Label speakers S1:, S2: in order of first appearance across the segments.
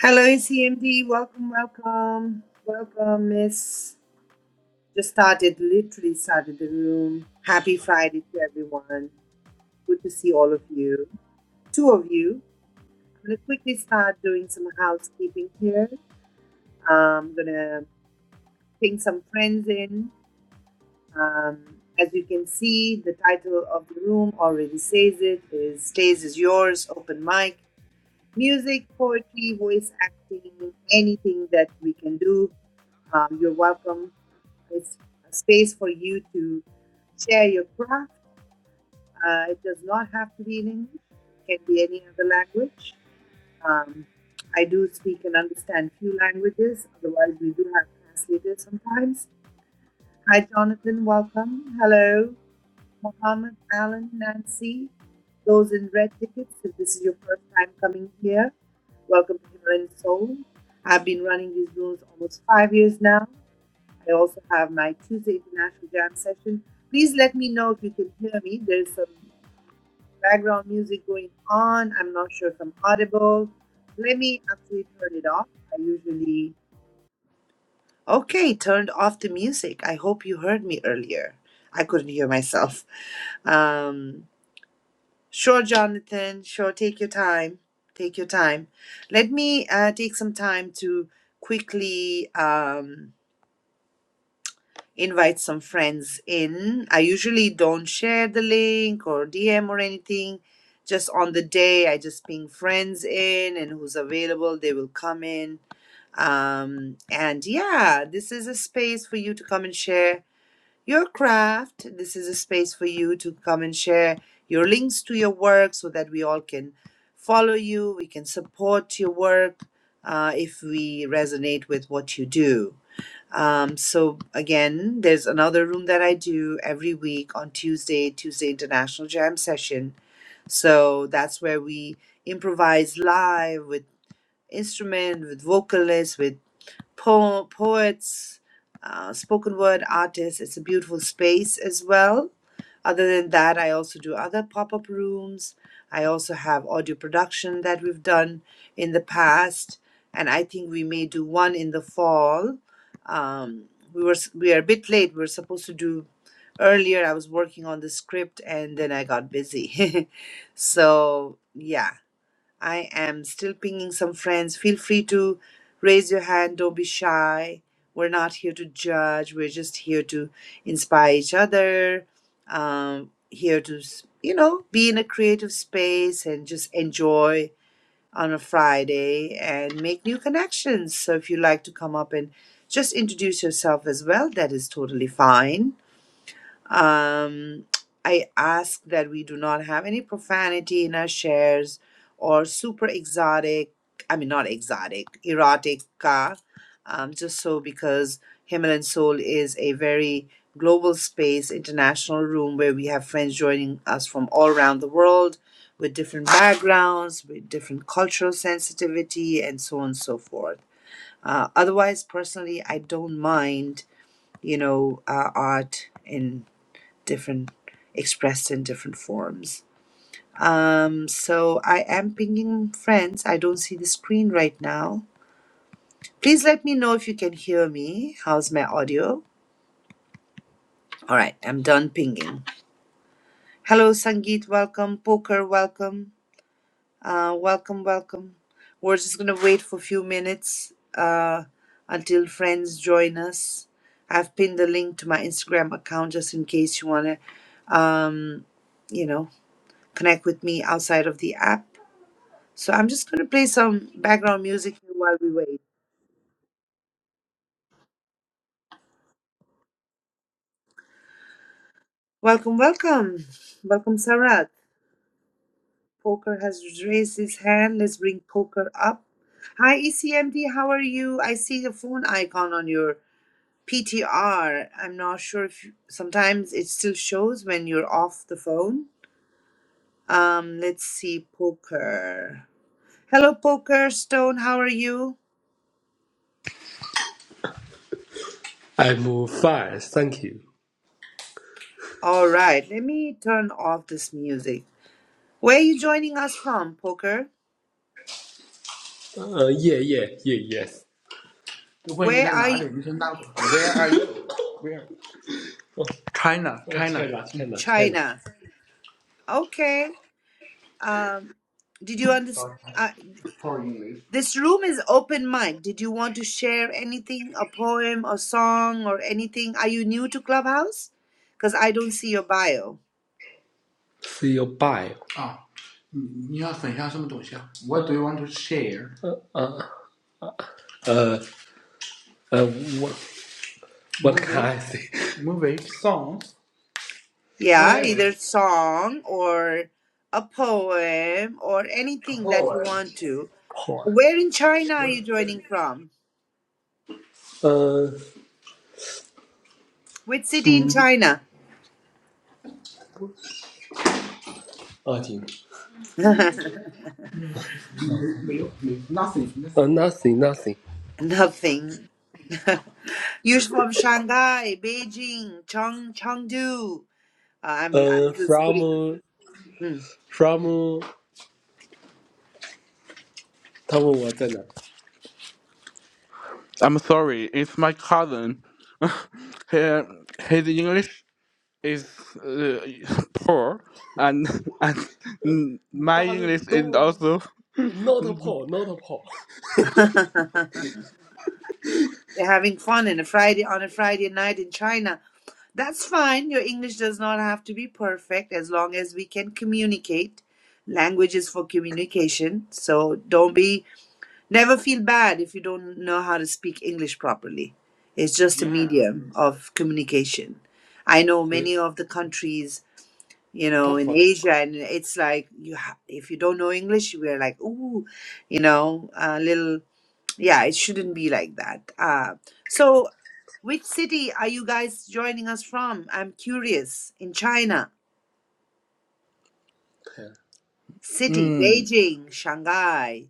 S1: Hello, ECMD. Welcome, welcome, welcome, Miss. Just started, literally started the room. Happy Friday to everyone. Good to see all of you. Two of you. I'm gonna quickly start doing some housekeeping here. I'm gonna ping some friends in. Um, as you can see, the title of the room already says it. Is stays is yours. Open mic, music, poetry, voice acting, anything that we can do. Um, you're welcome It's a space for you to share your craft. Uh, it does not have to be in English, it can be any other language. Um, I do speak and understand few languages, otherwise, we do have translators sometimes. Hi, Jonathan, welcome. Hello, Mohammed, Alan, Nancy. Those in red tickets, if this is your first time coming here, welcome to Himalayan Soul. I've been running these rooms almost five years now. I also have my Tuesday International Jam session. Please let me know if you can hear me. There's some background music going on. I'm not sure if I'm audible. Let me actually turn it off. I usually. Okay, turned off the music. I hope you heard me earlier. I couldn't hear myself. Um, sure, Jonathan. Sure, take your time. Take your time. Let me uh, take some time to quickly. Um, invite some friends in. I usually don't share the link or DM or anything. Just on the day, I just ping friends in and who's available, they will come in. Um, and yeah, this is a space for you to come and share your craft. This is a space for you to come and share your links to your work so that we all can follow you, we can support your work uh, if we resonate with what you do. Um, so again, there's another room that I do every week on Tuesday, Tuesday International Jam Session. So that's where we improvise live with instrument, with vocalists, with po- poets, uh, spoken word artists. It's a beautiful space as well other than that, I also do other pop up rooms. I also have audio production that we've done in the past, and I think we may do one in the fall. Um, we were s- we are a bit late. We were supposed to do earlier. I was working on the script, and then I got busy. so yeah, I am still pinging some friends. Feel free to raise your hand. Don't be shy. We're not here to judge. We're just here to inspire each other. Um, here to, s- you know, be in a creative space and just enjoy on a Friday and make new connections. So if you like to come up and just introduce yourself as well, that is totally fine um, I ask that we do not have any profanity in our shares or super exotic, I mean, not exotic, erotica, um, just so because Himalayan Soul is a very global space, international room where we have friends joining us from all around the world with different backgrounds, with different cultural sensitivity, and so on and so forth. Uh, otherwise, personally, I don't mind, you know, uh, art in different expressed in different forms. Um, so I am pinging friends. I don't see the screen right now. Please let me know if you can hear me. How's my audio? All right, I'm done pinging. Hello, Sangeet. Welcome. Poker, welcome. Uh, welcome, welcome. We're just gonna wait for a few minutes uh, until friends join us. I've pinned the link to my Instagram account just in case you wanna, um, you know, connect with me outside of the app. So I'm just going to play some background music here while we wait. Welcome, welcome. Welcome, Sarat. Poker has raised his hand. Let's bring Poker up. Hi, ECMD. How are you? I see the phone icon on your P T am not sure if you, sometimes it still shows when you're off the phone. Um, let's see, Poker. Hello, Poker Stone. How are you?
S2: I move fast, thank you.
S1: All right. Let me turn off this music. Where are you joining us from, Poker?
S2: Uh, yeah, yeah, yeah, yes.
S1: Where are you?
S2: 我问你在哪里？你说哪里 Where are you? Where? China, Oh, China. China, China, China.
S1: China. Okay. Um, did you understand?
S2: Sorry,
S1: Uh,
S2: how are you,
S1: this room is open mic. Did you want to share anything, a poem, a song, or anything? Are you new to Clubhouse? Because I don't see your bio.
S2: See your bio. 啊，你你要分享什么东西啊？What do you want to share? Uh, uh, uh, uh what, what can I say? movie, songs,
S1: Yeah,
S2: whatever.
S1: either song or a poem or anything that you
S2: 或
S1: want to. Where in China are you joining from?
S2: Uh,
S1: Which city in China?
S2: I think. nothing. Uh, nothing, nothing.
S1: Nothing. You're from Shanghai, Beijing, Cheng, Chengdu. I'm I'm
S2: Uh,
S1: just
S2: from
S1: putting
S2: uh,
S1: Hmm.
S2: from 他问我在哪儿。I'm sorry, it's my cousin. He, his English is uh, poor, and and my do English is don't also. not Paul not Paul。
S1: They're having fun in a Friday on a Friday night in China. That's fine. Your English does not have to be perfect as long as we can communicate. Language is for communication, so don't be never feel bad if you don't know how to speak English properly. It's just a
S2: Yeah, I
S1: medium
S2: think so.
S1: of communication. I know many
S2: 回他
S1: of the countries, you know, in
S2: forty。
S1: Asia, and it's like you ha- if you don't know English, we're like, ooh, you know, a little. yeah, it shouldn't be like that. Uh, so, which city are you guys joining us from? I'm curious. In China, city
S2: Mm.
S1: Beijing, Shanghai,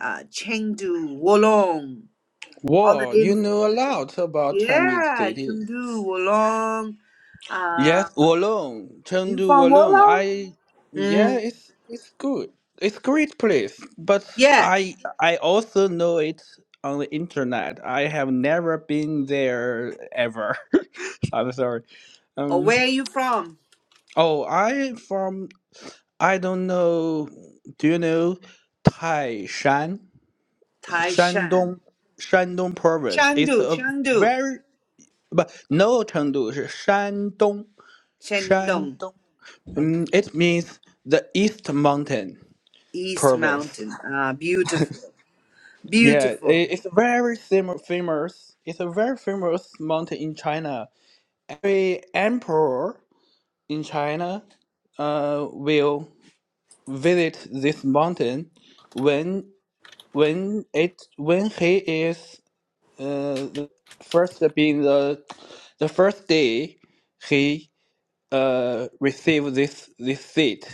S1: uh, Chengdu, Wolong, all the
S2: Wow, you
S1: names.
S2: know a lot about Chinese
S1: Yeah,
S2: cities.
S1: Chengdu, Wolong. Uh,
S2: Yes, Wolong,
S1: you
S2: Chengdu
S1: from
S2: Wolong.
S1: Wolong?
S2: I yeah,
S1: Mm.
S2: it's it's good. It's great place, but
S1: Yeah.
S2: I I also know it on the internet. I have never been there ever. I'm sorry.
S1: Or
S2: Um.
S1: where are you from?
S2: Oh, I from I don't know. Do you know Taishan,
S1: Taishan,
S2: Shandong, Shandong province? It's
S1: Chengdu,
S2: a
S1: Chengdu,
S2: very but no Chengdu. It's Shandong,
S1: Shandong.
S2: Shandong.
S1: Okay.
S2: Mm, it means the East Mountain
S1: East
S2: province.
S1: Mountain. Ah, beautiful.
S2: Yeah,
S1: Beautiful.
S2: i- it's very fam- famous. It's a very famous mountain in China. Every emperor in China uh, will visit this mountain when when it when he is uh, the first being the the first day he uh received this this seat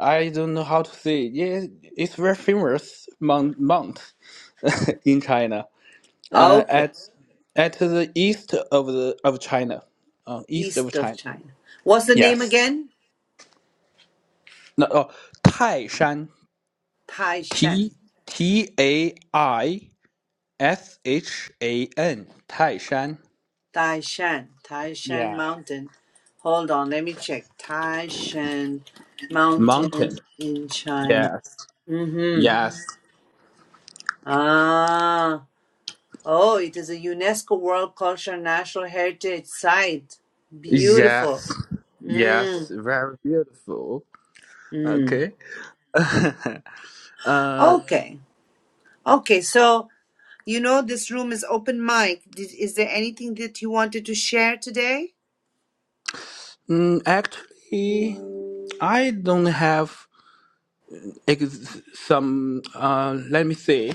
S2: I don't know how to say. Yeah, it's very famous mount, mount in China. Uh,
S1: Okay,
S2: at at the east of the of China, uh, east of
S1: east of
S2: China.
S1: China. What's the name
S2: Yes.
S1: again?
S2: No. Oh, Taishan.
S1: Taishan.
S2: T T A I S H A N. Taishan.
S1: Taishan. Taishan
S2: Yeah.
S1: Mountain. Hold on, let me check. Taishan Mountain
S2: Mountain.
S1: in China.
S2: Yes.
S1: Mm-hmm.
S2: Yes.
S1: Ah. Oh, it is a UNESCO World Cultural National Heritage Site. Beautiful.
S2: Yes.
S1: Mm.
S2: Yes. Very beautiful.
S1: Mm.
S2: Okay. uh,
S1: Okay. Okay, so you know this room is open mic. Did, is there anything that you wanted to share today?
S2: mm, actually.
S1: You
S2: I don't have ex- some. Uh, let me see.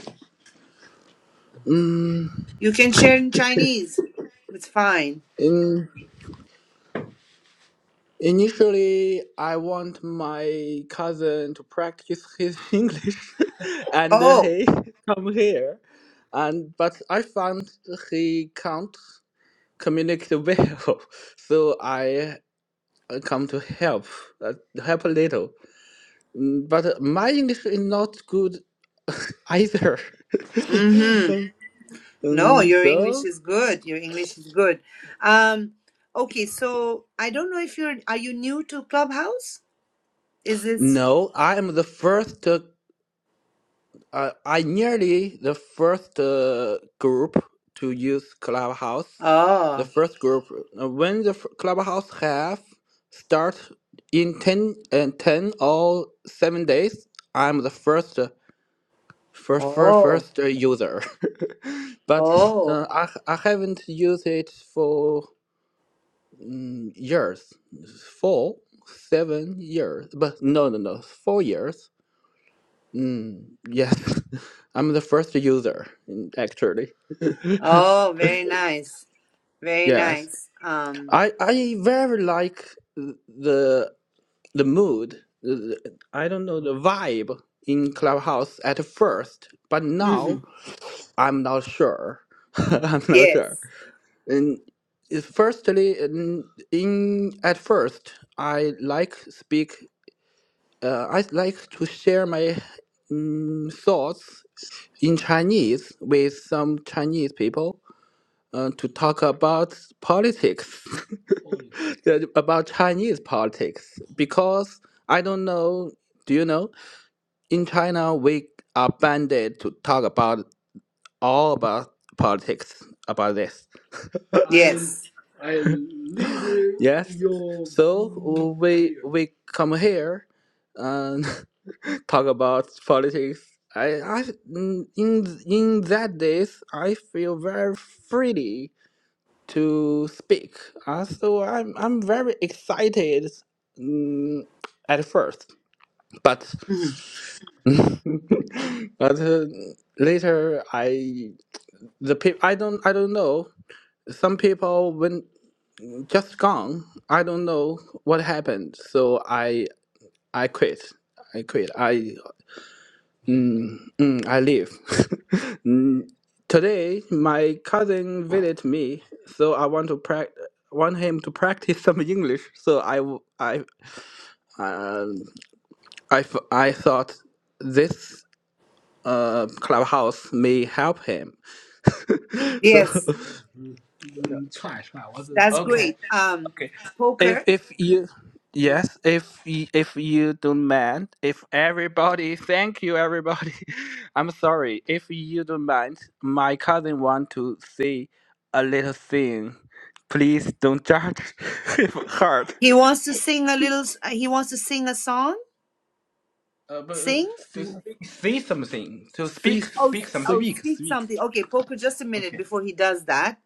S1: can share in Chinese. It's fine.
S2: In, initially, I want my cousin to practice his English, and uh,
S1: Oh,
S2: he come here, and but I found he can't communicate well, so I uh, come to help, uh, help a little. Mm, But uh, my English is not good either.
S1: mm-hmm. No,
S2: Um,
S1: your
S2: so.
S1: English is good. Your English is good. Um, okay, so I don't know if you're, are you new to Clubhouse? Is this?
S2: No, I am the first. Uh, uh, I nearly the first uh, group to use Clubhouse. The
S1: Oh,
S2: first group uh, when the f- Clubhouse have start in ten and ten or seven days. I'm the first uh, first first,
S1: oh,
S2: first uh, user, but
S1: oh,
S2: uh, I I haven't used it for mm, years, four seven years. But no no no, four years. Mm, yes, I'm the first user mm, actually.
S1: oh, very nice. Very
S2: Yes,
S1: nice. Um,
S2: I I very like the the mood. the- the- I don't know the vibe in Clubhouse at first, but
S1: hmm
S2: now I'm not sure. I'm not sure.
S1: Yes,
S2: And it- firstly, in, in at first, I like speak. Uh, I like to share my mm, thoughts in Chinese with some Chinese people uh, to talk about politics, yeah, about Chinese politics, because I don't know. Do you know? In China, we are banned to talk about all about politics about this.
S1: yes,
S2: Yes. So we we come here and talk about politics. I, I in in that days I feel very freely to speak. Uh, so I'm I'm very excited mm, at first, but
S1: mhm.
S2: but uh, later I the pe I don't I don't know. Some people when just gone. I don't know what happened. So I I quit. I quit. I Mm, mm, I live. Mm, Today, my cousin visited me, so I want to prac want him to practice some English. So I, w- I, um, I, f- I thought this uh, clubhouse may help him. so,
S1: Yes, that's
S2: Okay.
S1: great. Um,
S2: If
S1: poker.
S2: if you
S1: Mm-hmm.
S2: yes, if y- if you don't mind, if everybody, thank you everybody. I'm sorry if you don't mind. My cousin want to say a little thing. Please don't judge if hard.
S1: He wants to sing a little. s- uh, He wants to sing a song.
S2: Uh, but uh,
S1: Sing.
S2: to speak, say something. To speak, Speak,
S1: Oh, s-
S2: speak something.
S1: oh,
S2: speak,
S1: speak
S2: speak.
S1: something. Okay, poker. Just a minute
S2: Okay.
S1: before he does that.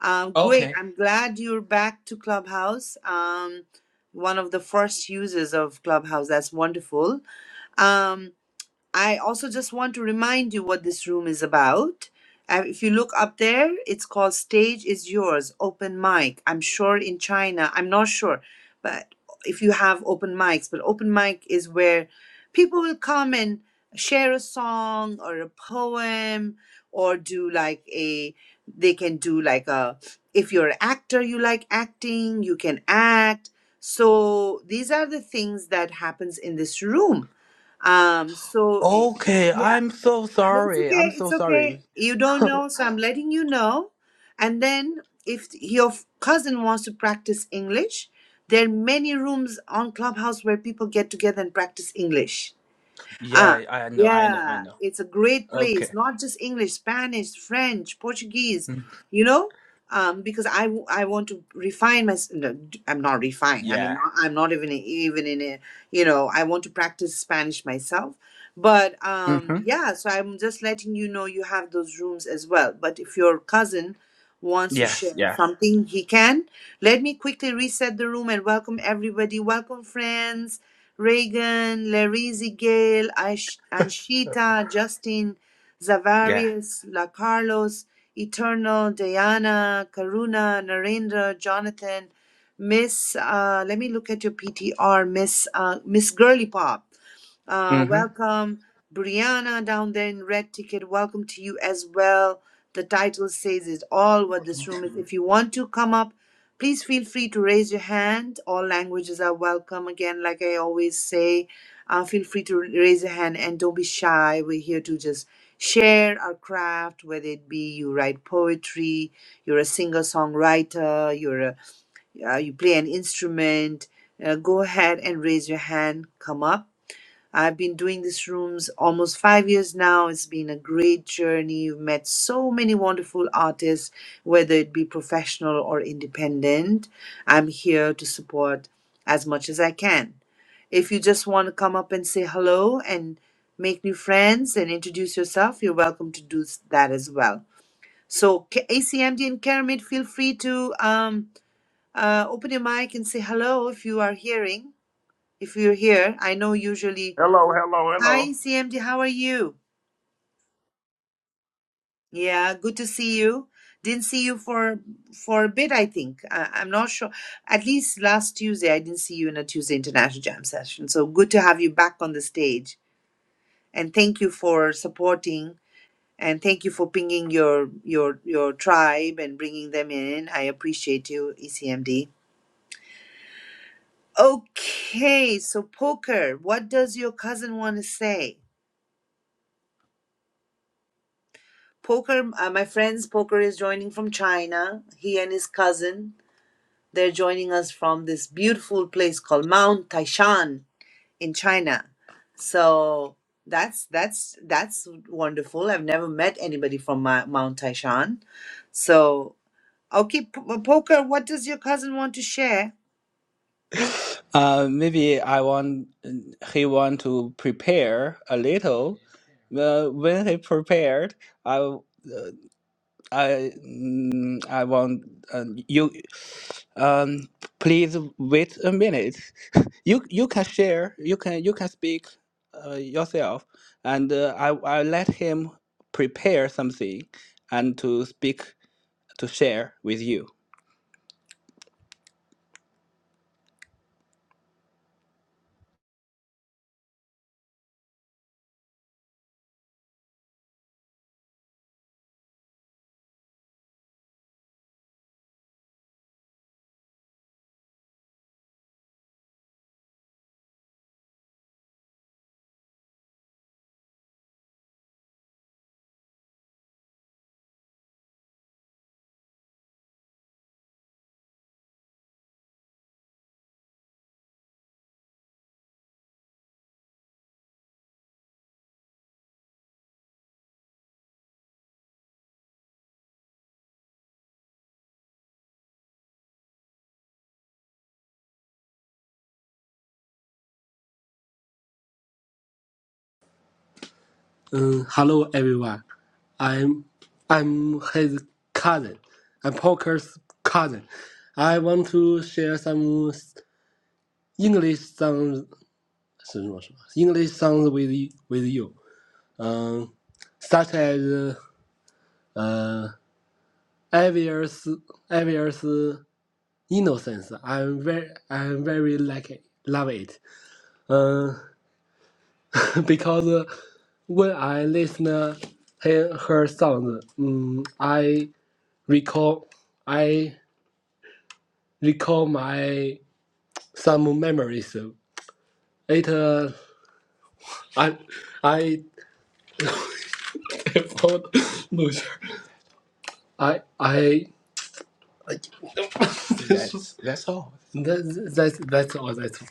S1: Um, great.
S2: Okay.
S1: I'm glad you're back to Clubhouse. Um, one of the first users of Clubhouse. That's wonderful. Um, I also just want to remind you what this room is about. Uh, if you look up there, it's called Stage is Yours, Open Mic. I'm sure in China, I'm not sure, but if you have open mics, but open mic is where people will come and share a song or a poem or do like a, they can do like a, if you're an actor, you like acting, you can act. So these are the things that happens in this room um, so i-
S2: Okay.
S1: yeah,
S2: I'm so
S1: it's
S2: sorry. I'm
S1: okay,
S2: so
S1: it's okay.
S2: sorry.
S1: You don't know, so I'm letting you know. And then if your f- cousin wants to practice English, there are many rooms on Clubhouse where people get together and practice English. Ah,
S2: Yeah, I know. I know. I
S1: yeah,
S2: know.
S1: it's a great place.
S2: Okay.
S1: Not just English, Spanish, French, Portuguese.
S2: Mm.
S1: You know, um, because I w- I want to refine my. s- No, d- I'm not refined. I mean,
S2: Yeah.
S1: not, I'm not even even in a. You know, I want to practice Spanish myself. But um, yeah, so I'm just letting you know you have those rooms as well. But if your cousin wants to
S2: Yes,
S1: share
S2: yes,
S1: something, he can. Let me quickly reset the room and welcome everybody. Welcome, friends. Reagan, Larizzi Gale, Anshita, Justin,
S2: yeah.
S1: Zavarius, La Carlos, Eternal, Diana, Karuna, Narendra, Jonathan, Miss, uh, let me look at your PTR, Miss, uh, Miss Girly Pop. Uh,
S2: hmm
S1: welcome, Brianna, down there in Red Ticket. Welcome to you as well. The title says it all what this room is. If you want to come up, please feel free to raise your hand. All languages are welcome. Again, like I always say, uh, feel free to raise your hand and don't be shy. We're here to just share our craft, whether it be you write poetry, you're a singer songwriter, you're a, uh, you play an instrument. Uh, go ahead and raise your hand. Come up I've been doing these rooms almost five years now. It's been a great journey. You've met so many wonderful artists, whether it be professional or independent. I'm here to support as much as I can. If you just want to come up and say hello and make new friends and introduce yourself, you're welcome to do s- that as well. So, K- ACMD and Kermit, feel free to um, uh, open your mic and say hello if you are hearing. If you're here, I know usually
S3: Hello, hello, hello.
S1: Hi, CMD, how are you? Yeah, good to see you. Didn't see you for for a bit, I think. I, I'm not sure. At least last Tuesday, I didn't see you in a Tuesday International Jam session. So good to have you back on the stage. And thank you for supporting and thank you for pinging your your your tribe and bringing them in. I appreciate you, ECMD. Okay, so poker, what does your cousin want to say? Poker, uh, my friend's poker is joining from China. He and his cousin, they're joining us from this beautiful place called Mount Taishan in China. So that's that's that's wonderful. I've never met anybody from my, Mount Taishan. So okay, P- uh, poker. What does your cousin want to share?
S2: Uh, maybe I want he want to prepare a little. Uh, when he prepared, I I mm, I want uh, you um please wait a minute. You you can share. You can you can speak uh, yourself, and uh, I I let him prepare something and to speak to share with you. Um, hello everyone. I'm I'm his cousin. I'm Parker's cousin. I want to share some s- English songs 是什么-什么- English songs with you, with you. Um, such as uh obvious obvious innocence. I'm very I'm very like it. Love it. Uh, because when I listen her, her songs, um, I recall I recall my some memories. Later, I I I I That's that's all. that, that's that's all. That's all.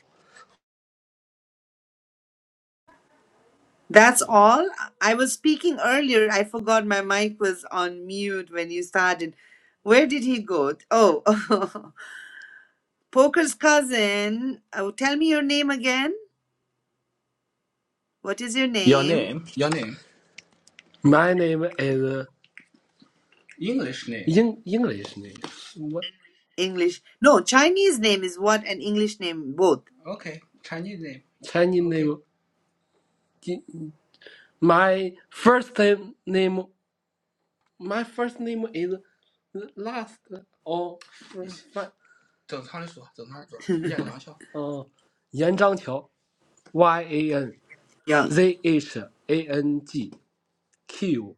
S1: That's all. I was speaking earlier. I forgot my mic was on mute when you started. Where did he go? Oh. Poker's cousin. Oh, tell me your name again. What is your
S2: Your
S1: name?
S2: name. Your name. my name is English name. in English name. What
S1: English. No, Chinese name is what and English name both.
S2: Okay. Chinese name. Chinese Okay. name? My first name My first name is last or 你 first. fi- 整趟里数，整趟里数，燕 Uh, 阳校，yeah, 杨章桥，Y A N
S1: Yang.
S2: Z H A N G Q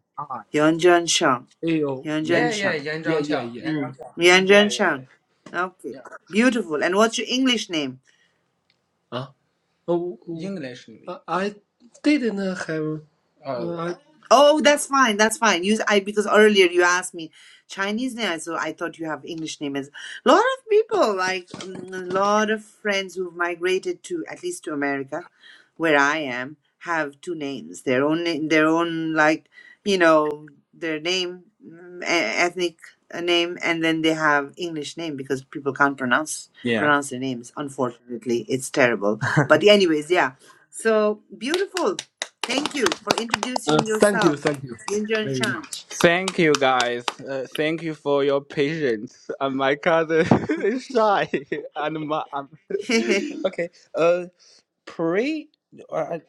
S1: Yanjian Shang.
S2: A
S1: Yanjian Shang. Hmm. Yanjian Shang. Okay. Beautiful. And what's your English name?
S2: English I didn't have Uh, uh,
S1: Oh, that's fine. That's fine. You, I because earlier you asked me Chinese name, so I thought you have English name. As a lot of people, like um, a lot of friends who've migrated to at least to America, where I am, have two names. Their own, na- their own, like you know, their name, mm, e- ethnic uh, name, and then they have English name because people can't pronounce
S2: Yeah.
S1: pronounce their names. Unfortunately, it's terrible. But anyways, yeah. So beautiful. Thank you for
S2: Uh,
S1: introducing
S2: thank you,
S1: yourself,
S2: thank you
S1: Yunjun
S2: very
S1: Shan.
S2: much. Thank you guys. Uh, thank you for your patience. Uh, my cousin is shy, and my um,
S1: it's
S2: okay. Uh, pre, uh,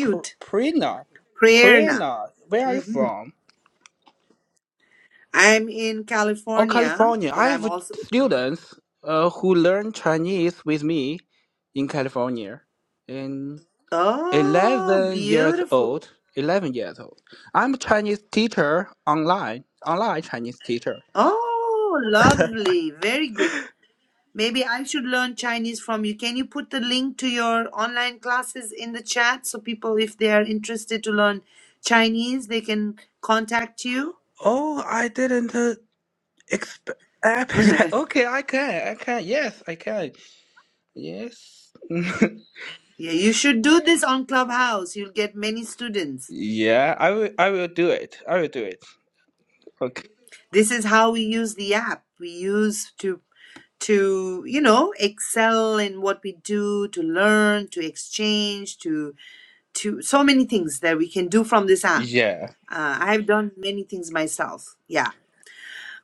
S2: Pr- Prina,
S1: Prerna.
S2: Prina, where are you
S1: hmm
S2: from?
S1: I'm in
S2: Oh,
S1: California,
S2: California.
S1: but
S2: I
S1: I'm
S2: have
S1: also.
S2: students uh, who learn Chinese with me in California, And.
S1: Oh,
S2: 11 years
S1: beautiful.
S2: old 11 years old i'm a chinese teacher online online chinese teacher
S1: Oh, lovely. Very good. Maybe I should learn Chinese from you. Can you put the link to your online classes in the chat so people, if they are interested to learn Chinese, they can contact you?
S2: oh i didn't uh, expect
S1: yeah,
S2: okay i can i can yes i can yes
S1: you should do this on Clubhouse. You'll get many students.
S2: yeah i will i will do it i will do it okay
S1: this is how we use the app we use to to you know excel in what we do to learn to exchange to to so many things that we can do from this app
S2: yeah
S1: uh, i've done many things myself yeah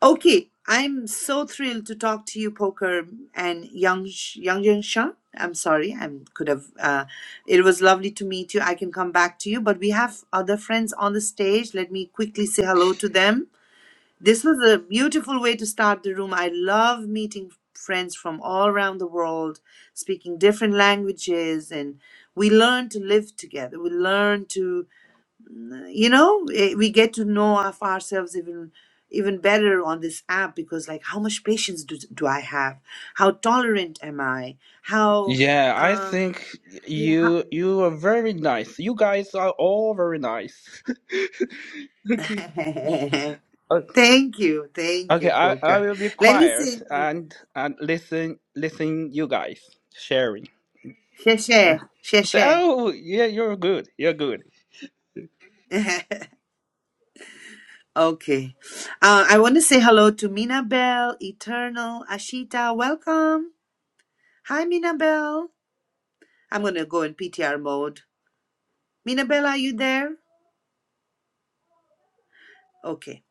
S1: okay i'm so thrilled to talk to you poker and young young young shan i'm sorry i could have uh, it was lovely to meet you i can come back to you but we have other friends on the stage let me quickly say hello to them this was a beautiful way to start the room. I love meeting friends from all around the world, speaking different languages, and we learn to live together. We learn to, you know, eh, we get to know of ourselves even even better on this app because like how much patience do, do i have how tolerant am i how
S2: yeah i
S1: um
S2: think
S1: yeah
S2: you
S1: how-
S2: you are very nice you guys are all very nice okay
S1: thank you thank you
S2: Okay, I, I
S1: poker
S2: will be
S1: let me
S2: quiet
S1: see Mm.
S2: and and listen listen you guys sharing. So,
S1: 谢谢，谢谢。
S2: oh yeah, you're good. You're good.
S1: okay. Uh, I want to say hello to Minabel, Eternal, Ashita. Welcome. Hi, Minabel. I'm going to go in PTR mode. Minabel, are you there? Okay.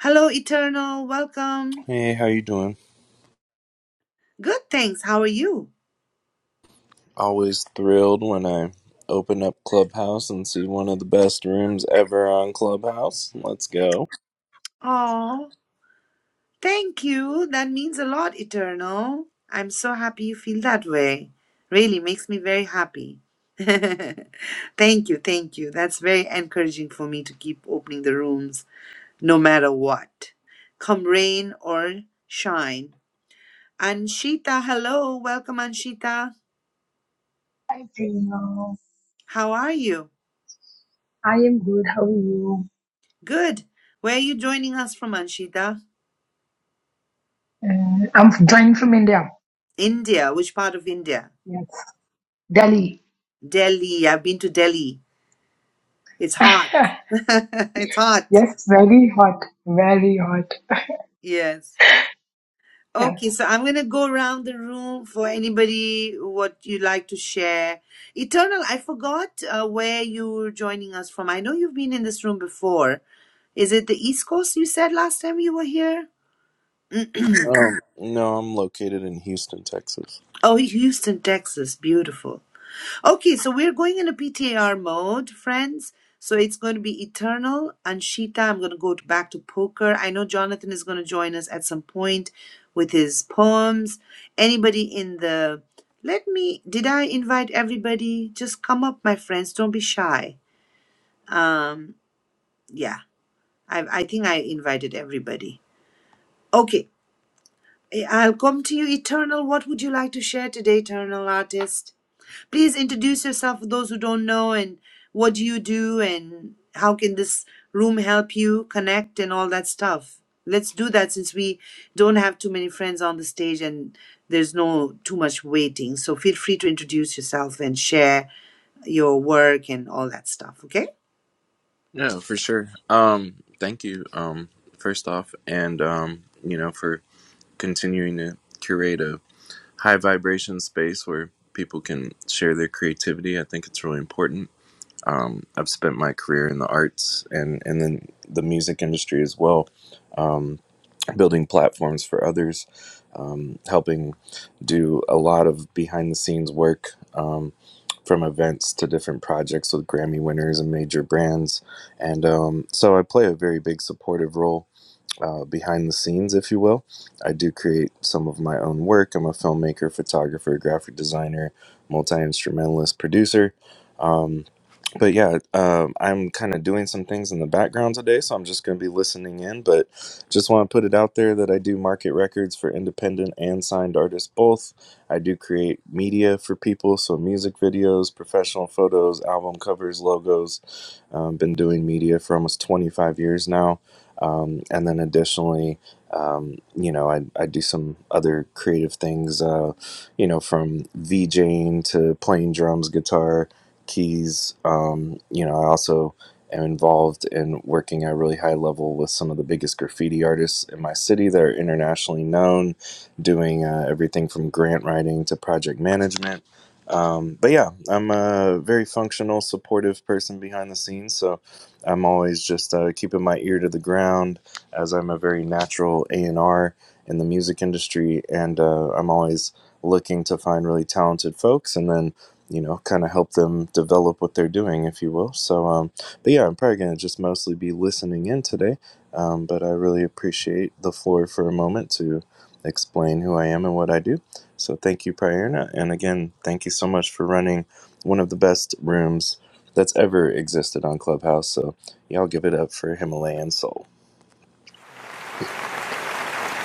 S1: Hello, Eternal. Welcome.
S4: Hey, how you doing?
S1: Good, thanks. How are you?
S4: Always thrilled when I open up Clubhouse and see one of the best rooms ever on Clubhouse. Let's go.
S1: Oh, thank you. That means a lot, Eternal. I'm so happy you feel that way. Really makes me very happy. thank you, thank you. That's very encouraging for me to keep opening the rooms no matter what, come rain or shine. Anshita, hello. Welcome, Anshita.
S5: Hi Priya,
S1: How are you?
S5: I am good. How are you?
S1: Good. Where are you joining us from, Anshita?
S5: Uh, I'm joining from India.
S1: India. Which part of India?
S5: Yes, Delhi.
S1: Delhi. I've been to Delhi. It's hot. it's hot.
S5: yes, very hot, very hot.
S1: Yes.
S5: Yes.
S1: Okay, so I'm going to go around the room for anybody what you'd like to share. Eternal, I forgot uh, where you are joining us from. I know you've been in this room before, Is it the East Coast you said last time you were here?
S4: Um, no, I'm located in Houston, Texas.
S1: oh, Houston, Texas. Beautiful. Okay, so we're going in a PTR mode, friends. So it's going to be Eternal and Sheeta. I'm going to go to- back to poker. I know Jonathan is going to join us at some point with his poems. Anybody in the. Let me. Did I invite everybody? Just come up, my friends. Don't be shy. Um, yeah, I, I think I invited everybody. Okay. Eh, I'll come to you, Eternal. What would you like to share today, Eternal Artist? Please introduce yourself for those who don't know and what do you do and how can this room help you connect and all that stuff. Let's do that since we don't have too many friends on the stage and there's no too much waiting. So feel free to introduce yourself and share your work and all that stuff, okay?
S4: Yeah, for sure. Um, thank you. Um, first off, and um, you know, for continuing to curate a high vibration space where people can share their creativity. I think it's really important Um, I've spent my career in the arts and and then the music industry as well, um, building platforms for others, um, helping do a lot of behind the scenes work um, from events to different projects with Grammy winners and major brands, and um, so I play a very big supportive role. Uh, behind the scenes, if you will, I do create some of my own work. I'm a filmmaker, photographer, graphic designer, multi instrumentalist, producer. Um, but yeah, um, I'm kind of doing some things in the background today, so I'm just going to be listening in. But just want to put it out there that I do market records for independent and signed artists both. I do create media for people, so music videos, professional photos, album covers, logos. Um, been doing media for almost 25 years now. Um, and then additionally, um, you know, I, I do some other creative things, uh, you know, from VJing to playing drums, guitar, keys. Um, you know, I also am involved in working at a really high level with some of the biggest graffiti artists in my city that are internationally known, doing uh, everything from grant writing to project management. Um, but yeah, I'm a very functional, supportive person behind the scenes. So I'm always just uh, keeping my ear to the ground, as I'm a very natural A and R in the music industry, and uh, I'm always looking to find really talented folks, and then you know, kind of help them develop what they're doing, if you will. So, um, but yeah, I'm probably going to just mostly be listening in today. Um, but I really appreciate the floor for a moment to explain who I am and what I do. So, thank you, Prayerna. And again, thank you so much for running one of the best rooms that's ever existed on Clubhouse. So, y'all give it up for Himalayan Soul.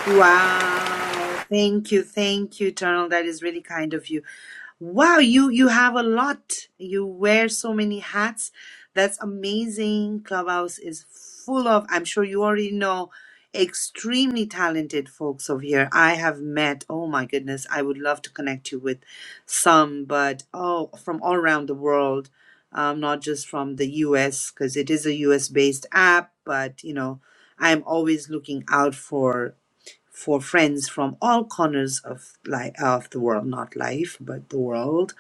S1: Wow. Thank you. Thank you, Eternal. That is really kind of you. Wow, you you have a lot. You wear so many hats. That's amazing. Clubhouse is full of, I'm sure you already know, extremely talented folks over here. I have met, oh my goodness, I would love to connect you with some, but oh, from all around the world, um, not just from the US, because it is a US based app, but you know, I'm always looking out for for friends from all corners of life of the world, not life, but the world.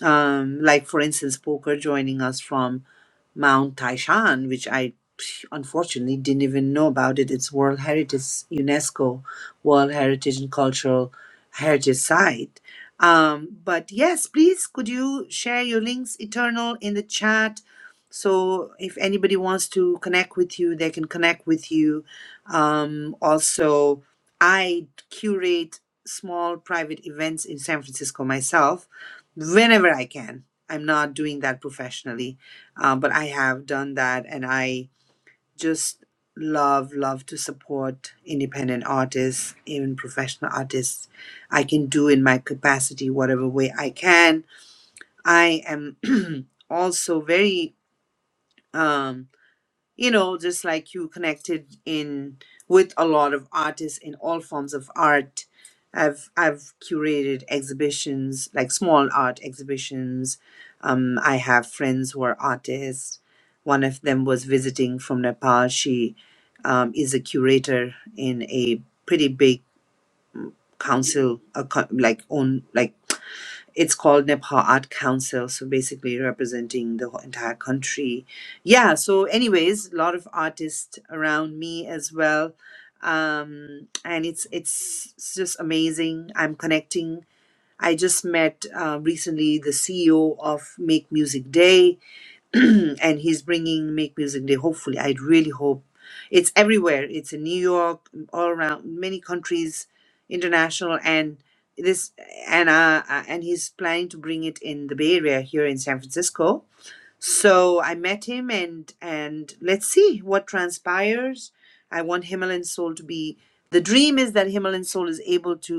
S1: Um, like for instance, poker joining us from Mount Taishan, which I unfortunately didn't even know about it. It's World Heritage UNESCO World Heritage and Cultural Heritage Site. Um, but yes, please could you share your links eternal in the chat? So if anybody wants to connect with you, they can connect with you. Um, also, I curate small private events in San Francisco myself whenever I can. I'm not doing that professionally um, but I have done that, and I just love love to support independent artists, even professional artists. I can do in my capacity whatever way I can. I am also very um, you know, just like you connected in with a lot of artists in all forms of art. I've I've curated exhibitions, like small art exhibitions. Um, I have friends who are artists. One of them was visiting from Nepal. She um, is a curator in a pretty big council, a co- like own like it's called Nepal Art Council, so basically representing the whole entire country. Yeah, so, anyways, a lot of artists around me as well. Um, and it's it's just amazing. I'm connecting. I just met uh, recently the CEO of Make Music Day, and he's bringing Make Music Day. Hopefully, I really hope it's everywhere. It's in New York, all around many countries, international, and this and uh, uh, and he's planning to bring it in the Bay Area here in San Francisco. So I met him, and and let's see what transpires. I want Himalayan Soul to be. The dream is that Himalayan Soul is able to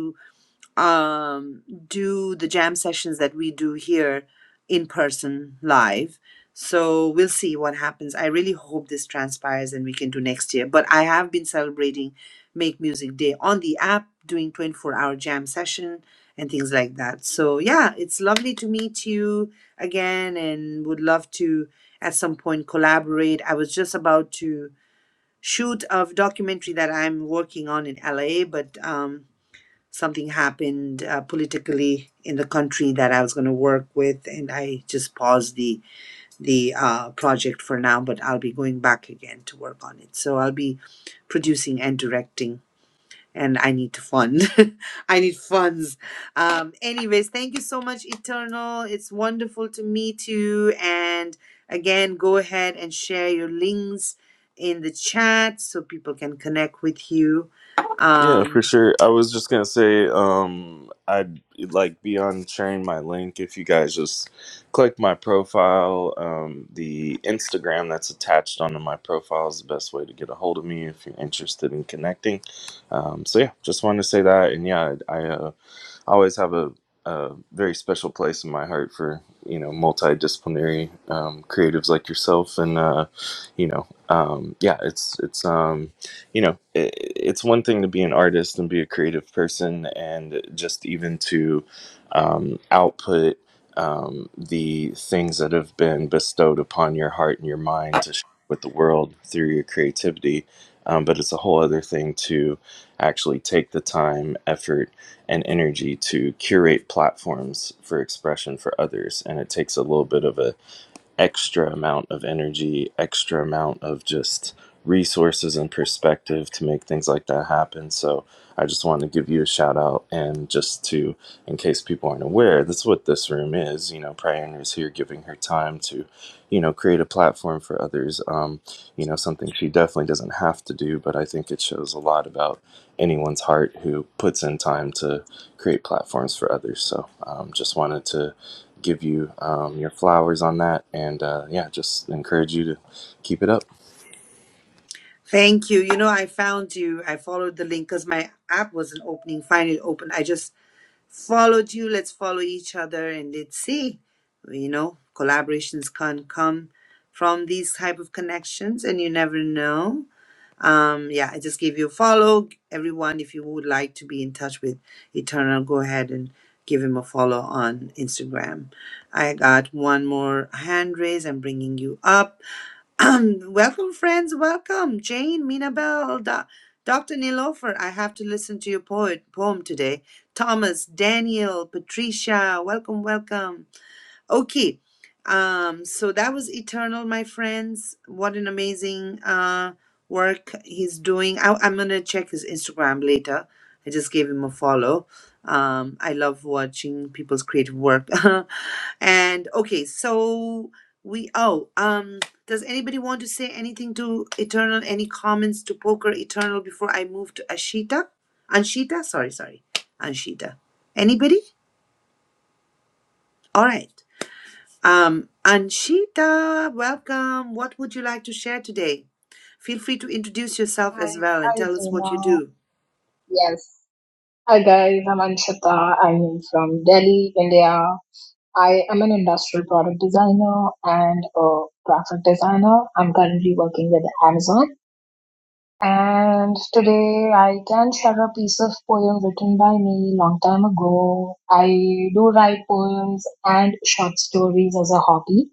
S1: um, do the jam sessions that we do here in person live. So we'll see what happens. I really hope this transpires and we can do next year. But I have been celebrating Make Music Day on the app, doing 24 hour jam session and things like that. So yeah, it's lovely to meet you again and would love to at some point collaborate. I was just about to shoot a documentary that I'm working on in LA, but um something happened uh, politically in the country that I was going to work with, and I just paused the the uh, project for now. But I'll be going back again to work on it. So I'll be producing and directing, and I need to fund. I need funds. Um, anyways, thank you so much, Eternal. It's wonderful to meet you. And again, go ahead and share your links in the chat so people can connect with you.
S4: Yeah, for
S1: Um,
S4: sure. I was just gonna say, um, I'd like be on sharing my link if you guys just click my profile. Um, the Instagram that's attached onto my profile is the best way to get a hold of me if you're interested in connecting. Um, so yeah, just wanted to say that, and yeah, I, I uh, I always have a, a very special place in my heart for you know multidisciplinary um, creatives like yourself, and uh, you know, um, yeah, it's it's um, you know, it, it's one thing to be an artist and be a creative person, and just even to um, output um, the things that have been bestowed upon your heart and your mind to share with the world through your creativity. Um, but it's a whole other thing to actually take the time, effort, and energy to curate platforms for expression for others and it takes a little bit of a extra amount of energy extra amount of just resources and perspective to make things like that happen so i just wanted to give you a shout out and just to in case people aren't aware, that's what this room is. You know, Priyana is here giving her time to, you know, create a platform for others. Um, you know, something she definitely doesn't have to do, but I think it shows a lot about anyone's heart who puts in time to create platforms for others. So, um, just wanted to give you um, your flowers on that, and uh, yeah, just encourage you to keep it up.
S1: Thank you. You know, I found you. I followed the link because my app wasn't opening. Finally opened. I just followed you. Let's follow each other and let's see. You know, collaborations can come from these type of connections, and you never know. Um, yeah, I just gave you a follow. Everyone, if you would like to be in touch with Eternal, go ahead and give him a follow on Instagram. I got one more hand raise. I'm bringing you up. Um, welcome, friends. Welcome, Jane, Minabel, Do- Dr. Nilofer. I have to listen to your poet, poem today. Thomas, Daniel, Patricia, welcome, welcome. Okay. Um, so that was Eternal, my friends. What an amazing uh, work he's doing. I, I'm going to check his Instagram later. I just gave him a follow. Um, I love watching people's creative work. and okay, so we, oh, um, does anybody want to say anything to Eternal? Any comments to Poker Eternal before I move to Ashita? Anshita? Sorry, sorry. Anshita. Anybody? All right. Um, Anshita, welcome. What would you like to share today? Feel free to introduce yourself
S5: Hi,
S1: as well and
S5: hi
S1: tell us what you
S5: Priya.
S1: do.
S5: Yes. Hi guys, I'm Anshita. I am from Delhi, India. I am an industrial product designer and a graphic designer. I'm currently working with Amazon. And today I can share a piece of poem written by me long time ago. I do write poems and short stories as a hobby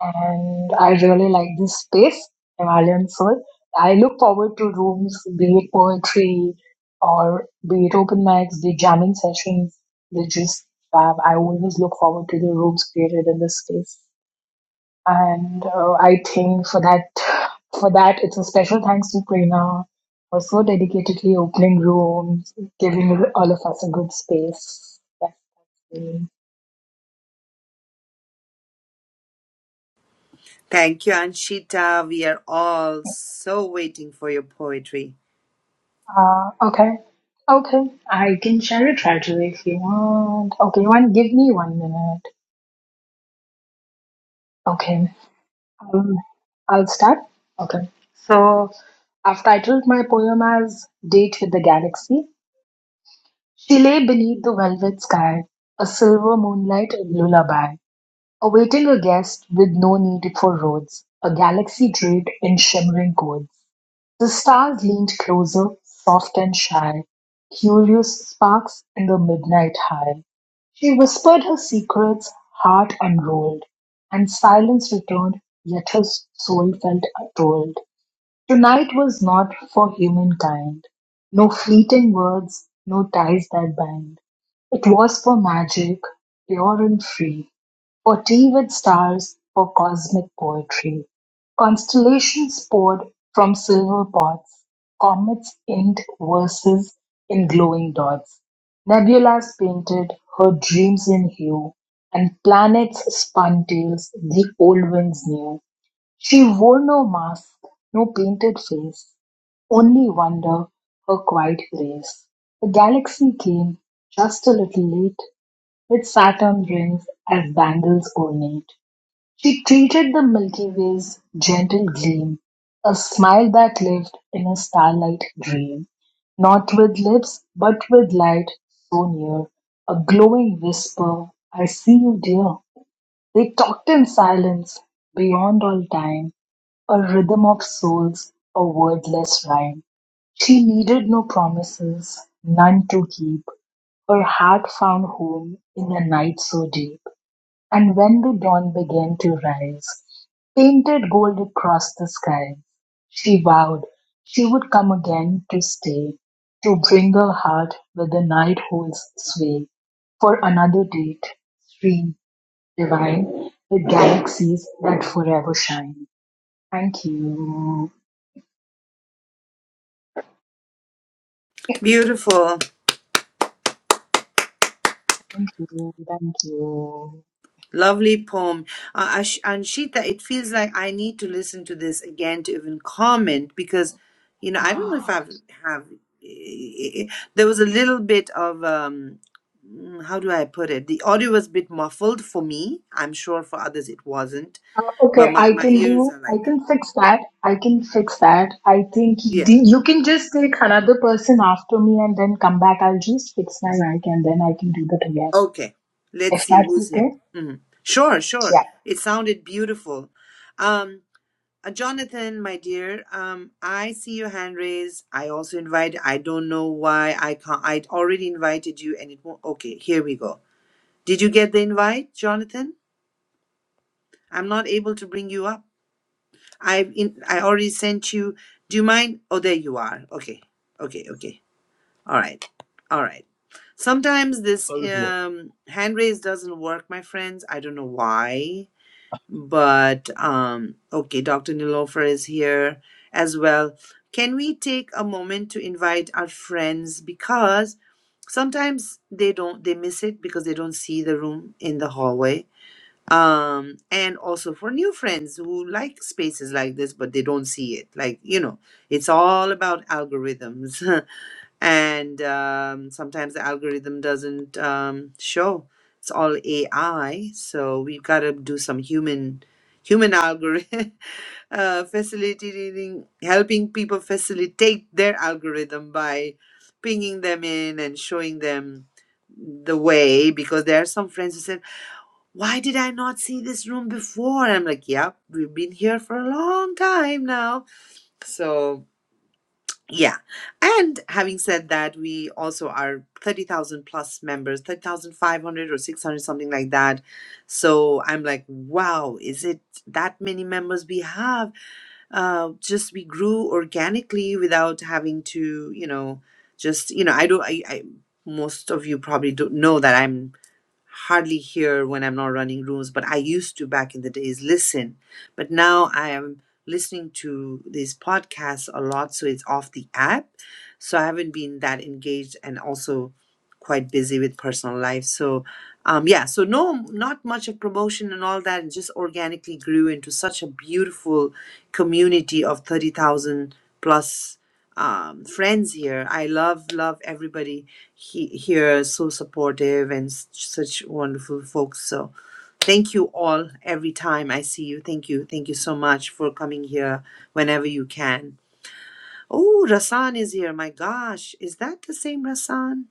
S5: and I really like this space, Himalayan Soul. I look forward to rooms, be it poetry or be it open mics, the jamming sessions, they just fab. I always look forward to the rooms created in this space. And uh, I think for that, for that, it's a special thanks to Prerna for so dedicatedly opening rooms, giving all of us a good space. That's me.
S1: Thank you, Anshita. We are all so waiting for your poetry.
S5: Uh, okay, okay, I can share it right away if you want. Okay, one, give me one minute. Okay, um, I'll start. Okay, so I've titled my poem as "Date with the Galaxy." She lay beneath the velvet sky, a silver moonlight and lullaby. Awaiting a guest with no need for roads, a galaxy draped in shimmering chords, the stars leaned closer, soft and shy, curious sparks in the midnight high. She whispered her secrets, heart unrolled, and silence returned, yet her soul felt told. Tonight was not for humankind, no fleeting words, no ties that bind. It was for magic, pure and free Potty with stars for cosmic poetry, constellations poured from silver pots, comets inked verses in glowing dots, nebulas painted her dreams in hue, and planets spun tales the old winds knew. She wore no mask, no painted face, only wonder, her quiet grace. The galaxy came just a little late, with Saturn rings as bangles ornate. She treated the Milky Way's gentle gleam, A smile that lived in a starlight dream, Not with lips, but with light so near, A glowing whisper, I see you, dear. They talked in silence, beyond all time, A rhythm of souls, a wordless rhyme. She needed no promises, none to keep. Her heart found home in a night so deep. And when the dawn began to rise, painted gold across the sky, she vowed she would come again to stay, to bring her heart where the night holds sway, for another date, stream divine, with galaxies that forever shine. Thank you.
S1: Beautiful.
S5: Thank you. Thank you.
S1: Lovely poem. Uh, Ash- and it feels like I need to listen to this again to even comment because, you know, I don't know if I've have. eh, eh, There was a little bit of um, mm, how do I put it? The audio was a bit muffled for me. I'm sure for others it wasn't,
S5: Uh,
S1: but
S5: okay,
S1: my
S5: I
S1: my
S5: can
S1: ears
S5: do,
S1: are
S5: I
S1: like
S5: can
S1: that.
S5: fix that. I can fix that. I think
S1: Yeah.
S5: the, you can just take another person after me and then come back. I'll just fix my mic and then I can do that again.
S1: Okay. Let's
S5: If
S1: see
S5: that's
S1: who's
S5: okay.
S1: here. Mhm. Sure, sure.
S5: Yeah.
S1: It sounded beautiful. Um, Uh, Jonathan, my dear, um, I see your hand raised. I also invite. I don't know why I can't. I already invited you, and it won't. Okay, here we go. Did you get the invite, Jonathan? I'm not able to bring you up. I've in, I already sent you. Do you mind? Oh, there you are. Okay, okay, okay. All right, all right. Sometimes this
S6: phobia.
S1: um, hand raise doesn't work, my friends. I don't know why. But um, okay, Dr. Nilofer is here as well. Can we take a moment to invite our friends because sometimes they don't they miss it because they don't see the room in the hallway. Um, and also for new friends who like spaces like this, but they don't see it. Like, you know, it's all about algorithms. and um, sometimes the algorithm doesn't um, show it's all ai so we've got to do some human human algorithm uh, facilitating helping people facilitate their algorithm by pinging them in and showing them the way because there are some friends who said why did i not see this room before and i'm like yeah we've been here for a long time now so yeah. And having said that, we also are 30,000 plus members, 30,500 or 600, something like that. So I'm like, wow, is it that many members we have? Uh, just we grew organically without having to, you know, just, you know, I don't, I, I most of you probably don't know that I'm hardly hear when I'm not running rooms, but I used to back in the days listen. But now I am listening to these podcasts a lot, so it's off the app. So I haven't been that engaged and also quite busy with personal life. So um yeah, so no not much of promotion and all that and just organically grew into such a beautiful community of 30,000 plus um, friends here. I love love everybody he, here so supportive and s- such wonderful folks so thank you all every time i see you thank you thank you so much for coming here whenever you can oh rasan is here my gosh is that the same rasan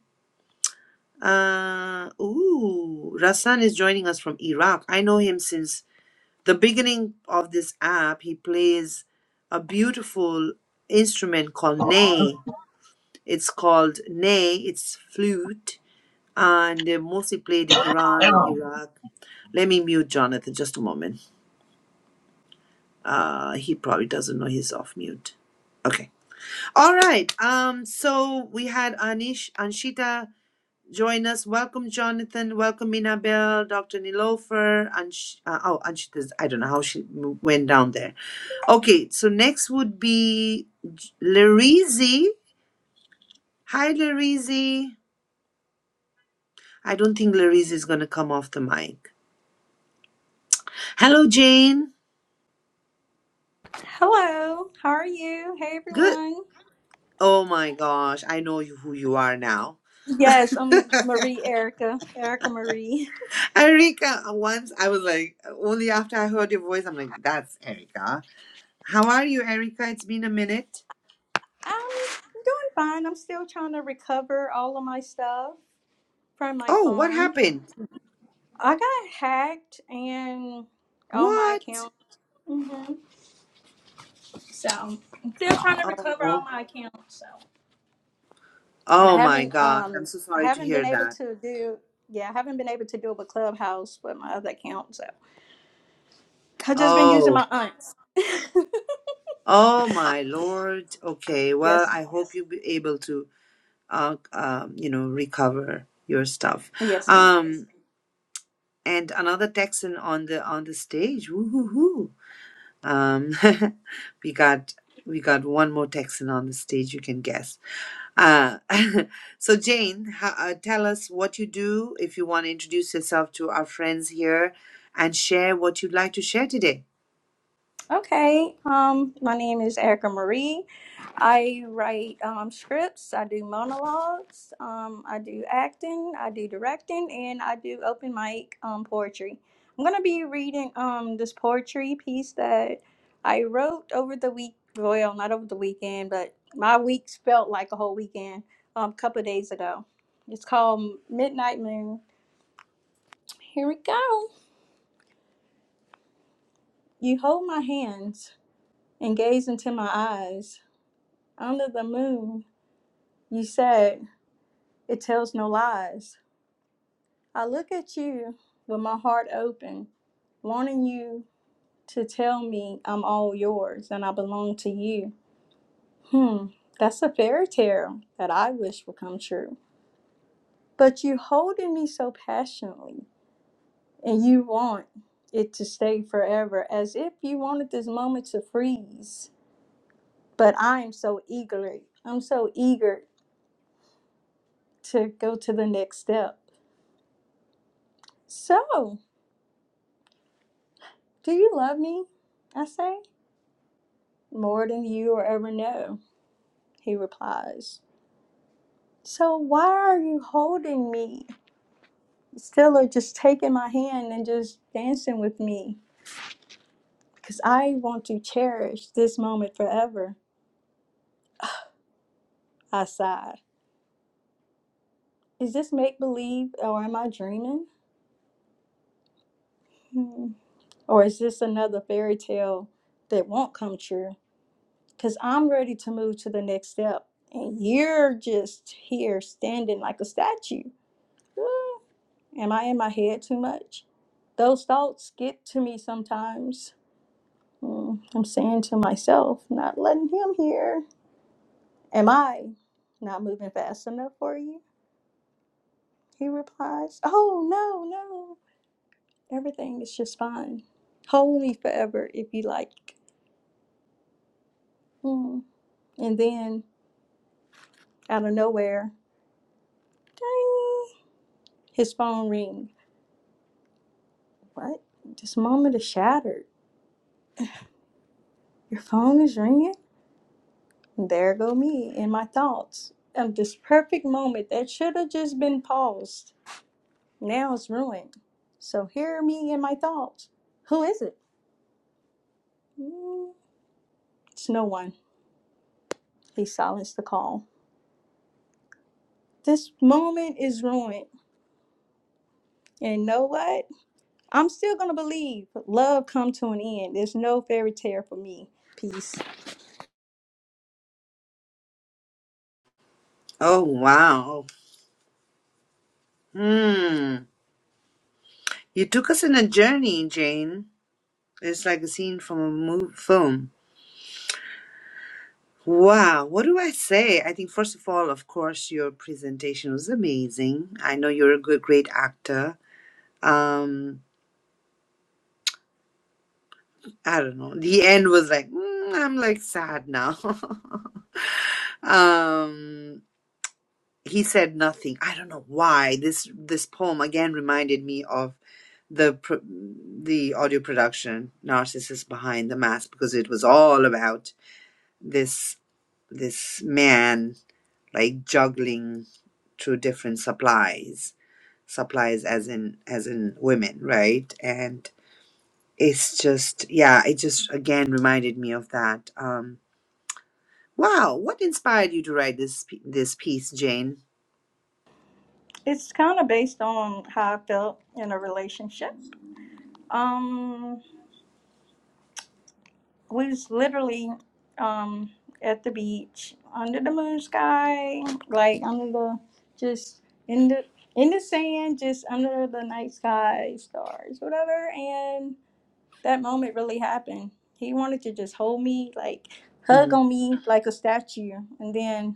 S1: uh ooh rasan is joining us from iraq i know him since the beginning of this app he plays a beautiful instrument called ney it's called ney it's flute and they mostly played in Iran and Iraq. Let me mute Jonathan just a moment. Uh, he probably doesn't know he's off mute. Okay. All right. Um. So we had Anish Anshita join us. Welcome, Jonathan. Welcome, Minabel, Dr. Nilofer. Ansh- uh, oh, Anshita's. I don't know how she mo- went down there. Okay. So next would be J- Larizi. Hi, Larizi. I don't think Larizi is going to come off the mic. Hello, Jane.
S7: Hello, how are you? Hey
S1: Good.
S7: everyone.
S1: Oh my gosh, I know you, who you are now.
S7: Yes, I'm Marie Erica, Erica Marie.
S1: Erica. once I was like, only after I heard your voice, I'm like, that's Erica. How are you, Erica? It's been a minute.
S7: I'm doing fine. I'm still trying to recover all of my stuff from my
S1: Oh, what
S7: phone.
S1: happened?
S7: I got hacked and all my
S1: What?
S7: accounts. hmm So I'm still trying to recover all
S1: Oh,
S7: my accounts. So and I
S1: oh my
S7: haven't
S1: gosh, I'm
S7: um
S1: so
S7: I
S1: sorry to
S7: haven't been
S1: hear
S7: able
S1: that.
S7: to do yeah I haven't been able to do it with Clubhouse with my other account. So I've just been using my
S1: Oh,
S7: aunts.
S1: oh my lord. Okay, well,
S7: Yes,
S1: I hope you'll be able to, uh, um, you know, recover your stuff.
S7: yes, ma'am.
S1: Um, and another Texan on the on the stage. Woo hoo hoo. Um, we got we got one more Texan on the stage. You can guess. Uh, so Jane, ho- uh, tell us what you do if you want to introduce yourself to our friends here, and share what you'd like to share today.
S7: Okay. Um, my name is Erica Marie. I write um, scripts. I do monologues. Um, I do acting. I do directing, and I do open mic um, poetry. I'm gonna be reading um, this poetry piece that I wrote over the week. Well, not over the weekend, but my weeks felt like a whole weekend. Um, a couple of days ago. It's called Midnight Moon. Here we go. You hold my hands and gaze into my eyes. Under the moon, you said, it tells no lies. I look at you with my heart open, wanting you to tell me I'm all yours and I belong to you. Hmm, that's a fairy tale that I wish would come true. But you holding me so passionately, and you want it to stay forever, as if you wanted this moment to freeze. But I'm so eagerly, I'm so eager to go to the next step. So, Do you love me? I say, More than you will ever know, he replies. So why are you holding me? Still are just taking my hand and just dancing with me, because I want to cherish this moment forever, I sigh. Is this make believe or am I dreaming? Hmm. Or is this another fairy tale that won't come true? Because I'm ready to move to the next step, and you're just here standing like a statue. Ooh. Am I in my head too much? Those thoughts get to me sometimes. Mm, I'm saying to myself, not letting him hear. Am I not moving fast enough for you? He replies, Oh, no, no. Everything is just fine. Hold me forever if you like. Mm. And then, out of nowhere, ding, his phone ring. What? This moment is shattered. Your phone is ringing? There go me in my thoughts of this perfect moment that should have just been paused. Now it's ruined. So hear me in my thoughts. Who is it? Mm, It's no one. He silenced the call. This moment is ruined. And you know what? I'm still gonna believe love come to an end. There's no fairy tale for me. Peace.
S1: Oh wow! Hmm. You took us on a journey, Jane. It's like a scene from a mo- film. Wow, what do I say? I think first of all, of course, your presentation was amazing. I know you're a good, great actor. Um, I don't know. The end was like, mm, I'm like sad now. um, he said nothing. I don't know why. This this poem again reminded me of the pro- the audio production "Narcissus behind the mask because it was all about this this man like juggling through different supplies supplies as in as in women right and it's just yeah it just again reminded me of that Um, Wow, what inspired you to write this p- this piece, Jane?
S7: It's kind of based on how I felt in a relationship. Um, was literally um at the beach under the moon sky like under the just in the in the sand just under the night sky stars whatever and that moment really happened he wanted to just hold me like hug
S1: Mhm.
S7: on me like a statue and then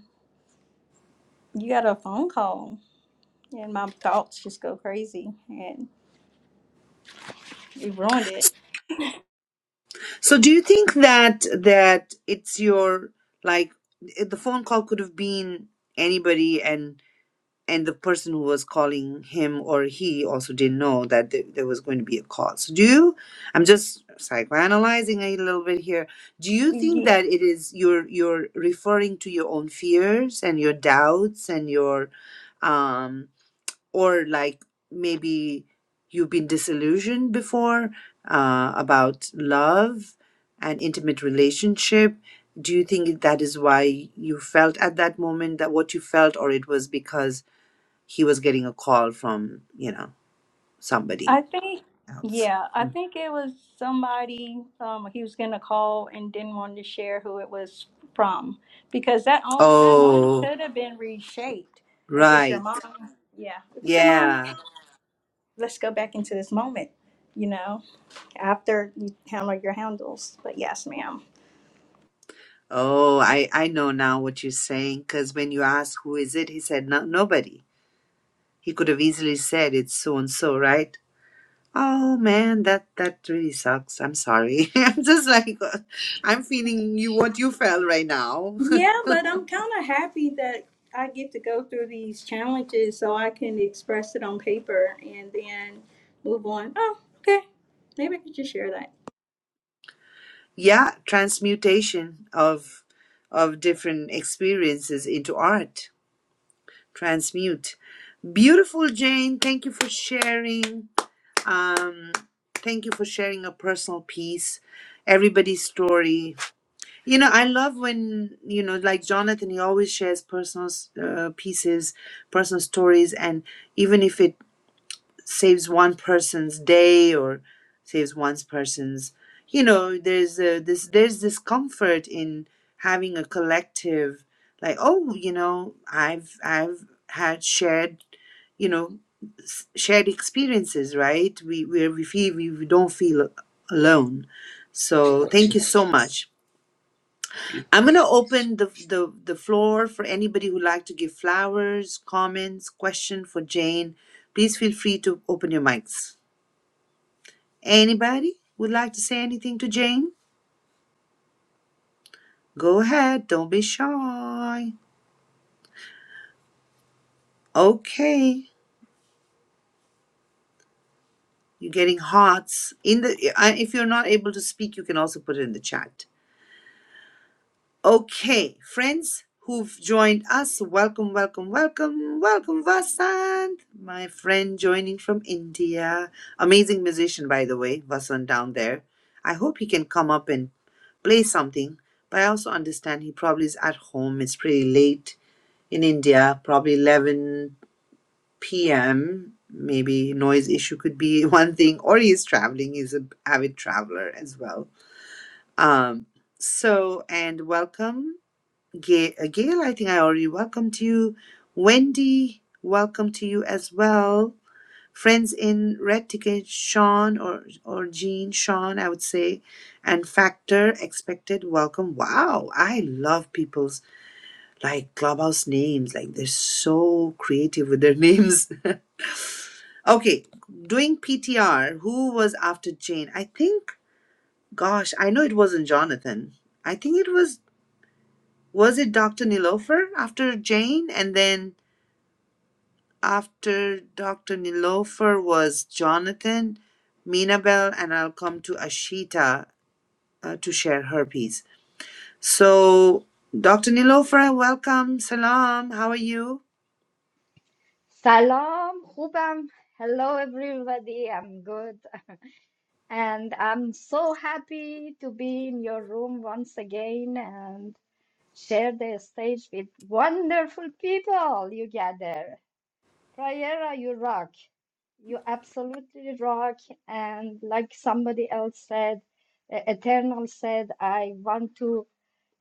S7: you got a phone call and my thoughts just go crazy and it ruined
S1: So, do you think that that it's your like eh, the phone call could have been anybody, and and the person who was calling him or he also didn't know that th- there was going to be a call. So, do you? I'm just psychoanalyzing a little bit here. Do you think
S7: it
S1: that it is you're you're referring to your own fears and your doubts and your um or like maybe you've been disillusioned before uh, about love and intimate relationship do you think that is why you felt at that moment that what you felt or it was because he was getting a call from you know somebody
S7: I think,
S1: else
S7: yeah, I
S1: Mm.
S7: think it was somebody, um, he was getting a call and didn't want to share who it was from because that om- that moment
S1: oh
S7: could have been reshaped. If it's your
S1: right
S7: mom, yeah, if it's your mom, okay,
S1: yeah
S7: let's go back into this moment, you know, after you handle your handles. But yes, ma'am.
S1: oh i i know now what you're saying because when you asked who is it he said no, nobody he could have easily said it's so and so right Oh man, that that really sucks. I'm sorry. I'm just like uh, I'm feeling you what you felt right now.
S7: Yeah, but I'm kind of happy that I get to go through these challenges so I can express it on paper and then move on. Oh, okay. Maybe I could just share that.
S1: yeah, transmutation of of different experiences into art. Transmute. Beautiful Jane, thank you for sharing. Um thank you for sharing a personal piece, everybody's story. You know, I love when, you know, like Jonathan he always shares personal uh, pieces, personal stories and even if it saves one person's day or saves one person's you know there's a, this there's this comfort in having a collective like oh you know i've i've had shared you know s- shared experiences right we we we feel we, we don't feel alone so thank you so much i'm going to open the, the the floor for anybody who'd like to give flowers comments question for jane please feel free to open your mics Anybody would like to say anything to Jane? Go ahead. Don't be shy. Okay. You're getting hearts in the. I- If you're not able to speak, you can also put it in the chat. Okay, friends who've joined us, welcome, welcome, welcome, welcome, Vasant, my friend joining from India. Amazing musician, by the way, Vasant down there. I hope he can come up and play something, but I also understand he probably is at home. It's pretty late in India, probably 11 p.m. Maybe noise issue could be one thing, or he's traveling. He's an avid traveler as well. Um, so, and welcome, Gail. Gail, I think I already welcomed you. Wendy, welcome to you as well. Friends in Red Ticket, Sean or or Jean, Sean, I would say, and Factor Expected, welcome. Wow, I love people's like Clubhouse names, like they're so creative with their names. okay, doing PTR, who was after Jane? I think, gosh, I know it wasn't Jonathan. I think it was, was it Dr. Nilofer after Jane? And then after Dr. Nilofer was Jonathan, Minabel, and I'll come to Ashita uh, to share her piece. So, Dr. Nilofer, welcome. Salam. How are you?
S8: Salam, Hubam. Hello, everybody. I'm good. And I'm so happy to be in your room once again and share the stage with wonderful people you gather. Prayera, you rock. You absolutely rock. And like somebody else said, E- Eternal said, I want to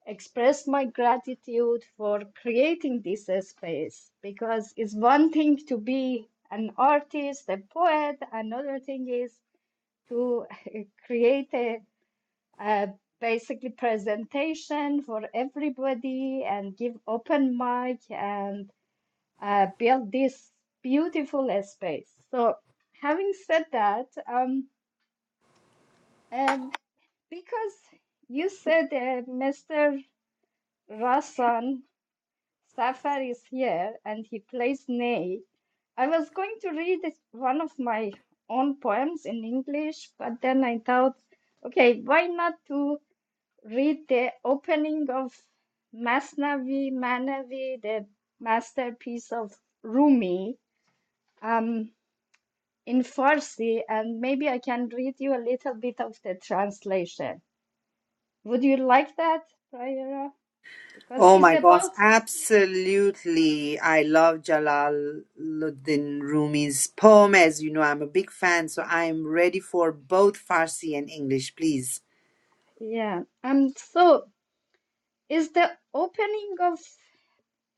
S8: express my gratitude for creating this space because it's one thing to be an artist, a poet, another thing is to create a, a basically presentation for everybody and give open mic and uh, build this beautiful space. So, having said that, um, um, because you said uh, Mr. Rasan Safar is here and he plays Ney. I was going to read it- one of my own poems in English, but then I thought, okay, why not to read the opening of Masnavi Manavi, the masterpiece of Rumi, um, in Farsi, and maybe I can read you a little bit of the translation. Would you like that, Prayera? Because
S1: Oh
S8: it's
S1: my gosh,
S8: about,
S1: absolutely. I love Jalaluddin Rumi's poem. As you know, I'm a big fan, so I am ready for both Farsi and English, please.
S8: yeah. Um, so is the opening of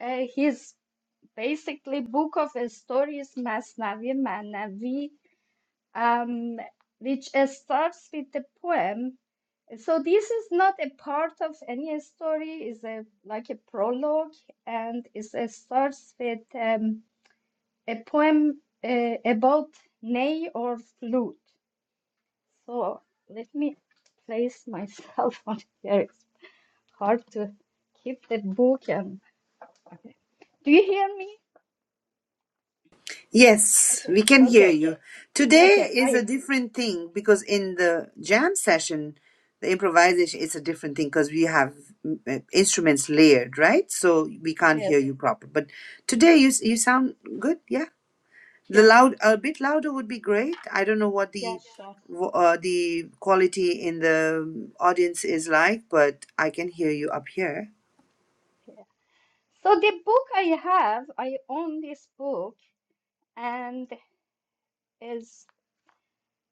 S8: uh, his basically book of stories Masnavi Manavi, um, which uh, starts with the poem. So this is not a part of any story. is a like a prologue, and it uh, starts with um, a poem uh, about ney or flute. So let me place myself on here. It's hard to keep the book and. Okay. Do you hear me?
S1: Yes, we can hear
S8: Okay.
S1: you.
S8: Yeah,
S1: Today
S8: Okay.
S1: is a
S8: I
S1: different thing because in the jam session, the improvisation is a different thing because we have mm, uh, instruments layered, right? So we can't hear
S8: yes.
S1: you proper. But today you you sound good, yeah? The
S8: Yeah.
S1: loud, a bit louder would be great. I don't know what
S8: Yeah.
S1: the
S8: Sure.
S1: wh- uh, the quality in the audience is like, but I can hear you up here.
S8: Yeah. So the book I have, I own this book, and it's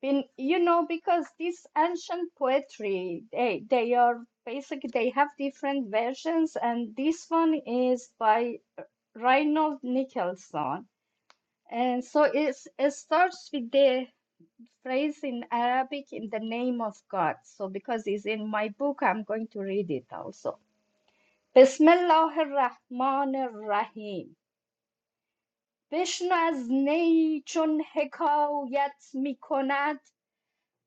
S8: been, you know, because this ancient poetry, they they are basically they have different versions, and this one is by Reinhold Nicholson, and so it's it starts with the phrase in Arabic in the name of God. So because it's in my book, I'm going to read it also. بسم الله الرحمن الرحیم بشنو چون حکایت می کند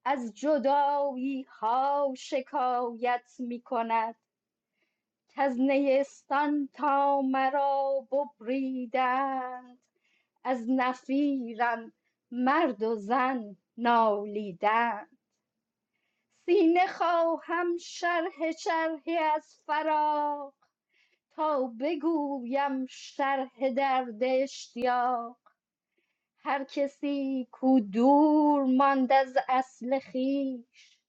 S8: از جدایی ها شکایت می کند کز نیستان تا مرا ببریدند از نفیرم مرد و زن نالیدند سینه خواهم شرح شرحی از فراق تا بگویم شرح درد اشتیاق هر کسی کو دور ماند از اصل خویش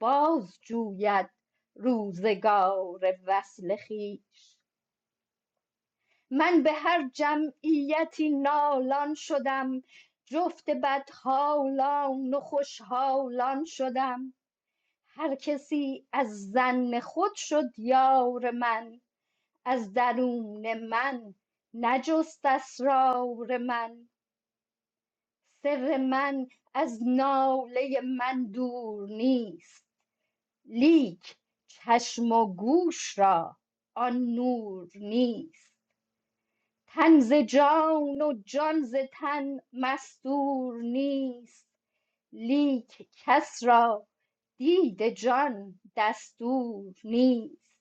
S8: باز جوید روزگار وصل خویش من به هر جمعیتی نالان شدم جفت بدحالان و خوشحالان شدم هر کسی از زن خود شد یار من از درون من نجست اسرار من سر من از ناله من دور نیست لیک چشم و گوش را آن نور نیست تن ز جان و جان ز تن مستور نیست لیک کس را دید جان دستور نیست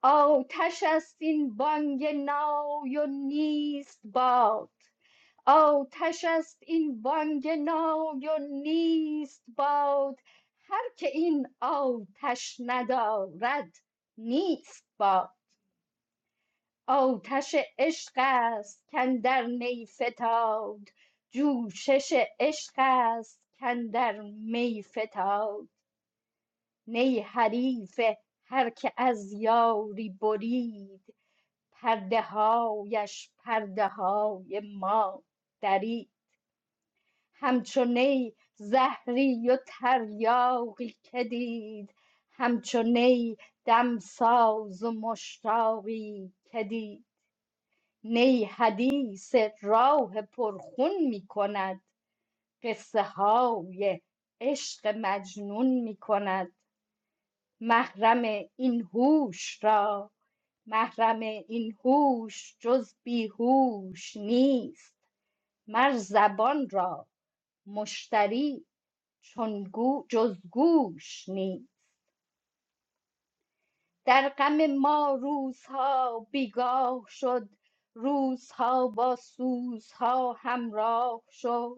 S8: Oh, tashast in bangenau, your knees bowed. Oh, tashast in bangenau, your knees bowed. Har ke in au tash neda rad, nist ba. Oh, tase eskas kand der ney fetavd. Joo shes eskas kand der mey fetavd. Ney harife har ke az yau ri borid. پرده هایش پرده های ما دری همچو نی زهری و تریاقی که دید همچو نی دمساز و مشتاقی که دید نی حدیث راه پرخون می کند قصه های عشق مجنون می کند. محرم این هوش را محرم این هوش جز بیهوش نیست مر زبان را مشتری چون گو جز گوش نیست در غم ما روزها بیگاه شد روزها با سوزها همراه شد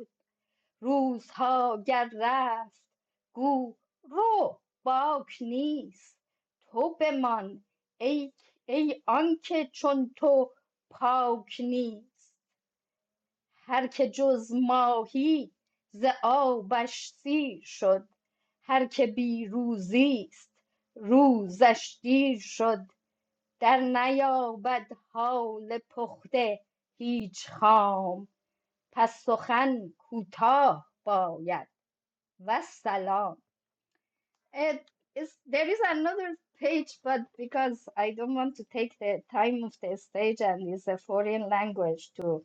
S8: روزها گر رفت گو رو باک نیست تو بمان ای, ای آنکه چون تو پاک نیست هر که جز ماهی ز آبش سیر شد هر که بی روزیست، روزش دیر شد در نیابد حال پخته هیچ خام پس سخن کوتاه باید Wassalam. It is there is another page, but because I don't want to take the time of the stage and it's a foreign language to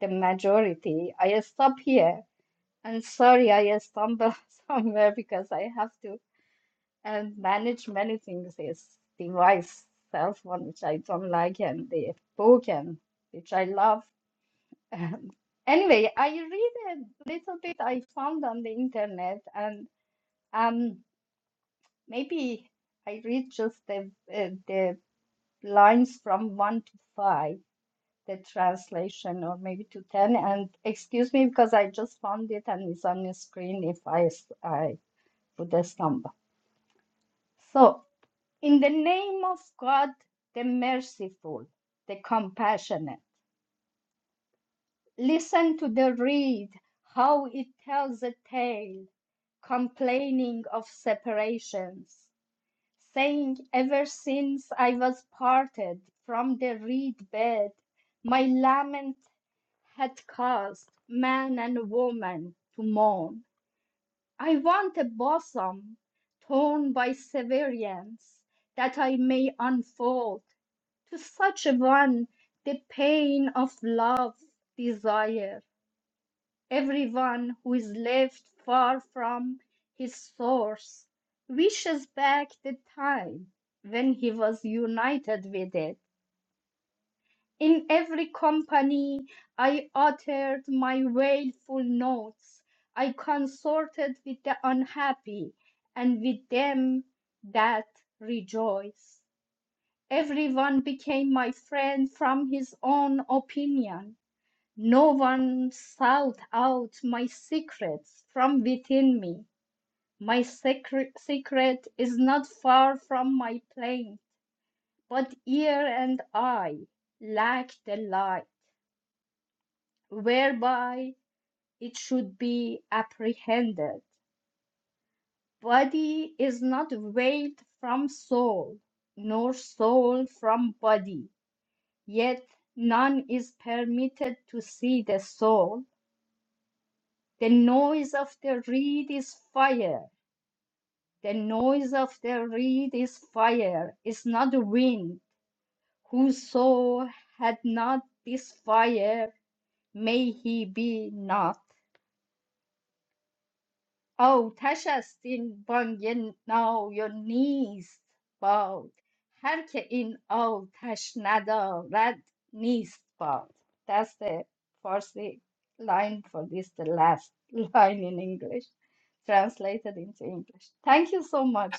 S8: the majority, I stop here. And sorry, I stumble somewhere because I have to and manage many things. This device, cell phone, which I don't like, and the book, and which I love. anyway, I read a little bit I found on the internet, and. um. Maybe I read just the uh, the lines from one to five, the translation, or maybe to ten. And excuse me because I just found it and it's on the screen. If I s- I put a stumble. So, in the name of God, the merciful, the compassionate, listen to the reed how it tells a tale, complaining of separations. saying, Ever since I was parted from the reed bed, my lament had caused man and woman to mourn. I want a bosom torn by severance that I may unfold to such a one the pain of love desire. Everyone who is left far from his source wishes back the time when he was united with it. In every company, I uttered my wailful notes. I consorted with the unhappy and with them that rejoice. Everyone became my friend from his own opinion. No one sought out my secrets from within me. My secre- secret is not far from my plain, but ear and eye lack the light whereby it should be apprehended. Body is not veiled from soul, nor soul from body, yet none is permitted to see the soul. The noise of the reed is fire The noise of the reed is fire, is not the wind. Whoso had not this fire, may he be not. آتش است این بانگ نای و نیست باد هر که این آتش ندارد نیست باد That's the first line for this, the last line in English, translated into English. Thank you so much,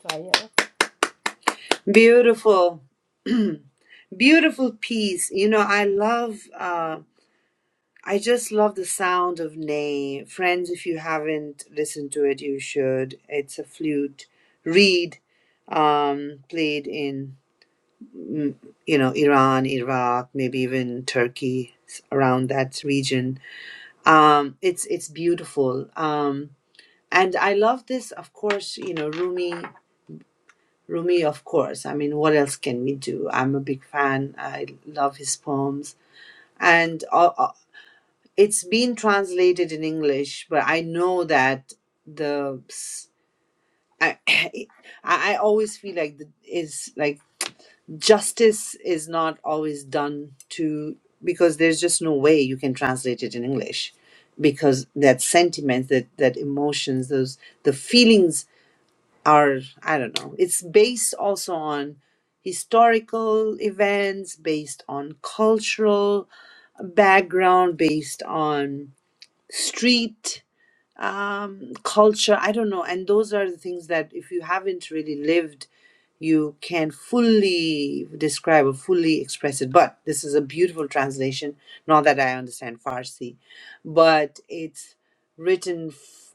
S8: Prior.
S1: Beautiful, beautiful piece. You know, I love. Uh, I just love the sound of Ney. Friends, if you haven't listened to it, you should. It's a flute reed um, played in, mm, you know, Iran, Iraq, maybe even Turkey, s- around that region um it's it's beautiful um and i love this of course you know rumi rumi of course i mean what else can we do i'm a big fan i love his poems and uh, uh, it's been translated in english but i know that the s- I, I I always feel like the, is like justice is not always done to because there's just no way you can translate it in english because that sentiment that that emotions those the feelings are i don't know it's based also on historical events based on cultural background based on street um culture i don't know and those are the things that if you haven't really lived you can fully describe or fully express it. But this is a beautiful translation. Not that I understand Farsi, but it's written f-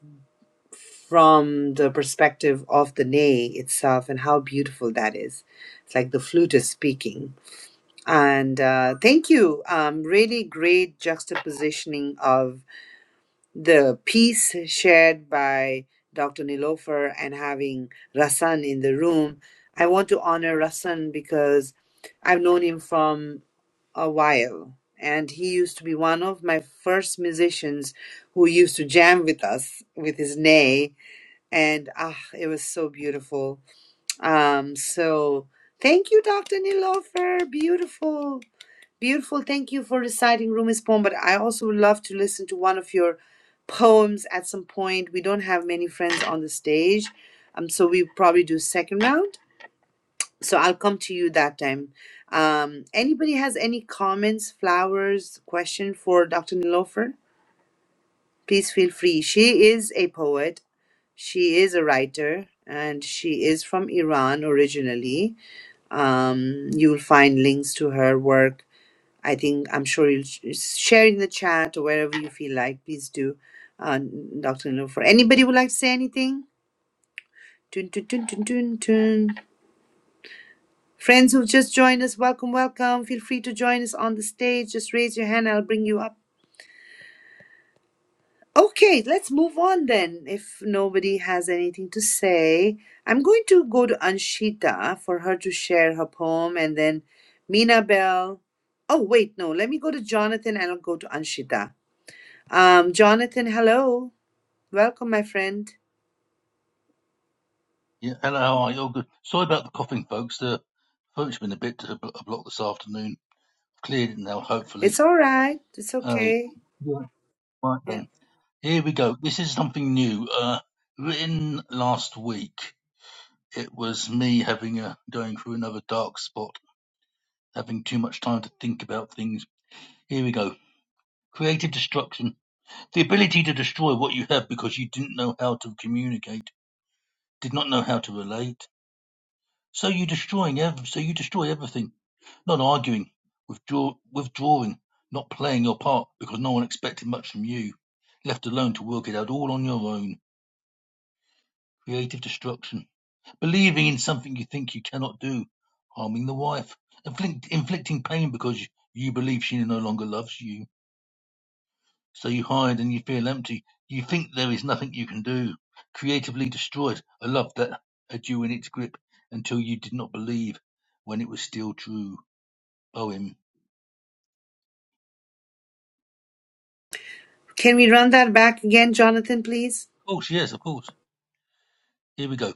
S1: from the perspective of the Ney itself and how beautiful that is. It's like the flute is speaking. And uh, thank you. Um, really great juxtapositioning of the piece shared by Dr. Nilofer and having Rasan in the room. I want to honor Rasan because I've known him from a while. And he used to be one of my first musicians who used to jam with us with his nay. And ah, it was so beautiful. Um, so thank you, Dr. Nilofer. Beautiful. Beautiful. Thank you for reciting Rumi's poem, but I also would love to listen to one of your poems at some point. We don't have many friends on the stage, um, so we probably do second round. So I'll come to you that time. Um, anybody has any comments, flowers, question for Dr. Nilofer? Please feel free. She is a poet. She is a writer, and she is from Iran originally. Um, you will find links to her work I think I'm sure you'll sh- share in the chat or wherever you feel like. Please do, uh, Dr. Nilofer. Anybody would like to say anything? Tun, tun, tun, tun, tun, tun. Friends who've just joined us, welcome, welcome. Feel free to join us on the stage. Just raise your hand, I'll bring you up. Okay, let's move on then. If nobody has anything to say, I'm going to go to Anshita for her to share her poem and then Mina Bell. Oh, wait, no, let me go to Jonathan and I'll go to Anshita. Um, Jonathan, hello. Welcome, my friend.
S6: Yeah, hello, how are you All good? Sorry about the coughing, folks. The phone's been a bit to bl- a block this afternoon. Cleared it now, hopefully.
S1: It's all right. It's
S6: Uh,
S1: okay.
S6: yeah, right
S1: Yeah.
S6: then. Here we go. This is something new. Uh, written last week. It was me having a going through another dark spot, having too much time to think about things. Here we go. Creative destruction. The ability to destroy what you have because you didn't know how to communicate, did not know how to relate. So you destroying ev- so you destroy everything Not arguing, withdraw, withdrawing, not playing your part because no one expected much from you. Left alone to work it out all on your own. Creative destruction. Believing in something you think you cannot do. Harming the wife. Inflict, inflicting pain because you, you believe she no longer loves you. So you hide and you feel empty. You think there is nothing you can do. Creatively destroyed a love that had you in its grip until you did not believe when it was still true. Poem.
S1: Can we run that back again, Jonathan, please?
S6: Of course, yes, of course. Here we go.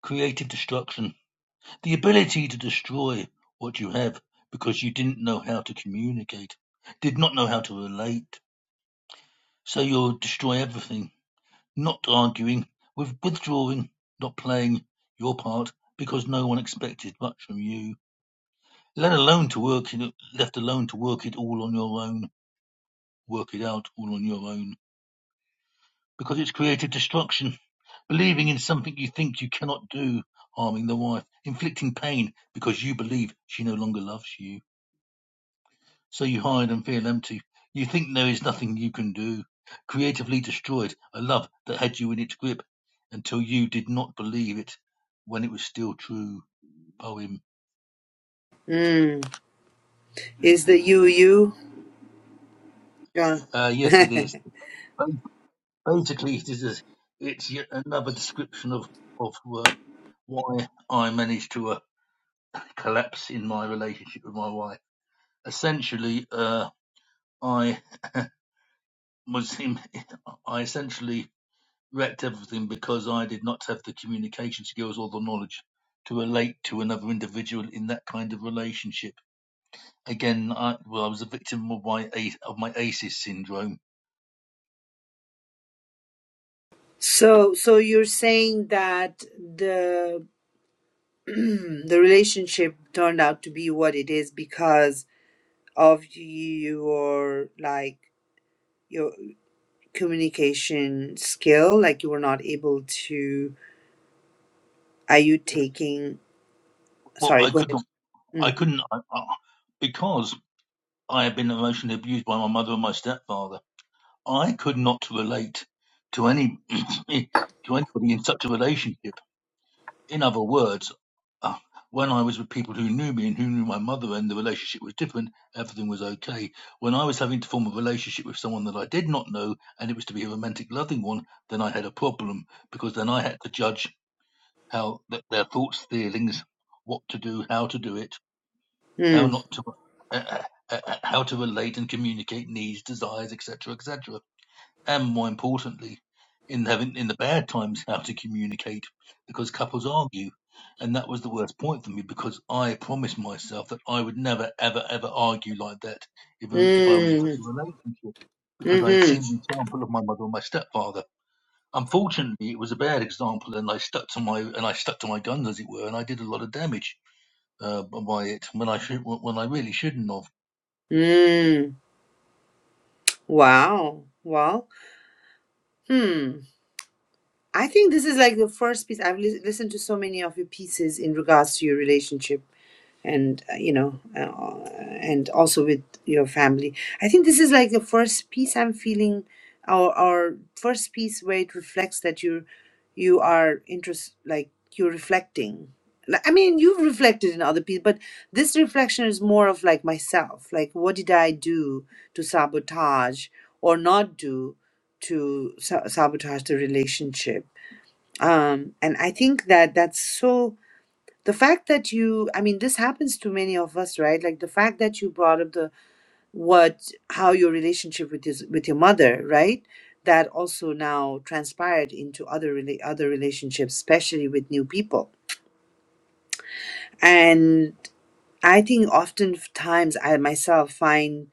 S6: Creative destruction: the ability to destroy what you have because you didn't know how to communicate, did not know how to relate. So you'll destroy everything. Not arguing, with withdrawing, not playing your part because no one expected much from you. Let alone to work it, left alone to work it all on your own, work it out all on your own because it's creative destruction Believing in something you think you cannot do, harming the wife, inflicting pain because you believe she no longer loves you. So you hide and feel empty. You think there is nothing you can do. Creatively destroyed a love that had you in its grip until you did not believe it when it was still true. Poem.
S1: Mm. Is the you you? John.
S6: Uh, yes, it is. Basically, it is a, it's yet another description of of uh, why I managed to uh, collapse in my relationship with my wife. Essentially, uh, I was I essentially wrecked everything because I did not have the communication skills or the knowledge to relate to another individual in that kind of relationship. Again, I, well, I was a victim of my of my ACEs syndrome.
S1: so, so you're saying that the the relationship turned out to be what it is because of your like your communication skill, like you were not able to. Are you
S6: Yes.
S1: taking?
S6: Well,
S1: Sorry,
S6: I
S1: go
S6: could
S1: ahead.
S6: not, I
S1: Mm.
S6: couldn't, I, I, because I had been emotionally abused by my mother and my stepfather. I could not relate to any to anybody in such a relationship In other words, uh, when I was with people who knew me and who knew my mother and the relationship was different, everything was okay. When I was having to form a relationship with someone that I did not know and it was to be a romantic, loving one, then I had a problem because then I had to judge how th- their thoughts, feelings, what to do, how to do it,
S1: Mm.
S6: how not to, uh, uh, uh, uh, how to relate and communicate needs, desires, etc., etc and more importantly, in having in the bad times how to communicate because couples argue, and that was the worst point for me because I promised myself that I would never ever ever argue like that if if I was in such
S1: Mm,
S6: a relationship because I had
S1: mm-hmm,
S6: seen the example of my mother and my stepfather. Unfortunately, it was a bad example, and I stuck to my and I stuck to my guns as it were, and I did a lot of damage uh, by it when I should when I really shouldn't have.
S1: mm. Wow. Well, hmm. I think this is like the first piece. I've lis- listened to so many of your pieces in regards to your relationship. and uh, you know uh, and also with your family i think this is like the first piece i'm feeling or or first piece where it reflects that you you are interest like you're reflecting Like, i mean you've reflected in other people but this reflection is more of like myself like what did i do to sabotage or not do to sa- sabotage the relationship um and i think that that's so the fact that you i mean this happens to many of us right like the fact that you brought up the what how your relationship with his with your mother right that also now transpired into other rela- other relationships especially with new people and i think oftentimes i myself find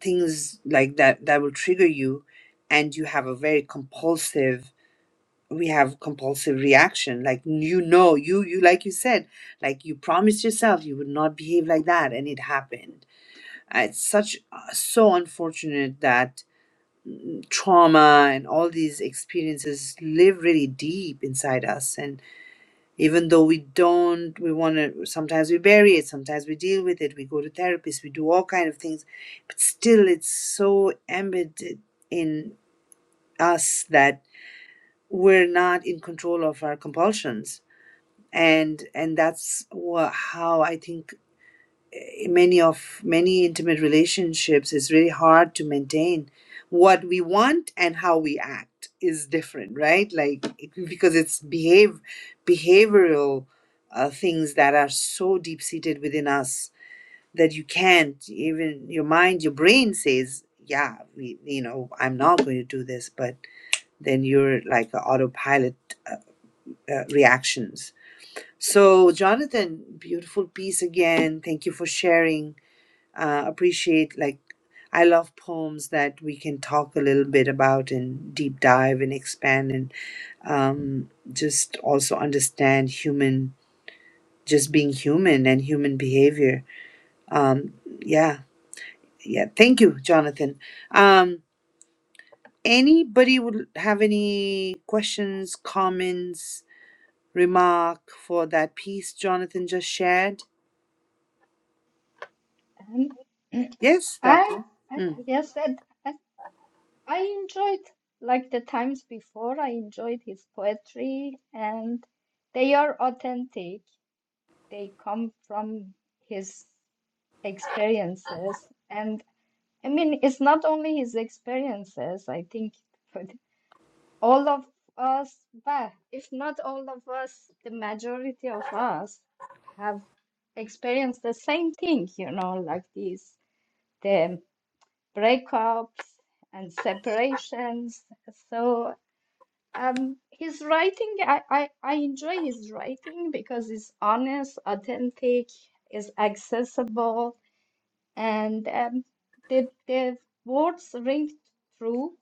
S1: things like that that will trigger you and you have a very compulsive we have compulsive reaction like you know you you like you said like you promised yourself you would not behave like that and it happened Uh, it's such uh, so unfortunate that trauma and all these experiences live really deep inside us and even though we don't we want to sometimes we bury it sometimes we deal with it we go to therapists we do all kind of things but still it's so embedded in us that we're not in control of our compulsions and and that's wha- how i think eh, many of many intimate relationships is really hard to maintain what we want and how we act is different right like it- because it's behave behavioral uh, things that are so deep seated within us that you can't even your mind your brain says yeah we, you know i'm not going to do this but then you're like autopilot uh, uh, reactions so, Jonathan, beautiful piece again. Thank you for sharing. Uh, appreciate, like, I love poems that we can talk a little bit about and deep dive and expand and um, just also understand human, just being human and human behavior. Um, yeah, yeah. Thank you, Jonathan. Um, anybody would have any questions, comments, remark for that piece Jonathan just shared? Yes,
S8: I,
S1: Doctor.
S8: I
S1: Hmm.
S8: yes, I, I, I enjoyed like the times before. I enjoyed his poetry, and they are authentic. They come from his experiences, and I mean, it's not only his experiences. I think for the- all of us, but if not all of us, the majority of us have experienced the same thing. You know, like these. the breakups and separations. So um, his writing, I, I, I enjoy his writing because it's honest, authentic, is accessible, and um, the, the words ring true.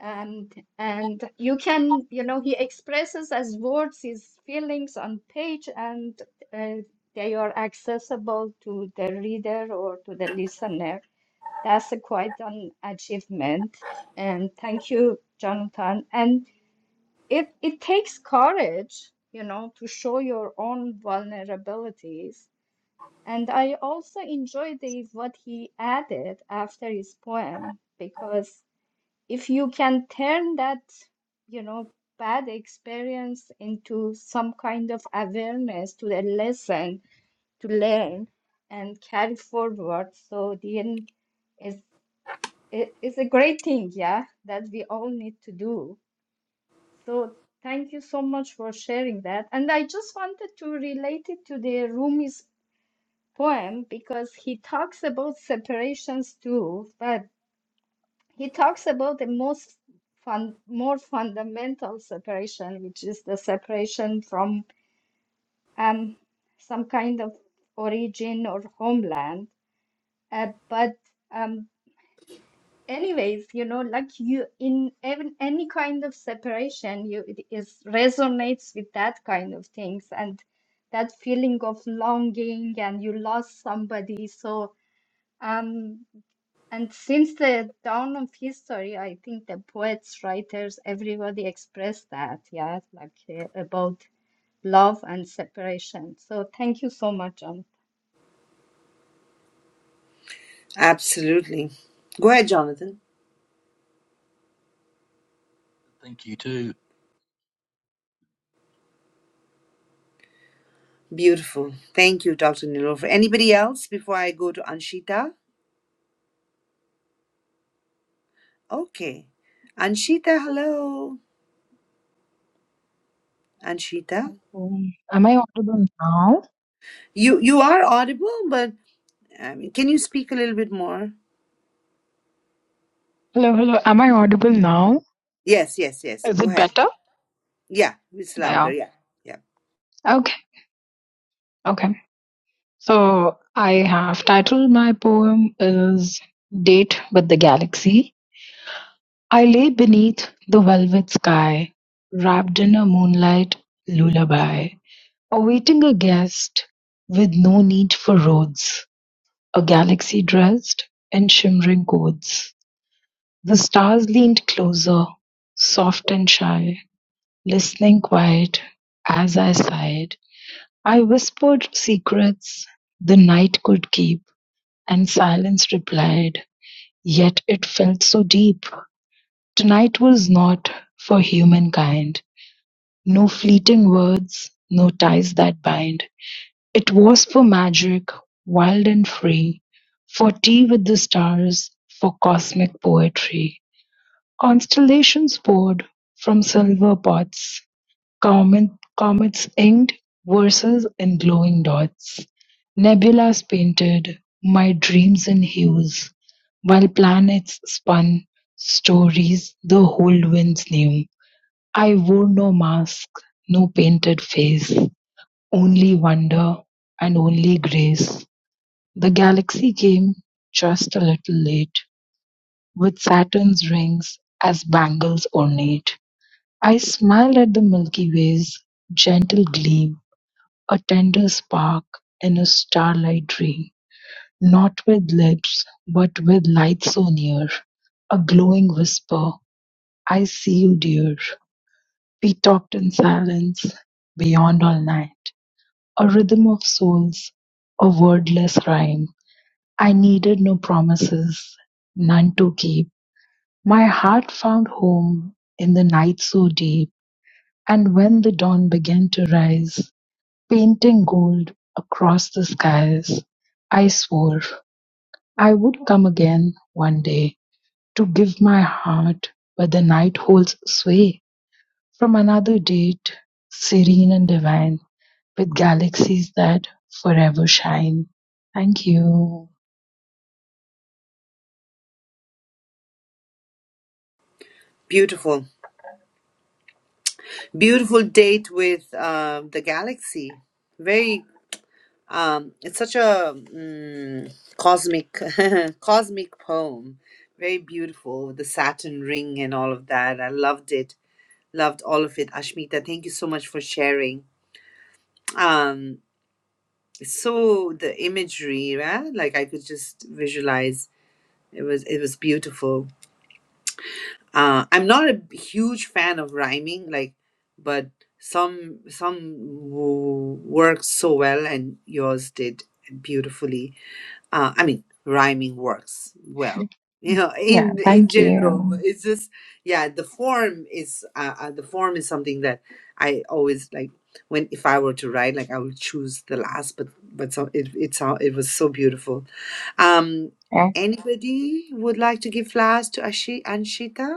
S8: And and you can you know he expresses as words his feelings on page and uh, they are accessible to the reader or to the listener. That's a quite an achievement. And thank you, Jonathan. And it, it takes courage, you know, to show your own vulnerabilities. And I also enjoyed the, what he added after his poem, because if you can turn that, you know, bad experience into some kind of awareness to a lesson to learn and carry forward, so then it, it's a great thing, yeah, that we all need to do. So thank you so much for sharing that. And I just wanted to relate it to the Rumi's poem because he talks about separations too, but he talks about the most fun, more fundamental separation, which is the separation from um, some kind of origin or homeland. Uh, but um, anyways you know like you in even any kind of separation you it is resonates with that kind of things and that feeling of longing and you lost somebody so um and since the dawn of history i think the poets writers everybody expressed that yeah like uh, about love and separation so thank you so much John
S1: Absolutely. Go ahead, Jonathan.
S6: Thank you too.
S1: Beautiful. Thank you, Dr. Nilofer. Anybody else before I go to Anshita? Okay. Anshita, hello. Anshita.
S5: Um, Am I audible now?
S1: You you are audible, but um, can you speak a little bit more?
S5: Hello, hello. Am I audible now?
S1: Yes, yes, yes.
S5: Is
S1: Go
S5: it
S1: ahead.
S5: better?
S1: Yeah, it's louder.
S5: Yeah.
S1: Yeah, yeah.
S5: Okay, okay. So I have titled my poem is Date with the Galaxy. I lay beneath the velvet sky, wrapped in a moonlight lullaby, awaiting a guest with no need for roads, a galaxy dressed in shimmering codes. The stars leaned closer, soft and shy, listening quiet as I sighed. I whispered secrets the night could keep, and silence replied, yet it felt so deep. Tonight was not for humankind No fleeting words, no ties that bind. It was for magic, wild and free, for tea with the stars, for cosmic poetry. Constellations poured from silver pots, comet, comets inked verses in glowing dots, nebulas painted my dreams in hues, while planets spun stories the whole winds knew. I wore no mask, no painted face, only wonder and only grace. The galaxy came just a little late, with Saturn's rings as bangles ornate. I smiled at the Milky Way's gentle gleam, a tender spark in a starlight dream, not with lips, but with light so near, a glowing whisper, I see you, dear. We talked in silence beyond all night. A rhythm of souls, a wordless rhyme. I needed no promises, none to keep. My heart found home in the night so deep. And when the dawn began to rise, painting gold across the skies, I swore I would come again one day to give my heart, but the night holds sway from another date, serene and divine. with galaxies that forever shine. Thank you.
S1: Beautiful. Beautiful date with uh, the galaxy. Very Um, it's such a mm, cosmic, cosmic poem. Very beautiful, with the satin ring and all of that. I loved it. Loved all of it. Ashmita, thank you so much for sharing. Um, so the imagery, right? Like I could just visualize. It was it was beautiful. Uh, I'm not a huge fan of rhyming, like, but some some w- worked so well, and yours did beautifully uh, I mean, rhyming works well. You know,
S5: Yeah,
S1: in in
S5: thank
S1: general, but
S5: you.
S1: it's just yeah. The form is uh, uh, the form is something that I always like when if I were to write, like I would choose the last. But but so it it's all it was so beautiful. Um,
S5: Eh,
S1: anybody would like to give flowers to Ashi Anshita?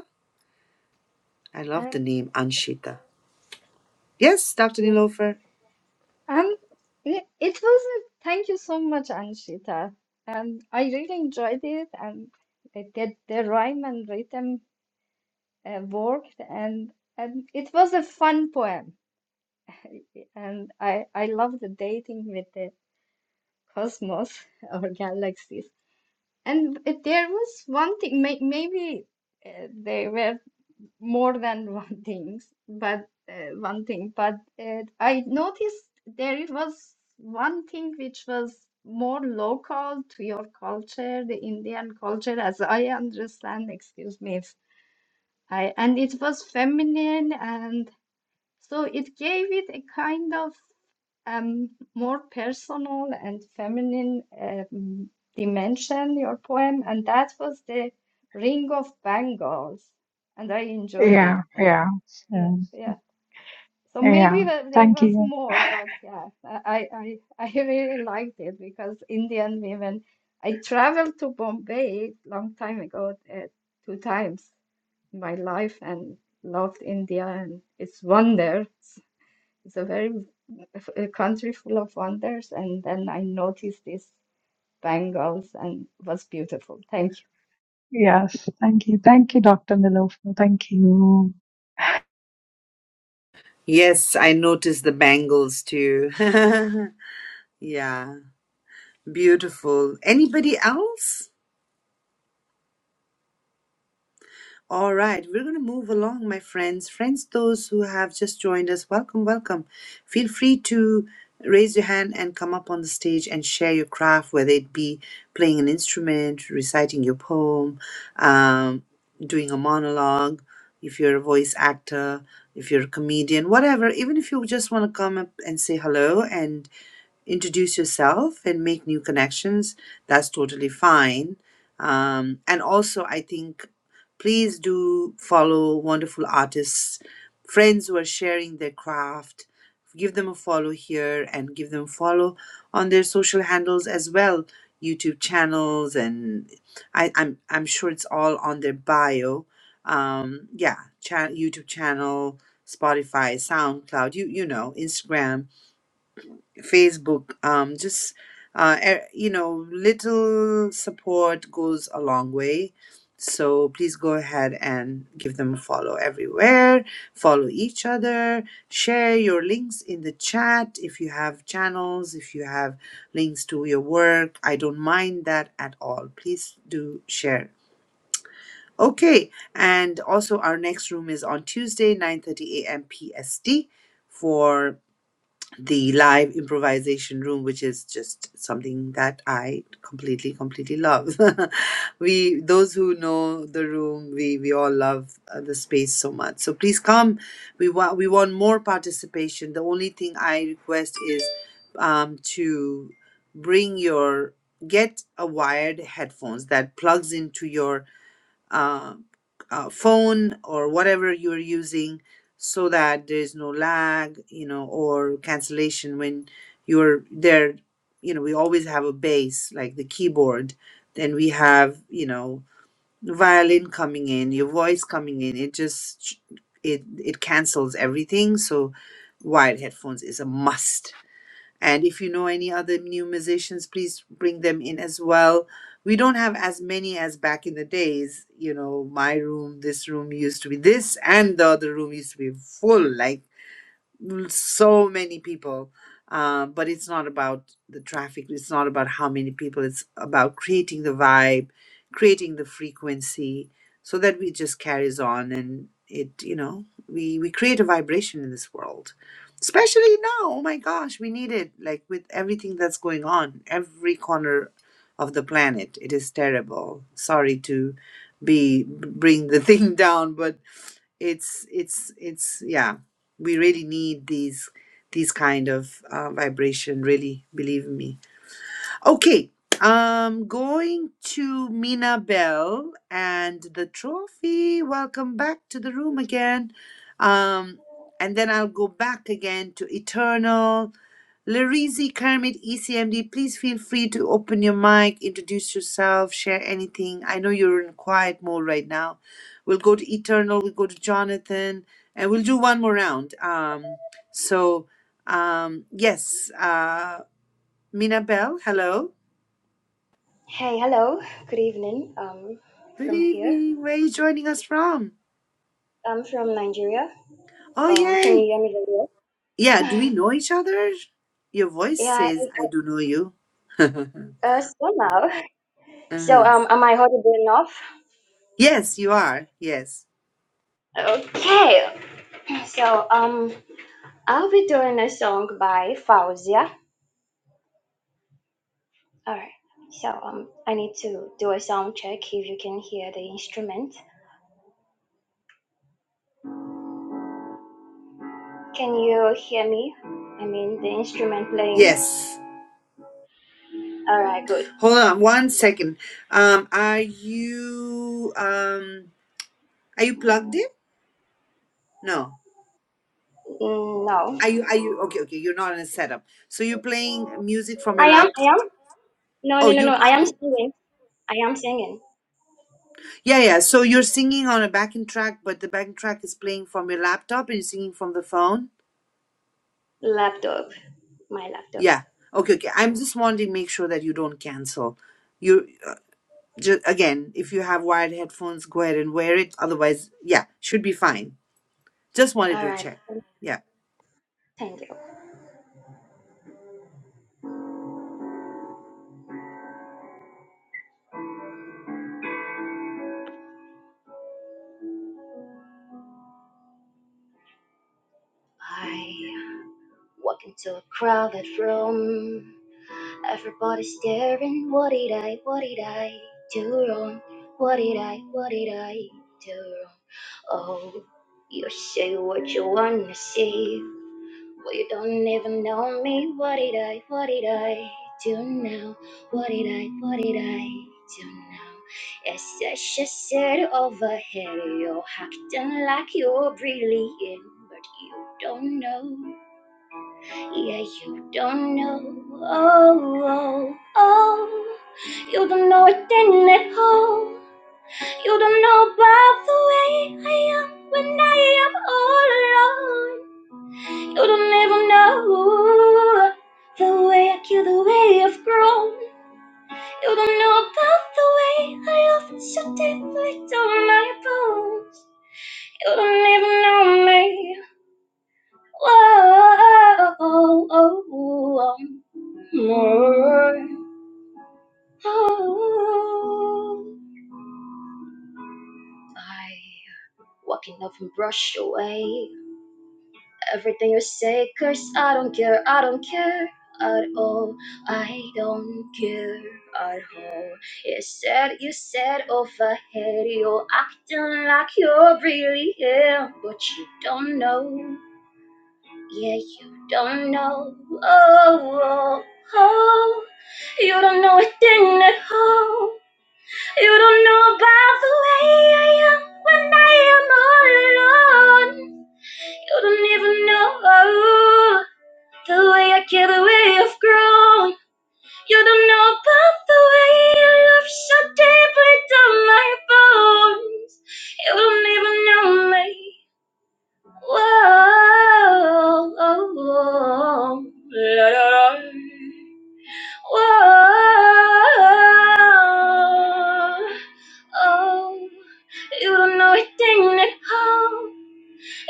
S1: I love the
S8: um
S1: name Anshita. Yes, Doctor
S8: yes
S1: Nilofer.
S8: Um, it, it was a, thank you so much, Anshita. Um, I really enjoyed it, and it, the, the rhyme and rhythm uh, worked, and and it was a fun poem. And I I love the dating with the cosmos or galaxies. And there was one thing, may, maybe uh, they were. more than one things, but uh, one thing. But uh, I noticed there it was one thing which was more local to your culture, the Indian culture, as I understand. Excuse me if I and it was feminine, and so it gave it a kind of um more personal and feminine um, dimension. Your poem, and that was the Ring of Bangles, and I enjoyed it.
S5: Yeah,
S8: uh,
S5: yeah,
S8: yeah,
S5: yeah,
S8: yeah. So
S5: yeah.
S8: maybe that there
S5: Thank
S8: was
S5: you.
S8: more, but yeah, I, I, I I really liked it because Indian women. I traveled to Bombay long time ago, uh, two times in my life, and loved India and its wonders. It's it's a very a country full of wonders, and then I noticed these bangles, and it was beautiful. Thank you.
S5: Yes, thank you. Thank you, Dr. Nilofer. Thank you.
S1: Yes, I noticed the bangles too. yeah. Beautiful. Anybody else? All right, we're going to move along, my friends. Friends, those who have just joined us, welcome, welcome. Feel free to raise your hand and come up on the stage and share your craft, whether it be playing an instrument, reciting your poem, um, doing a monologue, if you're a voice actor, if you're a comedian, whatever. Even if you just want to come up and say hello and. introduce yourself and make new connections, that's totally fine. Um, and also, I think please do follow wonderful artists, friends who are sharing their craft. Give them a follow here and give them a follow on their social handles as well, YouTube channels, and I, I'm I'm sure it's all on their bio. Um, yeah, cha- YouTube channel, Spotify, SoundCloud, you you know, Instagram Facebook, um, just uh, e- you know, little support goes a long way. So please go ahead and give them a follow everywhere. Follow each other. Share your links in the chat if you have channels, if you have links to your work. I don't mind that at all. Please do share. Okay, and also our next room is on Tuesday, 9:30 a.m. PST for the live improvisation room, which is just something that I completely, completely love. we, those who know the room, we we all love uh, the space so much. So please come. We want we want more participation. The only thing I request is um, to bring your get a wired headphones that plugs into your uh, uh, phone or whatever you're using so that there is no lag you know or cancellation when you're there you know we always have a bass like the keyboard then we have you know violin coming in your voice coming in it just it it cancels everything so wired headphones is a must and if you know any other new musicians, please bring them in as well. We don't have as many as back in the days. You know, my room, this room used to be this, and the other room used to be full. Like, l- so many people uh, but it's not about the traffic it's not about how many people it's about creating the vibe creating the frequency so that we just carries on and it you know we we create a vibration in this world especially now oh my gosh we need it like with everything that's going on every corner of the planet it is terrible sorry to be bring the thing down but it's it's it's yeah we really need these these kind of uh, vibration really believe me Okay, I'm going to Mina Bell and the trophy. Welcome back to the room again. Um, and then I'll go back again to Eternal. Larizi Kermit ECMD, please feel free to open your mic, introduce yourself, share anything. I know you're in quiet mode right now. We'll go to Eternal, we'll go to Jonathan, and we'll do one more round. Um, so, um, yes, uh, Mina Bell, hello.
S9: Hey, hello. Good evening. Um,
S1: Good
S9: from here.
S1: evening. Where are you joining us from?
S9: I'm from Nigeria.
S1: Oh,
S9: Um, can you
S1: yay.
S9: hear me very
S1: Yeah, do we
S9: well?
S1: know each other? Your voice
S9: yeah.
S1: says I do know you.
S9: Uh, so now. So
S1: Uh-huh.
S9: um, am I audible enough?
S1: Yes, you are. Yes.
S9: Okay. So um, I'll be doing a song by Fauzia. All right. So um, I need to do a sound check if you can hear the instrument. Can you hear me? I mean the instrument playing.
S1: Yes.
S9: All right. Good.
S1: Hold on one second. Um, are you um are you plugged in? No.
S9: Mm, no.
S1: Are you are you okay, okay, you're not in a setup. So you're playing music from your
S9: I am. I
S1: laptop?
S9: am. No.
S1: Oh,
S9: No. No.
S1: you're
S9: No. I
S1: plugged
S9: am
S1: in.
S9: singing. I am singing.
S1: Yeah, yeah. So you're singing on a backing track, but the backing track is playing from your laptop and you're singing from the phone.
S9: Laptop. My laptop.
S1: Yeah. Okay, okay. I'm just wanting to make sure that you don't cancel. You uh, just again, if you have wired headphones, go ahead and wear it. Otherwise, yeah, should be fine. Just wanted to
S9: Alright.
S1: check. Yeah.
S9: Thank you. I walk into a crowded room. everybody's staring. What did I, what did I do wrong? What did I, what did I do wrong? Oh, you say what you wanna say. Well, you don't even know me. What did I, what did I do now? What did I, what did I do now? Yes, I just said over here. You're acting like you're brilliant, but you don't know. Yeah, you don't know. Oh, oh, oh. You don't know a thing at all. You don't know about the way I am when I am all alone. You don't even know the way I kill, the way I've grown. You don't know about the way I often so deeply to my bones. You don't even know me. Whoa, oh, oh, oh, more. Oh. I walking off and brush away. Everything you say, curse, I don't care, I don't care at all. I don't care at all. You said, you said overhead, you're acting like you're really here, but you don't know. Yeah, you don't know. Oh, oh, oh. You don't know a thing at all. You don't know about the way I am when I am all alone. You don't even know the way I care, the way I've grown. You don't know about the way your love shot deeply down my bones. You don't even know me. Whoa, oh, oh, la, la, la. Whoa, oh, you don't know a thing at all.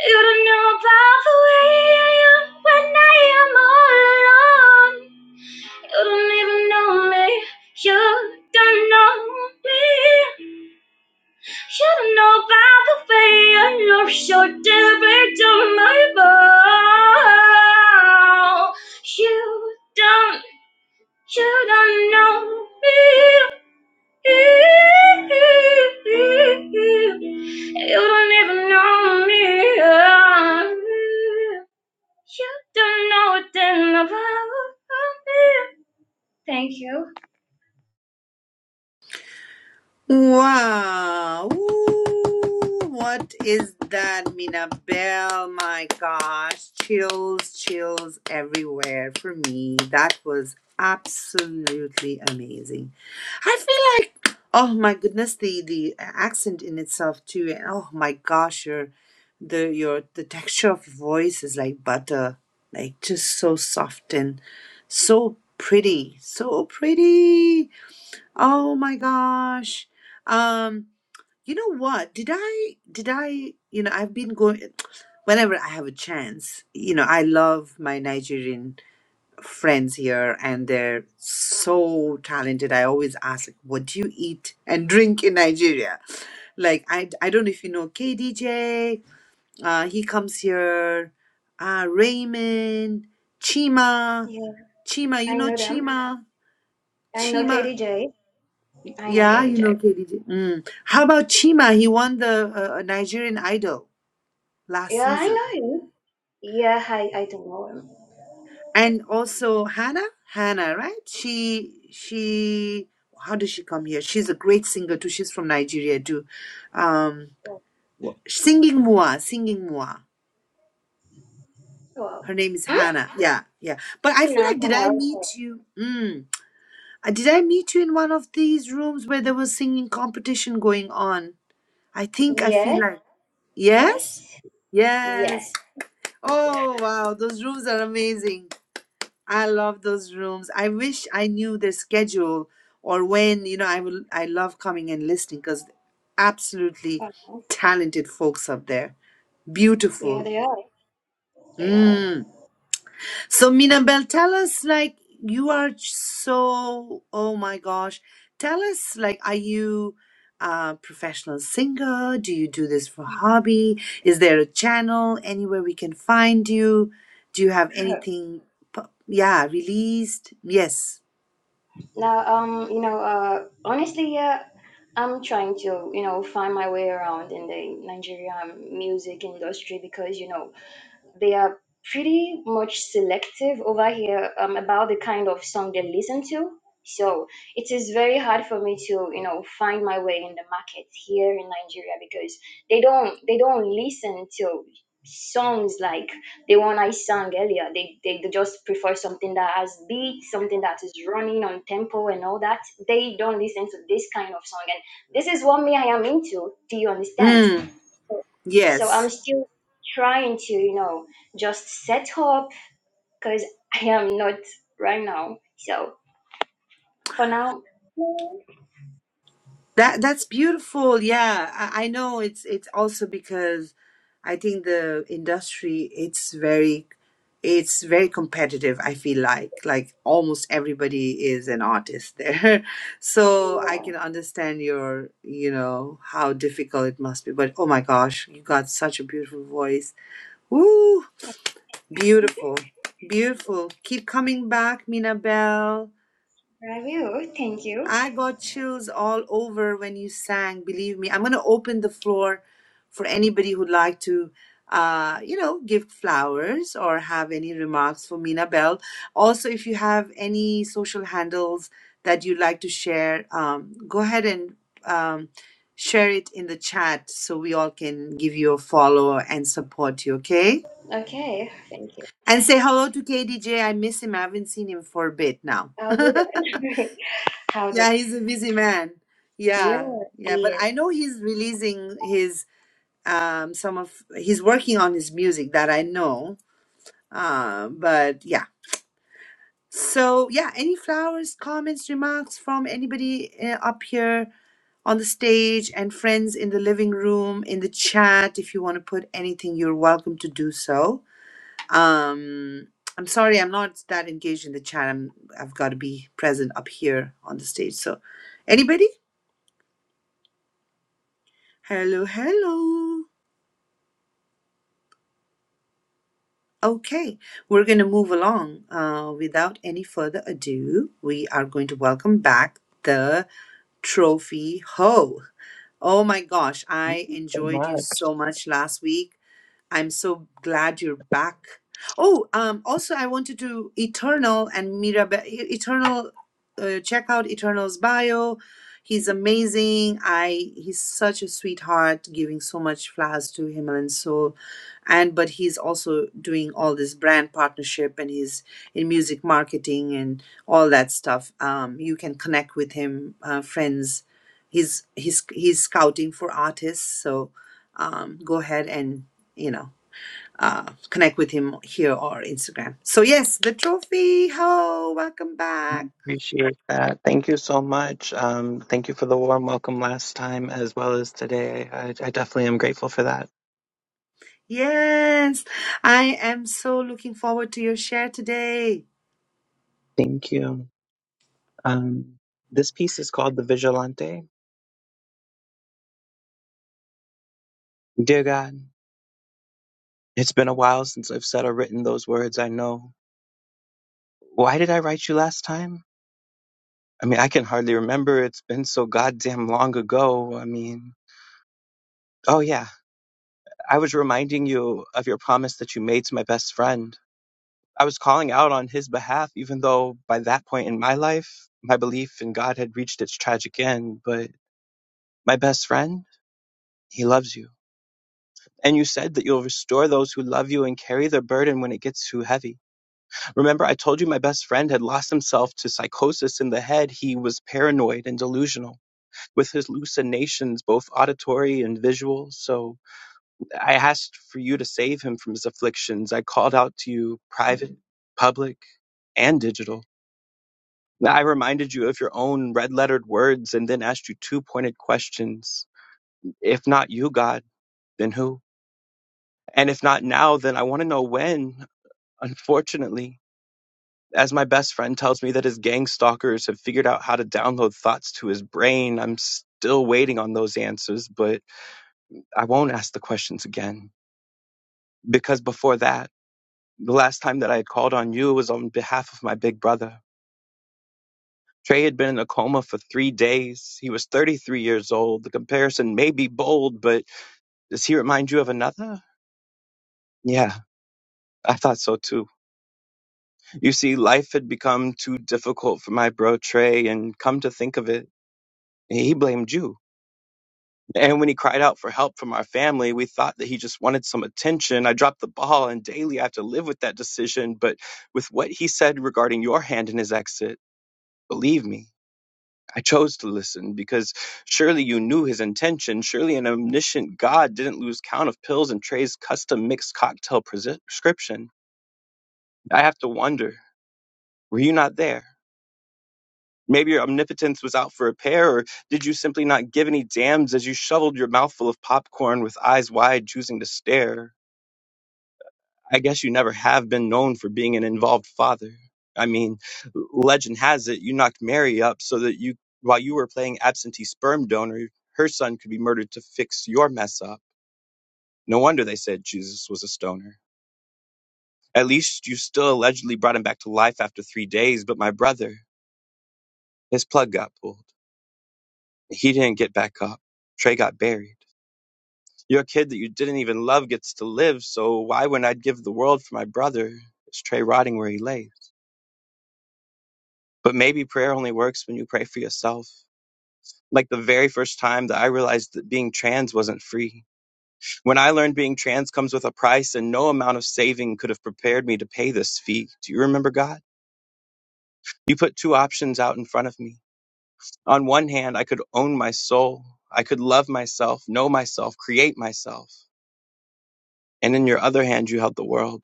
S9: You don't know about the way I am when I am all alone. You don't even know me. You don't know me. You know by the way you're so different to my bow. You don't, you don't know me. You don't even know me. You don't know a thing about me. Thank you.
S1: Wow. Ooh, what is that, Minabelle? My gosh. Chills, chills everywhere for me. That was absolutely amazing. I feel like, oh my goodness, the, the accent in itself too. And oh my gosh, your the your the texture of your voice is like butter. Like just so soft and so pretty. So pretty. Oh my gosh. Um, you know what? Did I, did I, you know, I've been going, whenever I have a chance, you know, I love my Nigerian friends here and they're so talented. I always ask, like, what do you eat and drink in Nigeria? Like, I, I don't know if you know KDJ, uh, he comes here, uh, Raymond, Chima,
S9: Yeah,
S1: Chima, you
S9: I
S1: know
S9: know them.
S1: Chima?
S9: I know
S1: Chima.
S9: Katie J. I know
S1: Yeah,
S9: Katie
S1: you
S9: J.
S1: know KDJ. Mm. How about Chima? He won the uh, Nigerian Idol last
S9: Yeah, I
S1: season,
S9: know you. Yeah, I, I don't know. him.
S1: and also Hannah. Hannah, right? She she. How did she come here? She's a great singer too. She's from Nigeria too. Um,
S9: Well,
S1: wh- singing Mua, singing Mua. Her
S9: well.
S1: name is
S9: Hmm?
S1: Hannah. Yeah, yeah. But I feel
S9: No,
S1: like did I
S9: no,
S1: meet
S9: okay.
S1: you? Mm, Uh, did I meet you in one of these rooms where there was singing competition going on? I think I feel
S9: Yes,
S1: like yes.
S9: yes,
S1: Yes,
S9: yes.
S1: Oh, wow. Those rooms are amazing. I love those rooms. I wish I knew their schedule or when, you know, I will, I love coming and listening because absolutely
S9: Uh-huh.
S1: talented folks up there.
S9: Yeah,
S1: Beautiful.
S9: they are. They are.
S1: Mm. So Minabel, tell us like you are so oh my gosh. Tell us like are you a professional singer? Do you do this for hobby? Is there a channel anywhere we can find you? Do you have anything pu- yeah, released? Yes.
S9: Now, um, you know, uh, honestly, yeah, I'm trying to, you know, find my way around in the Nigerian music industry because, you know, they are pretty much selective over here um, about the kind of song they listen to. So it is very hard for me to, you know, find my way in the market here in Nigeria because they don't they don't listen to songs like the one I sang earlier. They, they they just prefer something that has beat, something that is running on tempo and all that. They don't listen to this kind of song and this is what me I am into. Do you understand?
S1: Mm,
S9: so
S1: yes.
S9: i'm still trying to you know just set up because i am not right now so for now yeah,
S1: That that's beautiful. Yeah, I, I know it's it's also because I think the industry it's very it's very competitive, I feel like. Like almost everybody is an artist there. So I can understand your, you know, how difficult it must be. But oh my gosh, you got such a beautiful voice. Woo! Beautiful. Beautiful. Keep coming back, Mina Bell.
S9: i will thank you
S1: I got chills all over when you sang. Believe me, I'm going to open the floor for anybody who'd like to, uh, you know, give flowers or have any remarks for Mina Bell. Also, if you have any social handles that you'd like to share, um, go ahead and um, share it in the chat so we all can give you a follow and support you. Okay,
S9: okay thank you
S1: and say hello to KDJ. I miss him. I haven't seen him for a bit now.
S9: i'll do that how do
S1: Yeah, he's a busy man.
S9: yeah
S1: Yeah, yeah, but
S9: yeah.
S1: I know he's releasing his um some of he's working on his music that I know. Uh, but yeah. So yeah, any flowers, comments, remarks from anybody uh, up here on the stage and friends in the living room in the chat if you want to put anything you're welcome to do so. Um I'm sorry I'm not that engaged in the chat. I'm I've got to be present up here on the stage. So anybody? Hello, hello. Okay, we're going to move along. Uh, without any further ado, we are going to welcome back the trophy ho. Oh my gosh,
S10: Thank
S1: I
S10: you so
S1: enjoyed you
S10: much.
S1: so much last week. I'm so glad you're back. Oh, um, also, I wanted to Eternal and Mirabel. E, Eternal, uh, check out Eternal's bio. He's amazing. I he's such a sweetheart, giving so much flowers to Himalayan Soul, and but he's also doing all this brand partnership and he's in music marketing and all that stuff. Um, you can connect with him, uh, friends. He's he's he's scouting for artists, so um, go ahead and you know, uh, connect with him here or Instagram. So yes, the trophy. Ho, welcome back.
S10: Appreciate that. Thank you so much. Um, thank you for the warm welcome last time as well as today. I, I definitely am grateful for that.
S1: Yes, I am so looking forward to your share today.
S10: Thank you. Um, this piece is called The Vigilante. Dear God, it's been a while since I've said or written those words I know. Why did I write you last time? I mean, I can hardly remember. It's been so goddamn long ago. I mean, oh yeah, I was reminding you of your promise that you made to my best friend. I was calling out on his behalf, even though by that point in my life, my belief in God had reached its tragic end. But my best friend, he loves you. And you said that you'll restore those who love you and carry their burden when it gets too heavy. Remember, I told you my best friend had lost himself to psychosis in the head. He was paranoid and delusional with his hallucinations, both auditory and visual. So I asked for you to save him from his afflictions. I called out to you private, public, and digital I reminded you of your own red lettered words and then asked you two pointed questions. If not you, God, then who? And if not now, then I want to know when. Unfortunately, as my best friend tells me that his gang stalkers have figured out how to download thoughts to his brain, I'm still waiting on those answers, but I won't ask the questions again. Because before that, the last time that I had called on you was on behalf of my big brother Trey had been in a coma for three days. He was 33 years old. The comparison may be bold, but does he remind you of another? Yeah, I thought so too. You see, life had become too difficult for my bro Trey, and come to think of it, he blamed you. And when he cried out for help from our family, we thought that he just wanted some attention. I dropped the ball, and daily I have to live with that decision. But with what he said regarding your hand in his exit, believe me, I chose to listen because surely you knew his intention. Surely an omniscient God didn't lose count of pills and trays, custom mixed cocktail prescription. I have to wonder were you not there? Maybe your omnipotence was out for repair, or did you simply not give any damns as you shoveled your mouthful of popcorn with eyes wide, choosing to stare? I guess you never have been known for being an involved father. I mean, l- legend has it you knocked Mary up so that you, while you were playing absentee sperm donor, her son could be murdered to fix your mess up. No wonder they said Jesus was a stoner. At least you still allegedly brought him back to life after three days, but my brother, his plug got pulled. He didn't get back up. Trey got buried. Your kid that you didn't even love gets to live, so why wouldn't I give the world for my brother? Is Trey rotting where he lay? But maybe prayer only works when you pray for yourself. Like the very first time that I realized that being trans wasn't free. When I learned being trans comes with a price and no amount of saving could have prepared me to pay this fee. Do you remember God? You put two options out in front of me. On one hand, I could own my soul. I could love myself, know myself, create myself. And in your other hand, you held the world.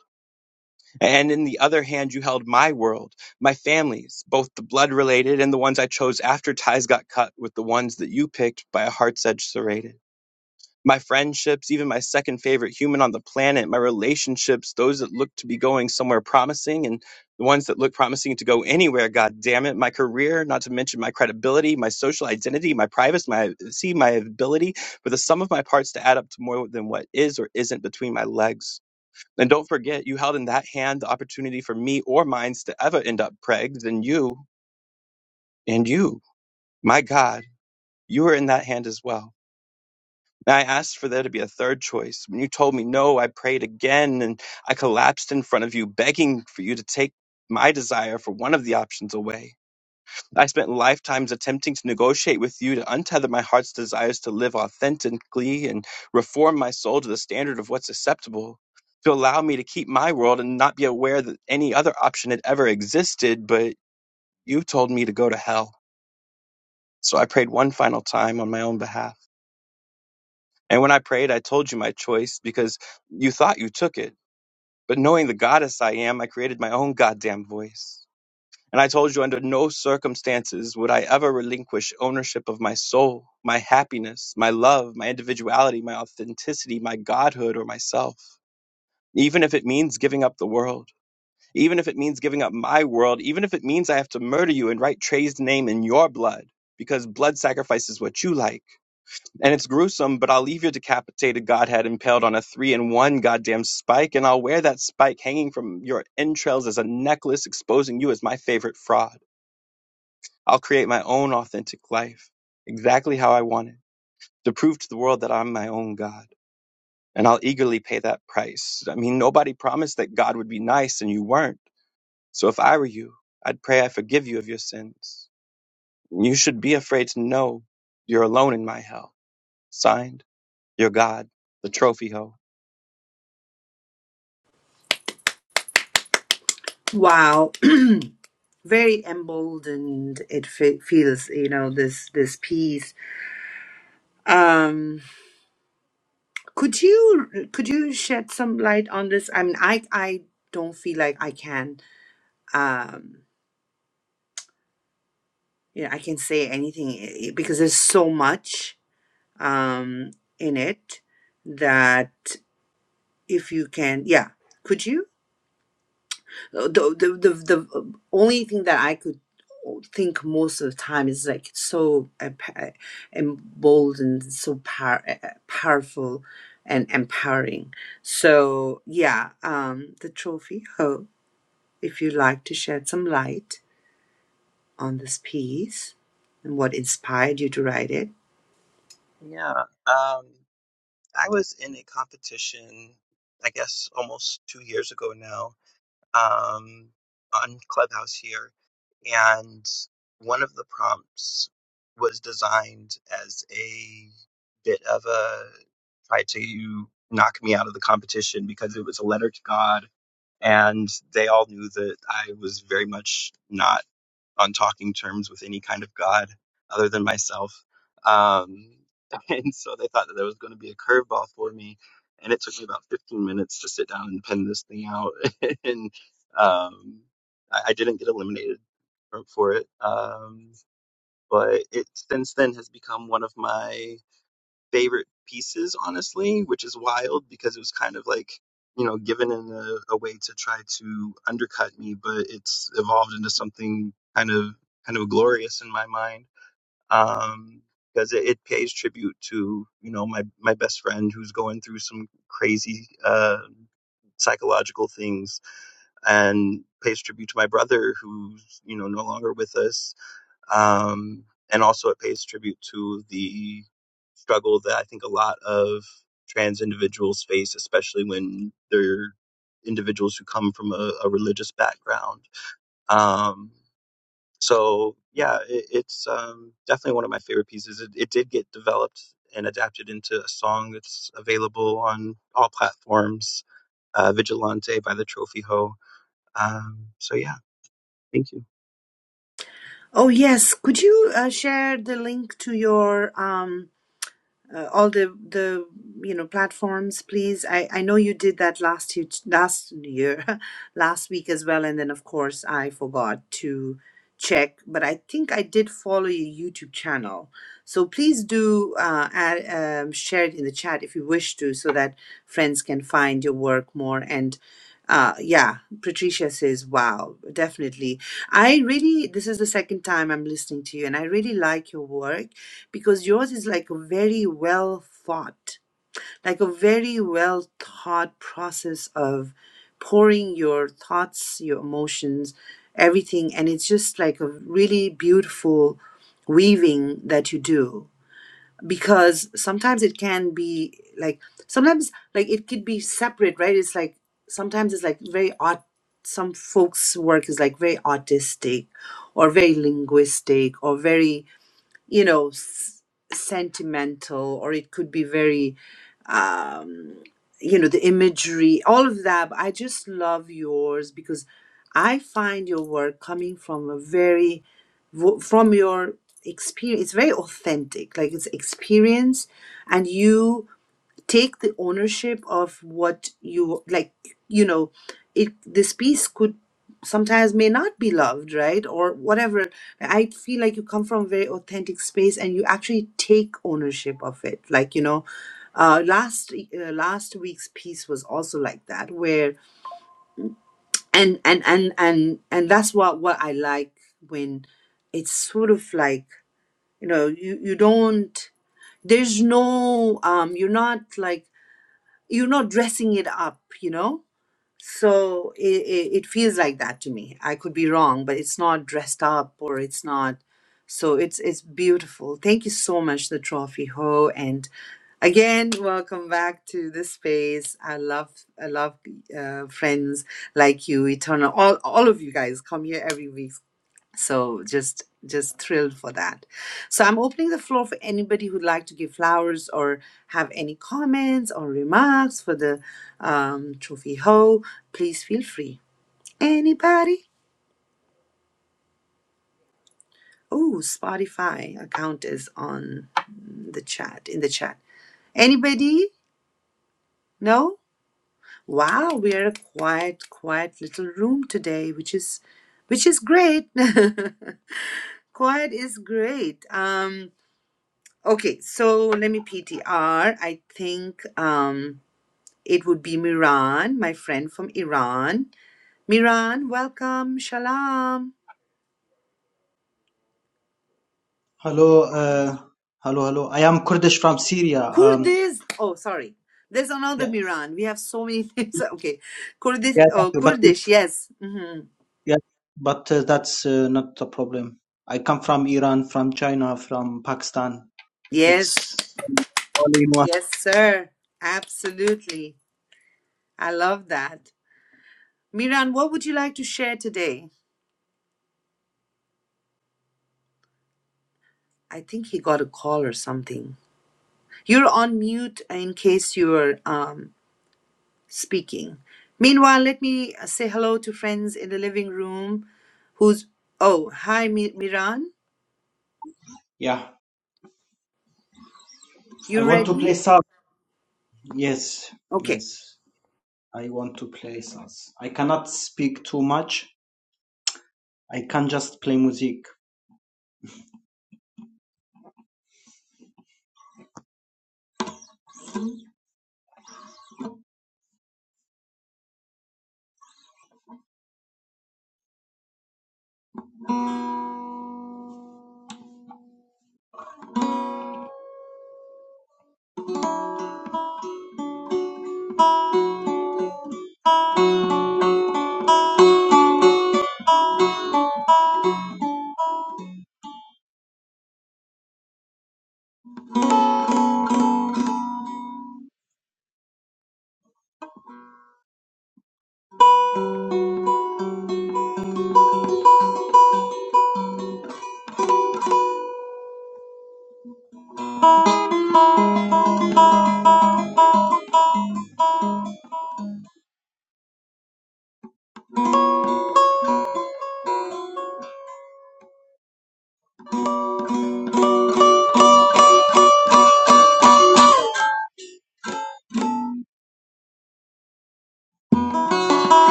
S10: And in the other hand, you held my world, my families, both the blood related and the ones I chose after ties got cut with the ones that you picked by a heart's edge serrated. My friendships, even my second favorite human on the planet, my relationships, those that look to be going somewhere promising and the ones that look promising to go anywhere, god damn it, my career, not to mention my credibility, my social identity, my privacy, my see my ability, for the sum of my parts to add up to more than what is or isn't between my legs. And don't forget, you held in that hand the opportunity for me or mines to ever end up pregged, and you, and you, my God, you were in that hand as well. And I asked for there to be a third choice. When you told me no, I prayed again, and I collapsed in front of you, begging for you to take my desire for one of the options away. I spent lifetimes attempting to negotiate with you to untether my heart's desires to live authentically and reform my soul to the standard of what's acceptable, to allow me to keep my world and not be aware that any other option had ever existed, but you told me to go to hell. So I prayed one final time on my own behalf. And when I prayed, I told you my choice because you thought you took it. But knowing the goddess I am, I created my own goddamn voice. And I told you, under no circumstances would I ever relinquish ownership of my soul, my happiness, my love, my individuality, my authenticity, my godhood, or myself. Even if it means giving up the world, even if it means giving up my world, even if it means I have to murder you and write Trey's name in your blood, because blood sacrifice is what you like. And it's gruesome, but I'll leave your decapitated godhead impaled on a three in one goddamn spike, and I'll wear that spike hanging from your entrails as a necklace, exposing you as my favorite fraud. I'll create my own authentic life, exactly how I want it, to prove to the world that I'm my own God. And I'll eagerly pay that price. I mean, nobody promised that God would be nice and you weren't. So if I were you, I'd pray I forgive you of your sins. You should be afraid to know you're alone in my hell. Signed, your God, the trophy hoe.
S1: Wow, very emboldened it fe- feels. You know this this piece. Um, could you could you shed some light on this? I mean, I I don't feel like I can. Um, you know, I can say anything eh, because there's so much um, in it that if you can, yeah, could you? Uh, The, the, the, the uh, only thing that I could think most of the time is like so emp- uh, emboldened, so power, uh, uh, powerful and empowering. So, yeah, um, the trophy. Oh, if you'd like to shed some light on this piece and what inspired you to write it.
S10: Yeah. Um, I was in a competition, I guess almost two years ago now, um, on Clubhouse here, and one of the prompts was designed as a bit of a try to knock me out of the competition because it was a letter to God, and they all knew that I was very much not on talking terms with any kind of God other than myself. Um, and so they thought that there was going to be a curveball for me. And it took me about 15 minutes to sit down and pen this thing out. and um, I, I didn't get eliminated for, for it. Um, but it since then has become one of my favorite pieces, honestly, which is wild because it was kind of like, you know, given in a, a way to try to undercut me, but it's evolved into something kind of kind of glorious in my mind. Um, because it, it pays tribute to you know my my best friend who's going through some crazy uh, psychological things and pays tribute to my brother who's you know no longer with us um, and also, it pays tribute to the struggle that I think a lot of trans individuals face, especially when they're individuals who come from a, a religious background. Um, so, yeah, it, it's um, definitely one of my favorite pieces. It, it did get developed and adapted into a song that's available on all platforms uh, Vigilante by the Trophy Ho. Um, so, yeah, thank you.
S1: Oh, yes, could you uh, share the link to your um, uh, all the the you know platforms please i i know you did that last year last year last week as well and then of course i forgot to check but i think i did follow your youtube channel so please do uh, add, um, share it in the chat if you wish to so that friends can find your work more and uh, yeah patricia says wow definitely i really this is the second time i'm listening to you and i really like your work because yours is like very well thought, like a very well thought process of pouring your thoughts, your emotions, everything. And it's just like a really beautiful weaving that you do because sometimes it can be like, sometimes like it could be separate, right? It's like, sometimes it's like very art. Some folks' work is like very artistic or very linguistic or very you know s- sentimental or it could be very um you know the imagery all of that but i just love yours because i find your work coming from a very w- from your experience it's very authentic like it's experience and you take the ownership of what you like you know it this piece could sometimes may not be loved right or whatever i feel like you come from a very authentic space and you actually take ownership of it like you know uh, last uh, last week's piece was also like that where and and and and and that's what what i like when it's sort of like you know you you don't there's no um you're not like you're not dressing it up, you know? So it, it, it feels like that to me. I could be wrong, but it's not dressed up or it's not. So it's it's beautiful. Thank you so much, the trophy ho, and again, welcome back to the space. I love I love uh, friends like you, Eternal. All all of you guys come here every week so just just thrilled for that so i'm opening the floor for anybody who'd like to give flowers or have any comments or remarks for the um, trophy ho please feel free anybody oh spotify account is on the chat in the chat anybody no wow we are a quiet quiet little room today which is which is great quiet is great um Okay, so let me PTR. I think um, it would be Miran, my friend from Iran. Miran, welcome. Shalom.
S11: Hello, uh, hello, hello. I am Kurdish from Syria. Um,
S1: Kurdish. Oh, sorry. There's another
S11: yeah,
S1: Miran. We have so many names. Okay. Kurdish.
S11: yeah, thank
S1: Oh,
S11: you. But
S1: Kurdish. Yes. hmm
S11: yeah, but uh, that's uh, not the problem. I come from Iran, from China, from Pakistan.
S1: Yes.
S11: It's all in one.
S1: Yes, sir. Absolutely. I love that. Miran, what would you like to share today? I think he got a call or something. You're on mute in case you're um, speaking. Meanwhile, let me uh, say hello to friends in the living room who's oh, hi Mi- Miran.
S11: Yeah, I
S1: You
S11: want to
S1: ready?
S11: play sub. Yes,
S1: Okay.
S11: yes, I want to play sub. I cannot speak too much. I can just play music.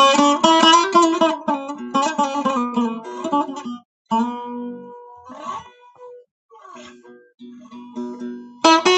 S11: Thank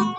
S11: you.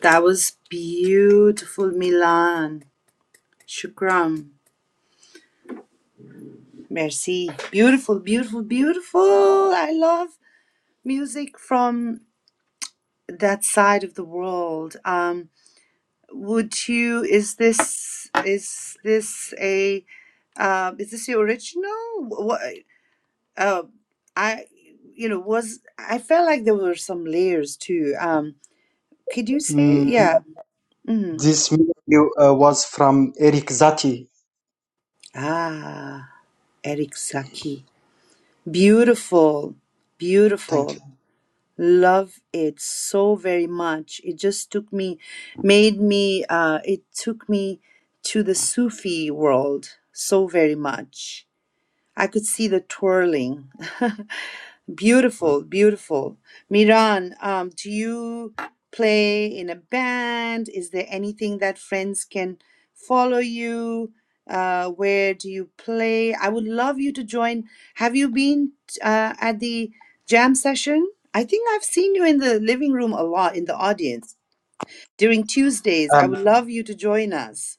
S1: That was beautiful, Milan. Shukram. Merci. Beautiful, beautiful, beautiful. I love music from that side of the world. Um would you is this is this a uh, is this the original? What? uh, I, you know, was I felt like there were some layers too. Um, could you say,
S11: Mm,
S1: yeah? Mm.
S11: this video uh, was from Eric Zati.
S1: Ah, Eric Saki, beautiful,
S11: Thank
S1: beautiful.
S11: you.
S1: Love it so very much. It just took me, made me. Uh, it took me to the Sufi world so very much. I could see the twirling. beautiful, beautiful. Miran, um, do you play in a band? Is there anything that friends can follow you? Uh, where do you play? I would love you to join. Have you been uh, at the jam session? I think I've seen you in the living room a lot in the audience during Tuesdays. I
S11: Um,
S1: would love you to join us.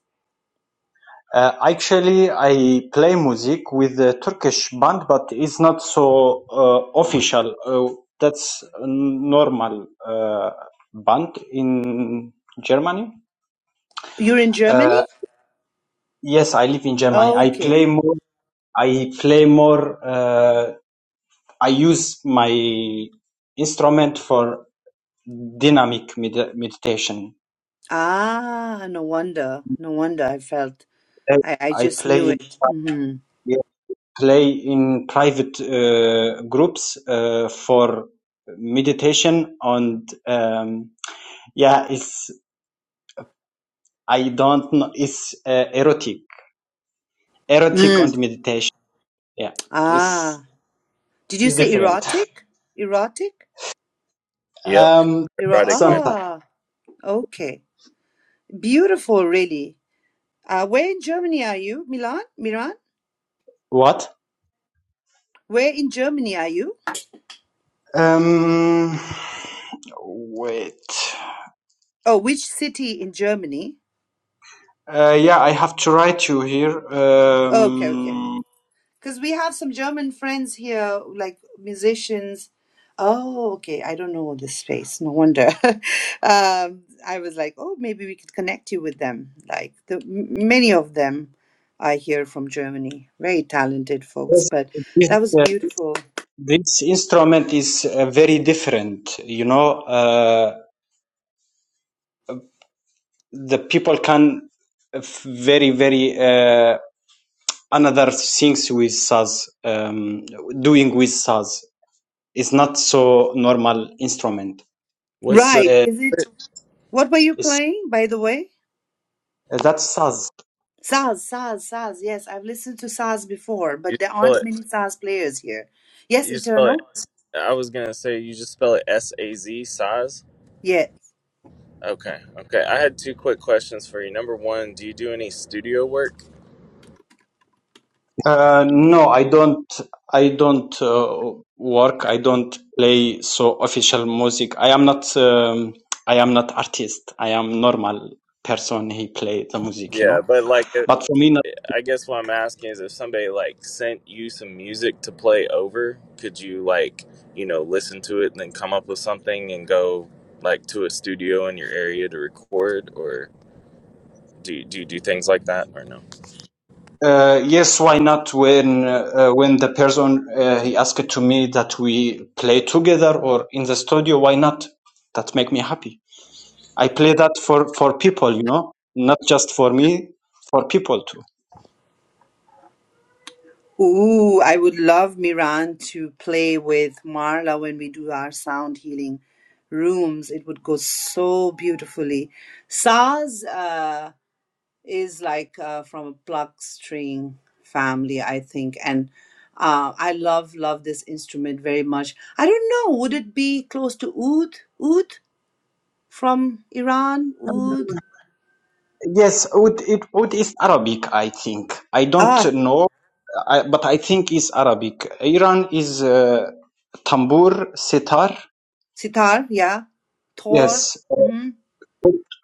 S11: Uh, actually, I play music with a Turkish band, but it's not so uh, official. Uh, that's a normal uh, band in Germany.
S1: You're in Germany?
S11: Uh, yes, I live in Germany. I
S1: Okay.
S11: play more. I play more. Uh, I use my instrument for dynamic med- meditation.
S1: Ah, no wonder. No wonder I felt. I, I
S11: I
S1: just
S11: play.
S1: knew
S11: in
S1: it. hmm
S11: play in private uh, groups uh, for meditation and um, yeah it's i don't know it's uh, erotic erotic and
S1: Mm.
S11: meditation yeah it's,
S1: Ah. Did you
S11: it's
S1: say
S11: different
S1: erotic? Erotic?
S4: Yep,
S11: um
S1: Ero-
S4: erotic man.
S11: sometimes
S1: ah, okay. Beautiful, really. Uh, where in Germany are you? Milan? Milan?
S11: what
S1: Where in Germany are you?
S11: um wait
S1: Oh, which city in Germany?
S11: uh, yeah i have to write you here
S1: Okay, okay.
S11: um
S1: Because we have some German friends here, like musicians. Oh, okay. I don't know this space. No wonder. um, I was like, oh, maybe we could connect you with them. Like the, m- many of them I hear from Germany. Very talented folks.
S11: yes,
S1: But
S11: this,
S1: that was
S11: uh,
S1: beautiful.
S11: this instrument is uh, very different you know uh, the people can very very uh, another things with saz um, doing with saz it's not so normal instrument it's
S1: Right.
S11: uh,
S1: Is it? What were you
S11: it's
S1: playing, by the way?
S11: uh, that's saz
S1: Saz, Saz, Saz. Yes, I've listened to Saz before,
S4: You,
S1: but there aren't many Saz players here. Yes,
S4: you spell it.
S1: Eternal.
S4: I was gonna say you just spell it saz S A Z Saz.
S1: Yes.
S4: Okay. Okay. I had two quick questions for you. Number one, do you do any studio work?
S11: uh, no i don't i don't uh, work i don't play so official music i am not um, i am not artist i am normal person he play the music you
S4: Yeah,
S11: know
S4: but like, it-
S11: but for me
S4: I guess what I'm asking is if somebody like sent you some music to play over, could you like, you know, listen to it and then come up with something and go like to a studio in your area to record, or do you, do you do things like that or no?
S11: Uh, yes, why not? When uh, when the person uh, he asked to me that we play together or in the studio, why not? That make me happy. I play that for for people, you know, not just for me, for people too.
S1: Ooh, I would love Miran to play with Marla when we do our sound healing rooms. It would go so beautifully. Saz uh, is like uh, from a pluck string family, I think, and uh, I love love this instrument very much. I don't know, would it be close to oud? Oud from Iran? Oud?
S11: Yes, Oud, it Oud is Arabic, I think. I don't
S1: Ah,
S11: know, I, but I think it's Arabic. Iran is uh, tambur, sitar.
S1: sitar, yeah. Tor,
S11: Yes,
S1: hmm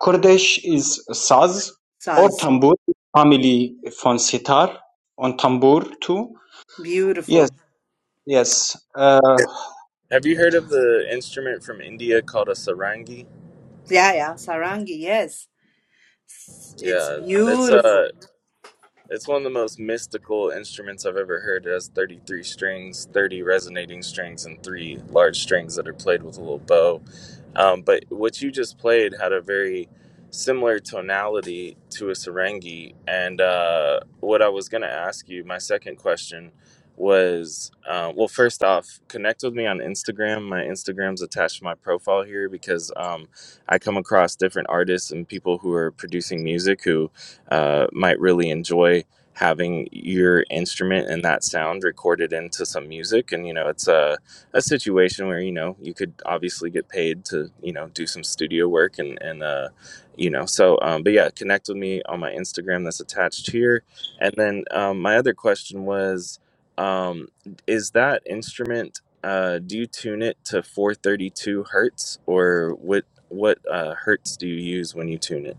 S11: Kurdish is saz or
S1: saz,
S11: tambur family from sitar on tambur too. Yes,
S1: beautiful.
S11: yes. Uh,
S4: Have you heard of the instrument from India called a sarangi?
S1: Yeah, yeah, Sarangi, yes. It's
S4: Yeah,
S1: Yeah.
S4: it's uh,
S1: beautiful.
S4: It's one of the most mystical instruments I've ever heard. It has 33 strings, 30 resonating strings, and three large strings that are played with a little bow. Um, but what you just played had a very similar tonality to a sarangi. And uh, what I was going to ask you, my second question was uh, well, first off, connect with me on Instagram. My Instagram's attached to my profile here because um, I come across different artists and people who are producing music who uh, might really enjoy having your instrument and that sound recorded into some music and you know it's a, a situation where you know you could obviously get paid to you know do some studio work and and uh you know so um but yeah connect with me on my instagram that's attached here and then um my other question was um is that instrument uh do you tune it to 432 hertz or what what uh hertz do you use when you tune it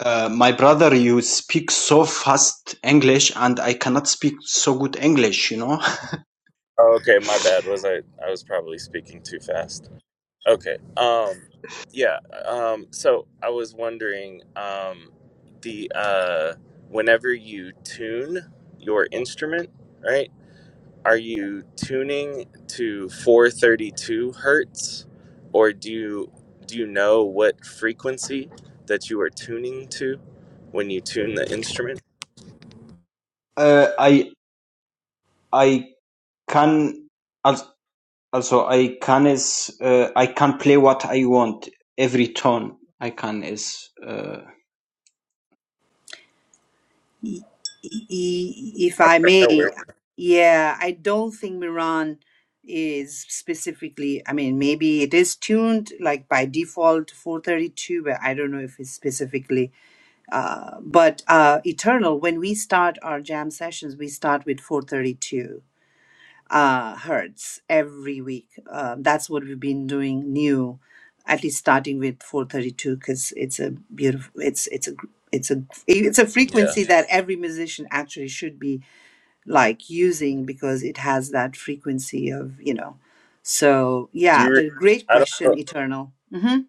S11: uh, my brother, you speak so fast English, and I cannot speak so good English. You know,
S4: Oh, okay, my bad. Was I I was probably speaking too fast. Okay. Um yeah, um so I was wondering um the uh whenever you tune your instrument, right? Are you tuning to 432 hertz or do you do you know what frequency that you are tuning to when you tune the instrument?
S11: uh, I I can als- also I can is uh, I can play what I want every tone. I can is uh,
S1: I- i- If I may,
S4: No worries.
S1: yeah, I don't think Miran is specifically, I mean, maybe it is tuned like by default 432, but I don't know if it's specifically. Uh, but uh, Eternal, when we start our jam sessions, we start with 432. uh, hertz every week. Uh, that's what we've been doing new, at least starting with 432 because it's a beautiful. It's it's a gr- it's a it's a
S4: Yeah.
S1: frequency that every musician actually should be like using because it has that frequency of you know. So
S4: Do
S1: yeah,
S4: you
S1: but great
S4: I don't know
S1: question, Eternal. hmm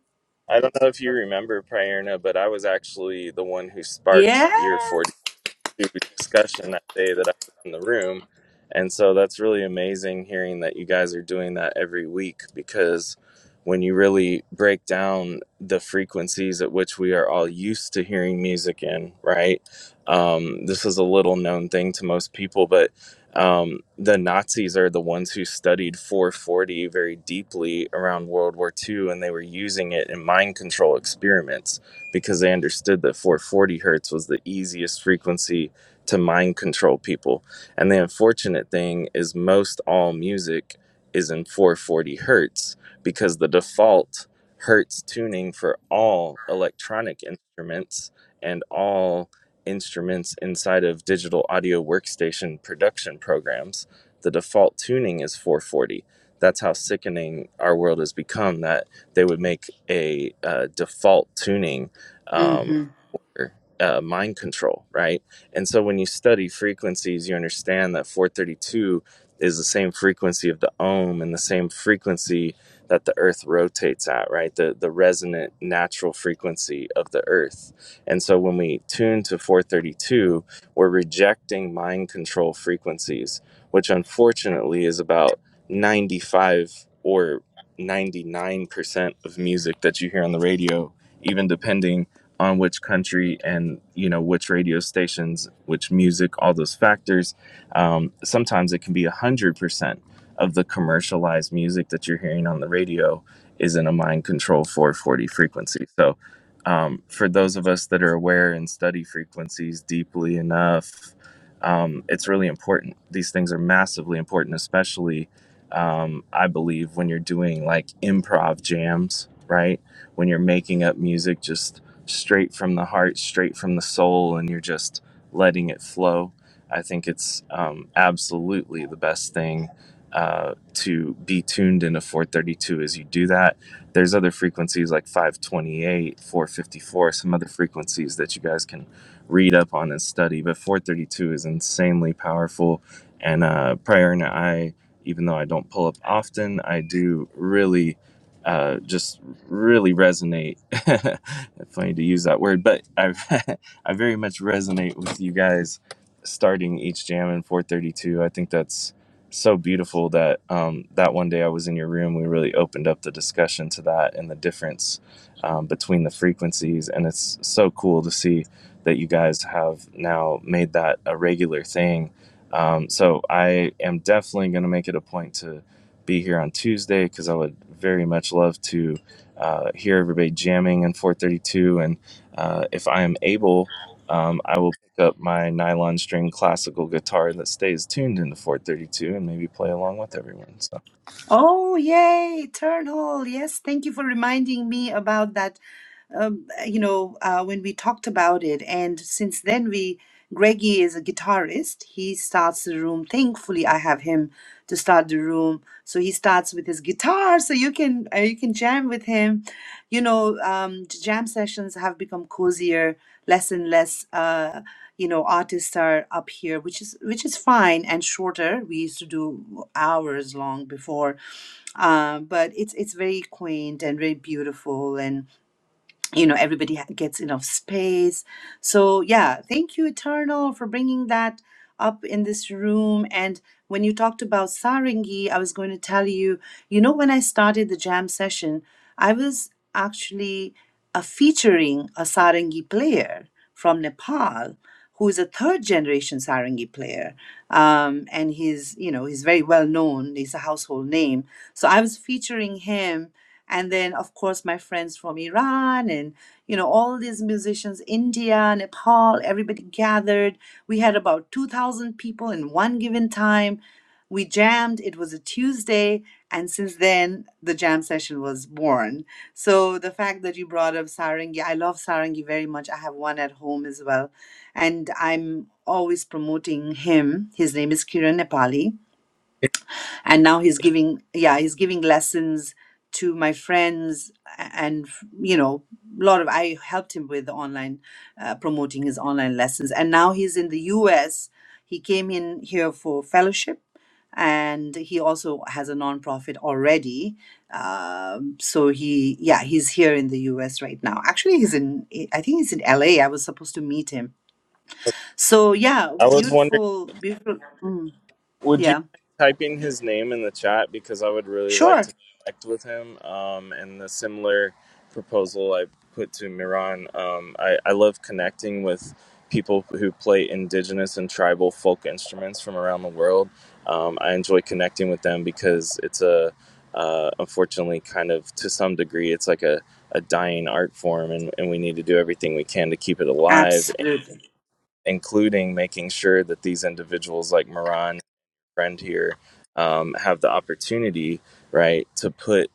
S4: I don't know if you remember Prayerna, but I was actually the one who sparked
S1: Yeah.
S4: your 40 to discussion that day that I was in the room. And so that's really amazing hearing that you guys are doing that every week because when you really break down the frequencies at which we are all used to hearing music in, right? Um, this is a little known thing to most people, but um, the Nazis are the ones who studied 440 very deeply around World War Two, and they were using it in mind control experiments because they understood that 440 hertz was the easiest frequency to mind control people. And the unfortunate thing is, most all music is in 440 hertz because the default hertz tuning for all electronic instruments and all instruments inside of digital audio workstation production programs, the default tuning is 440. That's how sickening our world has become that they would make a uh, default tuning um,
S1: hmm
S4: uh, mind control, right? And so when you study frequencies, you understand that 432 is the same frequency of the ohm and the same frequency that the earth rotates at, right? The, the resonant natural frequency of the earth. And so when we tune to 432, we're rejecting mind control frequencies, which unfortunately is about 95 or 99% of music that you hear on the radio, even depending on which country and you know which radio stations which music all those factors um, sometimes it can be 100% of the commercialized music that you're hearing on the radio is in a mind control 440 frequency so um, for those of us that are aware and study frequencies deeply enough um, it's really important these things are massively important especially um, i believe when you're doing like improv jams right when you're making up music just straight from the heart, straight from the soul, and you're just letting it flow. I think it's um, absolutely the best thing uh, to be tuned in a 432 as you do that. There's other frequencies like 528, 454, some other frequencies that you guys can read up on and study, but 432 is insanely powerful. And uh, Prior and I, even though I don't pull up often, I do really uh, just really resonate. Funny to use that word, but I I very much resonate with you guys starting each jam in 432. I think that's so beautiful that um, that one day I was in your room, we really opened up the discussion to that and the difference um, between the frequencies, and it's so cool to see that you guys have now made that a regular thing. Um, so I am definitely going to make it a point to be here on Tuesday because I would very much love to uh, hear everybody jamming in 432. And uh, if I am able, um, I will pick up my nylon string classical guitar that stays tuned into 432 and maybe play along with everyone. So
S1: Oh yay, Eternal! Yes, thank you for reminding me about that um, you know, uh, when we talked about it, and since then we, Greggy is a guitarist. He starts the room. Thankfully, I have him to start the room. So he starts with his guitar, so you can uh, you can jam with him. You know, um, j- jam sessions have become cozier, less and less. Uh, you know, artists are up here, which is which is fine and shorter. We used to do hours long before, uh, but it's it's very quaint and very beautiful and you know everybody ha- gets enough space so yeah thank you eternal for bringing that up in this room and when you talked about sarangi i was going to tell you you know when i started the jam session i was actually uh, featuring a sarangi player from nepal who is a third generation sarangi player um, and he's you know he's very well known he's a household name so i was featuring him and then of course my friends from Iran and you know all these musicians India Nepal everybody gathered we had about 2000 people in one given time we jammed it was a Tuesday and since then the jam session was born so the fact that you brought up sarangi I love sarangi very much I have one at home as well and I'm always promoting him his name is Kiran Nepali and now he's giving yeah he's giving lessons to my friends a- and you know a lot of i helped him with online uh, promoting his online lessons and now he's in the us he came in here for fellowship and he also has a nonprofit already um, so he yeah he's here in the us right now actually he's in i think he's in la i was supposed to meet him so yeah
S4: I was wondering.
S1: beautiful beautiful mm,
S4: Would you
S1: yeah
S4: mind typing his name in the chat because I would really like
S1: sure
S4: to connect with him? Um, and the similar proposal I put to Miran, um, I, I love connecting with people who play indigenous and tribal folk instruments from around the world. Um, I enjoy connecting with them because it's a uh, unfortunately, kind of to some degree, it's like a, a dying art form, and, and we need to do everything we can to keep it alive,
S1: absolutely
S4: including making sure that these individuals like Miran friend here um, have the opportunity, right, to put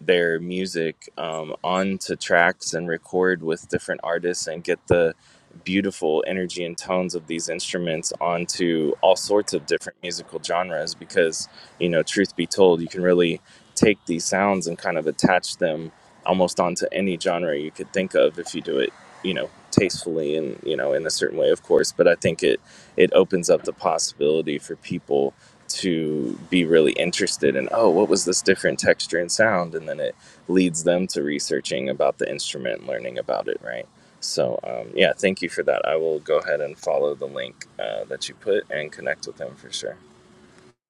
S4: their music um, onto tracks and record with different artists and get the beautiful energy and tones of these instruments onto all sorts of different musical genres because, you know, truth be told, you can really take these sounds and kind of attach them almost onto any genre you could think of if you do it, you know, tastefully and, you know, in a certain way, of course. But I think it, it opens up the possibility for people to be really interested in oh what was this different texture and sound and then it leads them to researching about the instrument and learning about it right so um, yeah thank you for that i will go ahead and follow the link uh, that you put and connect with them for sure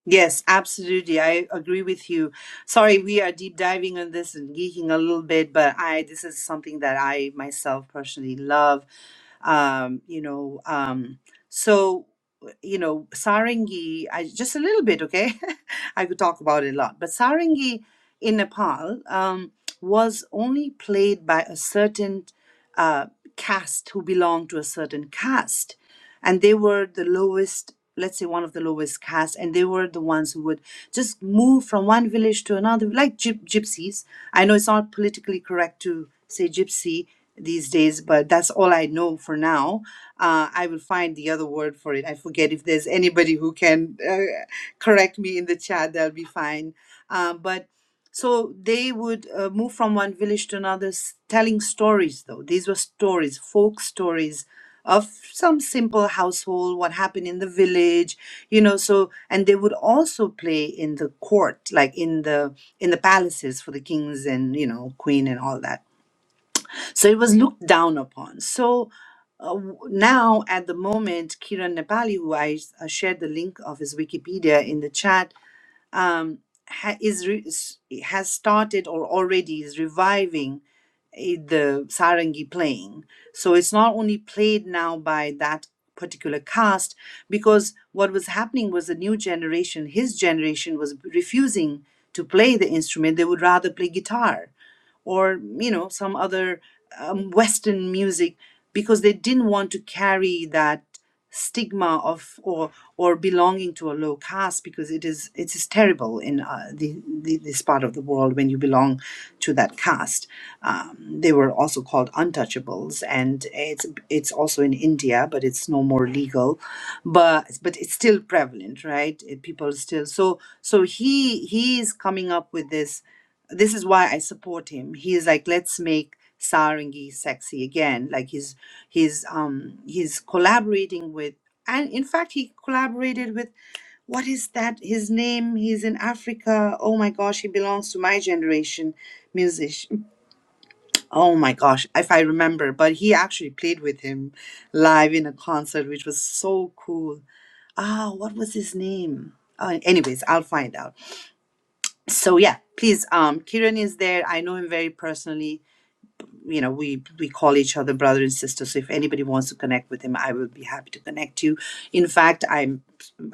S1: Yes, absolutely. I agree with you. Sorry, we are deep diving on this and geeking a little bit, but I this is something that I myself personally love um, you know. Um, so, you know, Sarangi, I, just a little bit, okay? I could talk about it a lot. But Sarangi in Nepal um, was only played by a certain uh, caste who belonged to a certain caste. And they were the lowest, let's say one of the lowest castes, and they were the ones who would just move from one village to another, like gyp- gypsies. I know it's not politically correct to say gypsy these days, but that's all I know for now. Uh, I will find the other word for it. I forget if there's anybody who can uh, correct me in the chat, that'll be fine. Uh, but so they would uh, move from one village to another, s- telling stories, though. These were stories, folk stories of some simple household, what happened in the village, you know. So, and they would also play in the court, like in the in the palaces for the kings and you know queen and all that so it was looked down upon. So uh, w- now, at the moment, Kiran Nepali, who I uh, shared the link of his Wikipedia in the chat, um, ha- is re- s- has started or already is reviving eh, the sarangi playing. So it's not only played now by that particular cast, because what was happening was the new generation, his generation, was refusing to play the instrument. They would rather play guitar or you know some other um, western music because they didn't want to carry that stigma of or or belonging to a low caste because it is it is terrible in uh, the, the this part of the world when you belong to that caste um, they were also called untouchables and it's it's also in india but it's no more legal but but it's still prevalent right It- people still so so he he is coming up with this this is why I support him. He is like, let's make Sarangi sexy again. Like he's he's um he's collaborating with and in fact he collaborated with what is that? His name, he's in Africa. Oh my gosh, he belongs to my generation musician. Oh my gosh, if I remember, but he actually played with him live in a concert, which was so cool. Ah, what was his name? Uh, anyways, I'll find out so yeah please um kiran is there i know him very personally you know we we call each other brother and sister so if anybody wants to connect with him i will be happy to connect you in fact i'm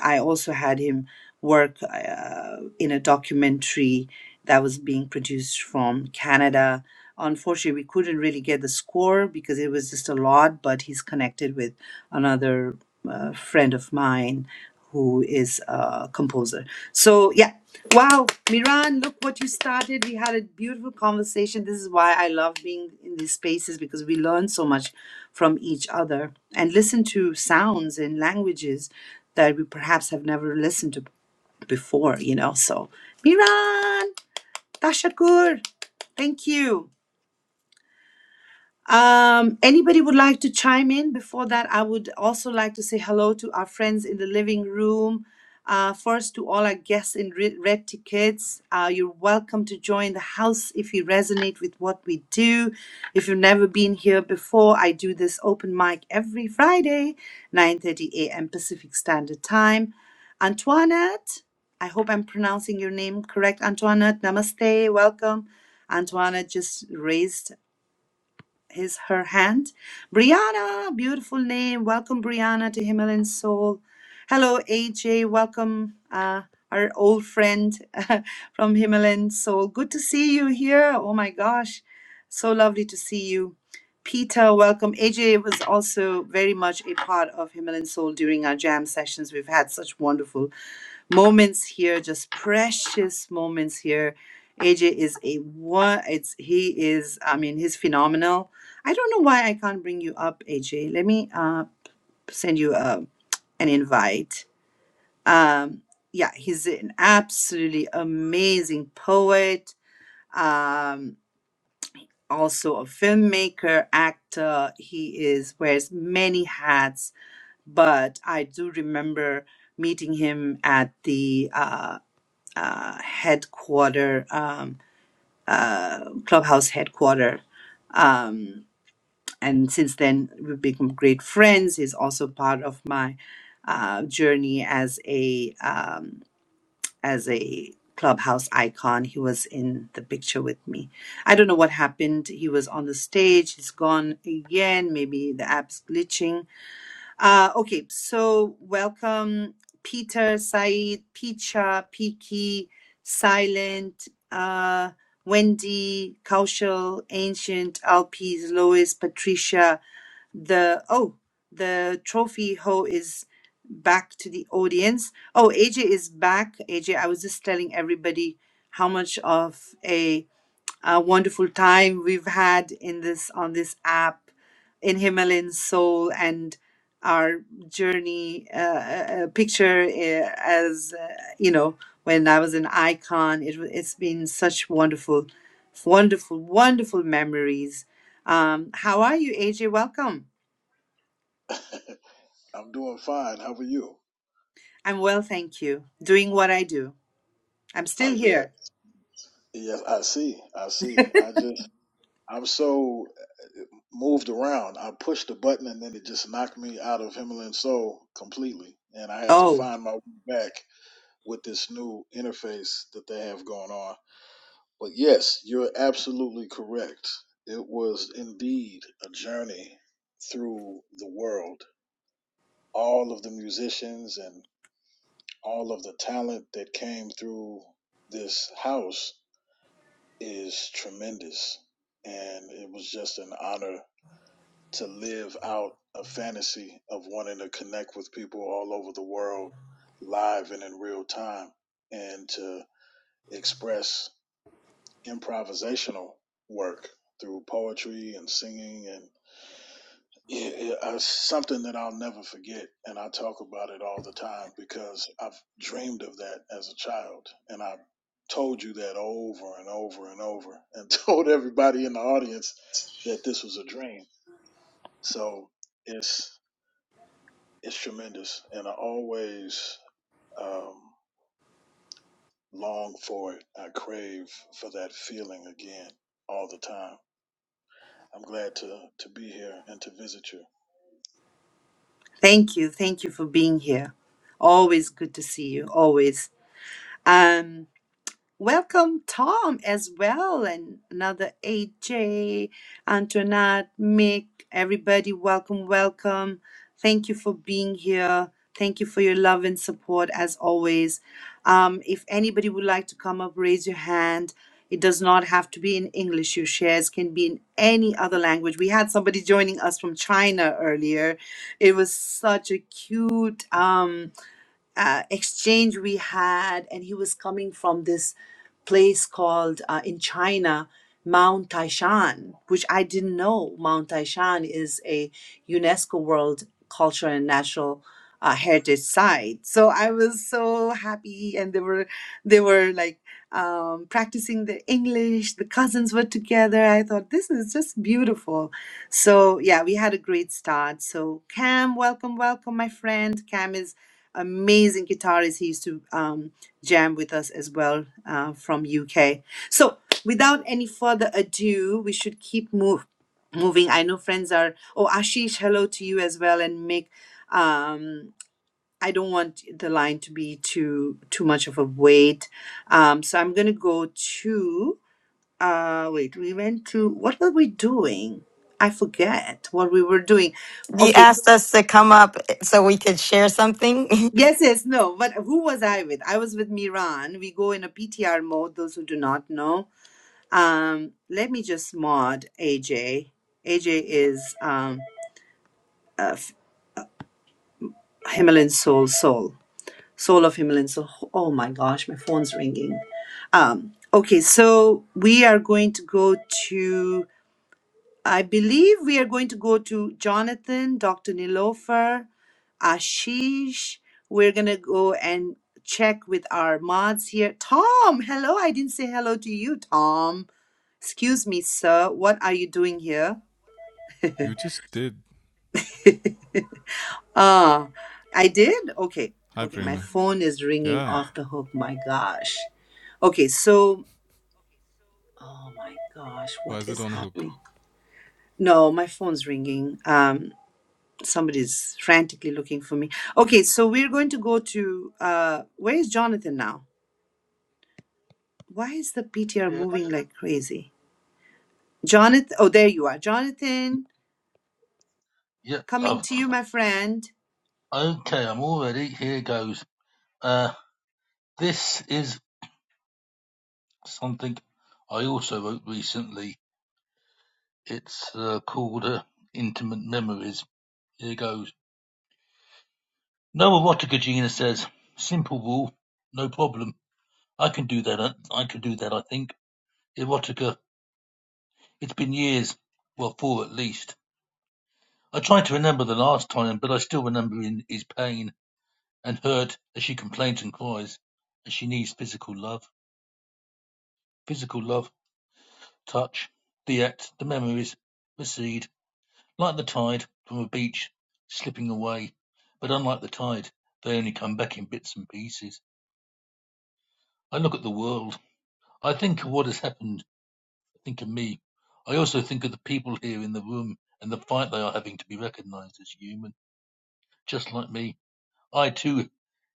S1: i also had him work uh, in a documentary that was being produced from canada unfortunately we couldn't really get the score because it was just a lot but he's connected with another uh, friend of mine who is a composer. So yeah, wow, Miran, look what you started. We had a beautiful conversation. This is why I love being in these spaces because we learn so much from each other and listen to sounds and languages that we perhaps have never listened to before. You know, so Miran, tashakur, thank you. Um, anybody would like to chime in? Before that, I would also like to say hello to our friends in the living room. Uh, first, to all our guests in re- red tickets, uh, you're welcome to join the house if you resonate with what we do. If you've never been here before, I do this open mic every Friday, 9:30 a.m. Pacific Standard Time. Antoinette, I hope I'm pronouncing your name correct. Antoinette, namaste, welcome. Antoinette just raised his her hand. Brianna, beautiful name. Welcome, Brianna, to Himalayan Soul. Hello, AJ. Welcome, uh, our old friend from Himalayan Soul. Good to see you here. Oh my gosh, so lovely to see you. Peter, welcome. AJ was also very much a part of Himalayan Soul during our jam sessions. We've had such wonderful moments here, just precious moments here. AJ is a one. It's he is. I mean, he's phenomenal I don't know why I can't bring you up, AJ. Let me uh, send you a, an invite. Um, yeah, he's an absolutely amazing poet, um, also a filmmaker, actor. He is wears many hats, but I do remember meeting him at the uh, uh, headquarter, um, uh, clubhouse headquarter. Um, and since then we've become great friends he's also part of my uh, journey as a um, as a clubhouse icon he was in the picture with me i don't know what happened he was on the stage he's gone again maybe the app's glitching uh, okay so welcome peter Said, picha piki silent uh, wendy kaushal ancient alpes lois patricia the oh the trophy ho is back to the audience oh aj is back aj i was just telling everybody how much of a, uh wonderful time we've had in this on this app in himalayan soul and our journey uh, uh, uh, picture uh, as uh, you know when i was an icon it, wa- it's been such wonderful wonderful wonderful memories um, how are you aj welcome
S12: I'm doing fine. How are you?
S1: I'm well, thank you. Doing what I do. I'm
S12: Uh,
S1: still
S12: yeah,
S1: here.
S12: yes, I see. I see. I just, I'm so moved around. I pushed the button and then it just knocked me out of Himalayan Soul completely. And I had to
S1: Oh,
S12: find my way back with this new interface that they have going on. But yes, you're absolutely correct. It was indeed a journey through the world. All of the musicians and all of the talent that came through this house is tremendous. And it was just an honor to live out a fantasy of wanting to connect with people all over the world live and in real time and to express improvisational work through poetry and singing and. Yeah, yeah, uh, it's something that I'll never forget, and I talk about it all the time because I've dreamed of that as a child, and I told you that over and over and over, and told everybody in the audience that this was a dream. So it's it's tremendous, and I always um, long for it. I crave for that feeling again all the time. I'm glad to to be here and to visit you.
S1: thank you. Thank you for being here. Always good to see you. Always. Um. Welcome, Tom, as well, and another AJ, Antoinette, Mick, everybody. Welcome, welcome. Thank you for being here. Thank you for your love and support, as always. Um, if anybody would like to come up, raise your hand. It does not have to be in English. Your shares can be in any other language. We had somebody joining us from China earlier. It was such a cute. Um, uh, exchange we had, and he was coming from this place called uh, in China, Mount Taishan, which I didn't know. Mount Taishan is a UNESCO World Cultural and Natural uh, Heritage Site. So I was so happy, and they were they were like um, practicing their English. The cousins were together. I thought this is just beautiful. So yeah, we had a great start. So Cam, welcome, welcome, my friend. Cam is amazing guitarist. He used to um, jam with us as well uh, from UK. So without any further ado, we should keep move, moving. I know friends are. Oh, Ashish, hello to you as well, and Mick. Um, I don't want the line to be too too much of a wait. Um, so I'm gonna go to. Uh, wait, we went to what were we doing? I forget what we were doing.
S13: You
S1: Okay,
S13: asked us to come up so we could share something.
S1: Yes, yes, no. But who was I with? I was with Miran. We go in a PTR mode, those who do not know. Um, let me just mod AJ. AJ is um, uh, Himalayan Soul, Soul, Soul of Himalayan Soul. Oh my gosh, my phone's ringing. Um, okay, so we are going to go to. I believe we are going to go to Jonathan, Dr. Nilofer, Ashish. We're going to go and check with our mods here. Tom, hello. I didn't say hello to you, Tom. Excuse me, sir. What are you doing here?
S14: You just did.
S1: Ah, I did? Okay.
S14: Hi,
S1: Okay, my
S14: Prerna.
S1: phone is ringing
S14: Yeah.
S1: off the hook. My gosh. Okay, so, oh my gosh,
S14: Why
S1: what
S14: is it
S1: is
S14: on a hook?
S1: happening? No, my phone's ringing. Um. Somebody's frantically looking for me. Okay, so we're going to go to uh, where is Jonathan now? Why is the PTR
S6: Yeah.
S1: moving like crazy? Jonathan, oh, there you are. Jonathan,
S6: Yep.
S1: coming
S6: I've,
S1: to you, my friend.
S6: okay, I'm all ready. Here goes. Uh, This is something I also wrote recently. It's uh, called uh, Intimate Memories. Here goes. No erotica, Gina says. Simple rule, no problem. I can do that. uh, I can do that. I think erotica. It's been years, well, four at least. I tried to remember the last time, but I still remember in his pain and hurt as she complains and cries, as she needs physical love, physical love, touch, the act, the memories, recede. Like the tide, from a beach, slipping away. But unlike the tide, they only come back in bits and pieces. I look at the world. I think of what has happened. I think of me. I also think of the people here in the room and the fight they are having to be recognized as human, just like me. I too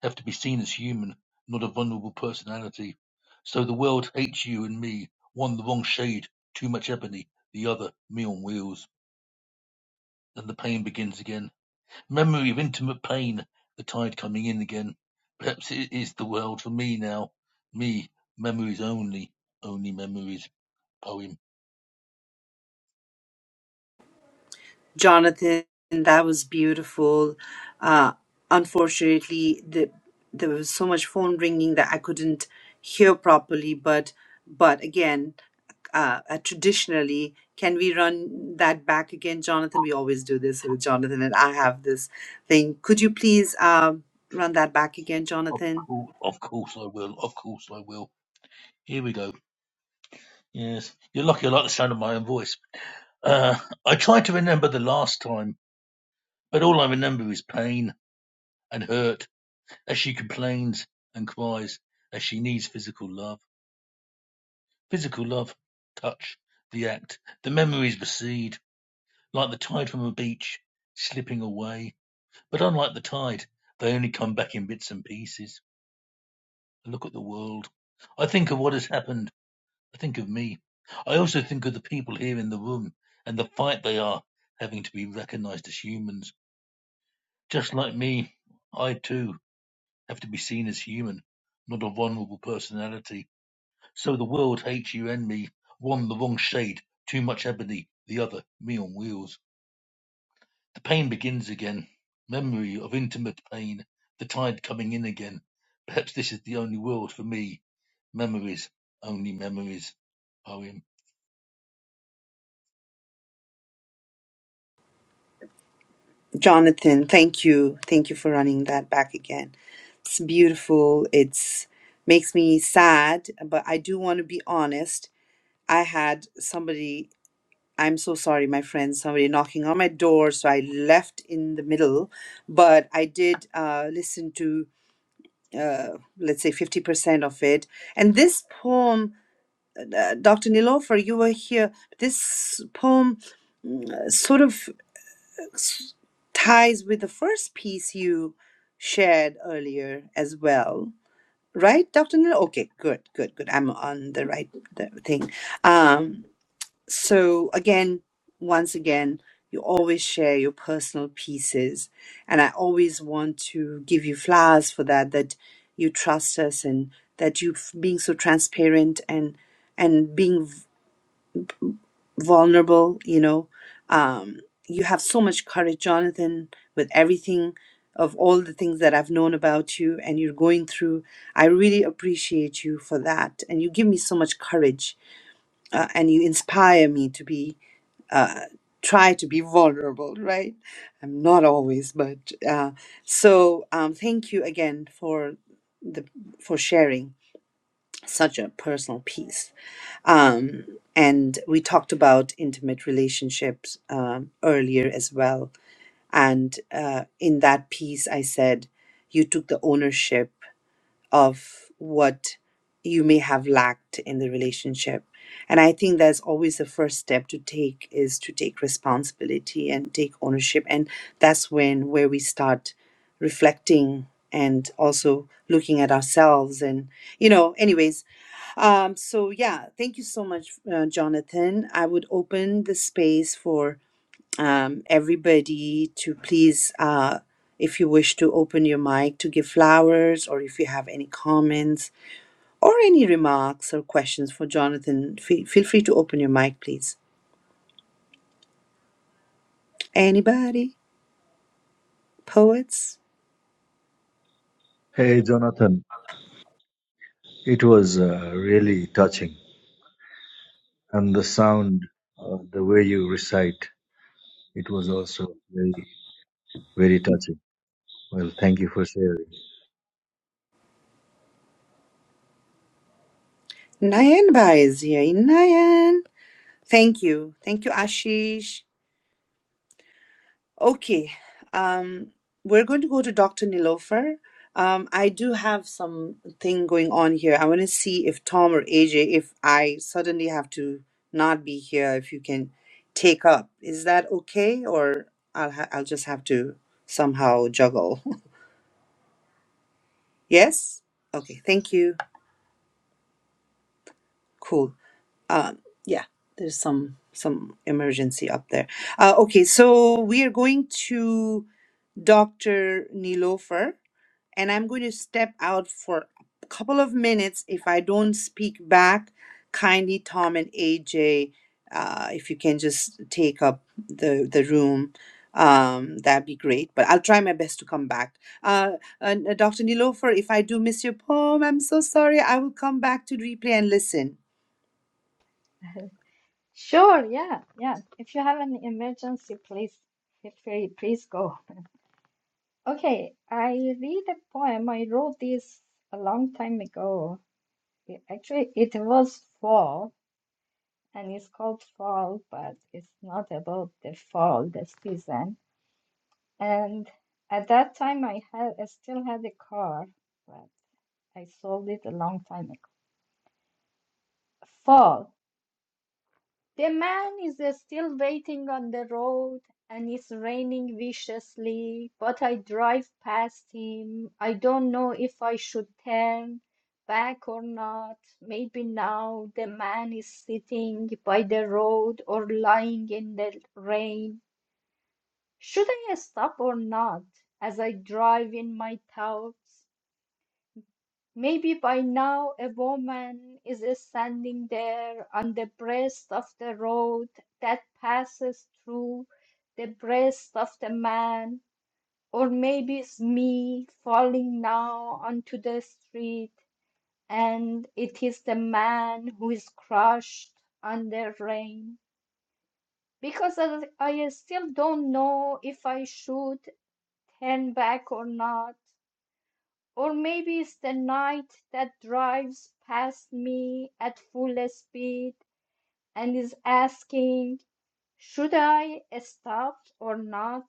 S6: have to be seen as human, not a vulnerable personality. So the world hates you and me, one the wrong shade, too much ebony, the other me on wheels. And the pain begins again. Memory of intimate pain, the tide coming in again. Perhaps it is the world for me now. Me, memories only, only memories. Poem.
S1: Jonathan, that was beautiful. Uh, unfortunately, the, there was so much phone ringing that I couldn't hear properly. But but again, uh, uh, traditionally, can we run that back again, Jonathan? We always do this with Jonathan, and I have this thing. Could you please um, run that back again,
S6: Of
S1: Jonathan?
S6: course, of course I will. Of course I will. Here we go. Yes, you're lucky. I like the sound of my own voice. Uh, I try to remember the last time, but all I remember is pain and hurt as she complains and cries as she needs physical love. Physical love, touch, the act. The memories recede Like the tide from a beach, slipping away. But unlike the tide, they only come back in bits and pieces. I look at the world. I think of what has happened. I think of me. I also think of the people here in the room and the fight they are having to be recognized as humans. Just like me, I too have to be seen as human, not a vulnerable personality. So the world hates you and me. One the wrong shade, too much ebony, the other me on wheels. The pain begins again, memory of intimate pain, the tide coming in again. Perhaps this is the only world for me, memories, only memories. Poem.
S1: Jonathan, thank you, thank you for running that back again. It's beautiful. It's makes me sad, but I do want to be honest I had somebody, I'm so sorry, my friend, somebody knocking on my door. So I left in the middle, but I did uh, listen to, uh, let's say, 50% of it. And this poem, uh, Dr. Nilofer, you were here. This poem mm, sort of s- ties with the first piece you shared earlier as well. Right, Dr. Nilo? Okay, good, good, good. I'm on the right the thing. Um, So again, once again, you always share your personal pieces. And I always want to give you flowers for that, that you trust us and that you f- being so transparent and, and being v- vulnerable, you know, um, you have so much courage, Jonathan, with everything of all the things that I've known about you and you're going through. I really appreciate you for that. And you give me so much courage uh, and you inspire me to be uh, try to be vulnerable, right? I'm not always, but uh, so um, thank you again for the for sharing such a personal piece. Um, and we talked about intimate relationships um, earlier as well. And uh, in that piece, I said you took the ownership of what you may have lacked in the relationship. And I think that's always the first step to take is to take responsibility and take ownership. And that's when where we start reflecting and also looking at ourselves and you know anyways um so yeah thank you so much uh, jonathan i would open the space for um, everybody to please, uh, if you wish to open your mic to give flowers or if you have any comments or any remarks or questions for Jonathan, fe- feel free to open your mic, please. Anybody? Poets?
S15: Hey, Jonathan, it was uh, really touching. And the sound, uh, the way you recite, it was also very, very touching. Well, thank you for sharing.
S1: Nayan Bai is here. Nayan. Thank you. Thank you, Ashish. Okay, um, we're going to go to Dr. Nilofer. Um, I do have something going on here. I want to see if Tom or AJ, if I suddenly have to not be here, if you can take up. Is that okay? Or I'll ha- I'll just have to somehow juggle. yes? Okay, thank you. Cool. Um, yeah, there's some some emergency up there. Uh, okay, so we are going to Dr. Nilofer. and I'm going to step out for a couple of minutes. If I don't speak back, kindly Tom and AJ, uh, if you can just take up the the room, um, that'd be great. But I'll try my best to come back. Uh, and, uh, Dr. Nilofer, if I do miss your poem, I'm so sorry. I will come back to replay and listen.
S8: Sure, yeah, yeah. If you have an emergency, please feel free, please go. Okay, I read a poem. I wrote this a long time ago. It- actually, it was fall, and it's called fall, but it's not about the fall, the season. And at that time, I had, I still had a car, but I sold it a long time ago. Fall. The man is uh, still waiting on the road, and it's raining viciously, but I drive past him. I don't know if I should turn back or not. Maybe now the man is sitting by the road or lying in the rain. Should I stop or not as I drive in my thoughts? Maybe by now a woman is standing there on the breast of the road that passes through the breast of the man, or maybe it's me falling now onto the street, and it is the man who is crushed under rain. Because I, I still don't know if I should turn back or not. Or maybe it's the night that drives past me at full speed and is asking, should I stop or not?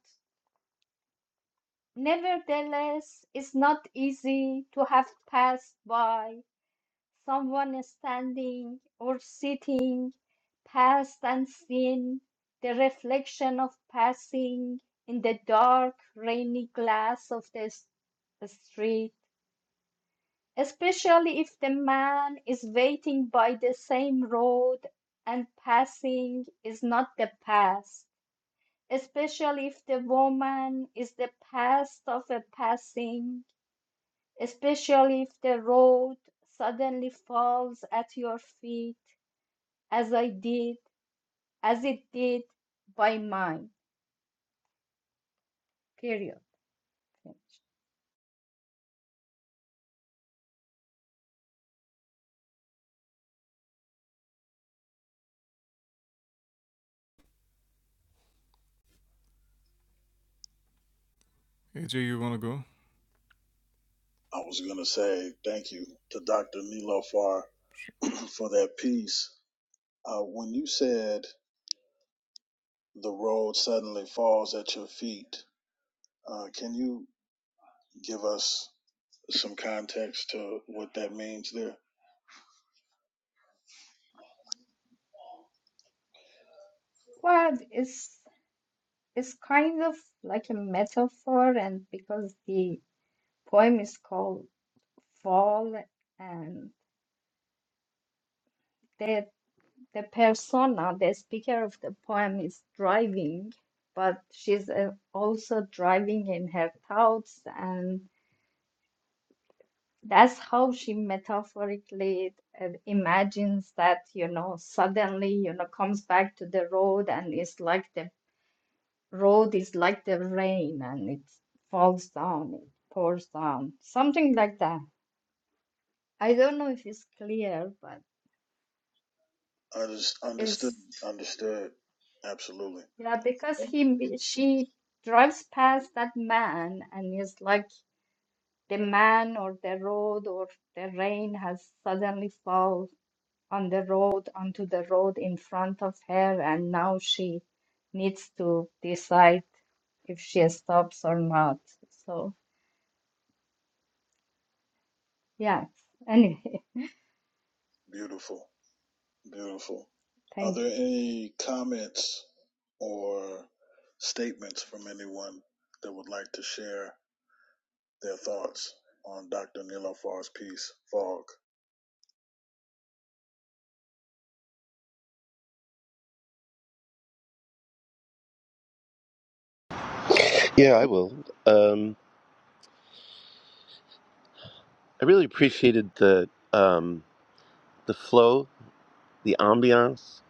S8: Nevertheless, it's not easy to have passed by someone standing or sitting, past and seen, the reflection of passing in the dark, rainy glass of the s- street. especially if the man is waiting by the same road and passing is not the past, especially if the woman is the past of a passing, especially if the road suddenly falls at your feet as I did, as it did by mine. Period. Finish.
S14: AJ, you wanna go?
S12: I was gonna say thank you to Dr. Nilo for that piece. Uh, when you said the road suddenly falls at your feet, uh, can you give us some context to what that means there?
S8: Well, it's, it's kind of like a metaphor, and because the poem is called fall and the the persona the speaker of the poem is driving but she's uh, also driving in her thoughts and that's how she metaphorically uh, imagines that you know suddenly you know comes back to the road and it's like the road is like the rain and it falls down it pours down something like that i don't know if it's clear but
S12: Unders- Understood.
S8: it's
S12: Understood. Absolutely.
S8: Yeah, because he she drives past that man and is like the man or the road or the rain has suddenly fall on the road onto the road in front of her and now she needs to decide if she stops or not. So yeah, anyway,
S12: Beautiful. Beautiful. Are
S8: thank
S12: there
S8: you.
S12: any comments or statements from anyone that would like to share their thoughts on Dr. Nilofar's piece, Fog?
S16: Yeah, I will. Um, I really appreciated the um, the flow, the ambiance.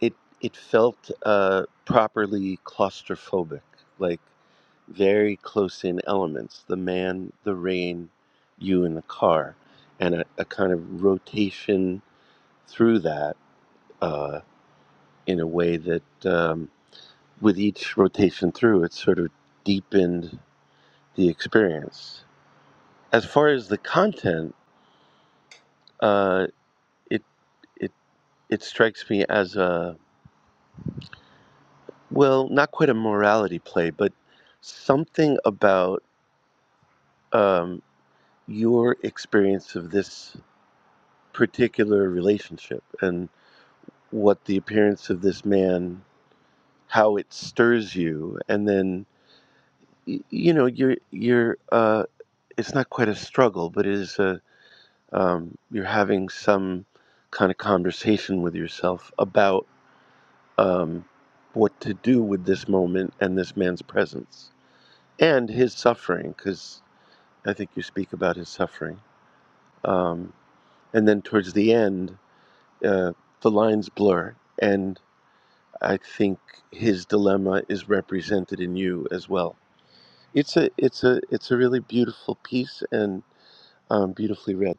S16: It it felt uh, properly claustrophobic, like very close in elements. The man, the rain, you in the car, and a, a kind of rotation through that uh, in a way that um, with each rotation through, it sort of deepened the experience. As far as the content, uh, it it it strikes me as a well, not quite a morality play, but something about um, your experience of this particular relationship and what the appearance of this man, how it stirs you, and then y- you know you're you're uh, it's not quite a struggle, but it is a um, you're having some kind of conversation with yourself about um, what to do with this moment and this man's presence. and his suffering, because I think you speak about his suffering. Um, and then towards the end, uh, the lines blur, and I think his dilemma is represented in you as well. It's a it's a it's a really beautiful piece and um, beautifully read.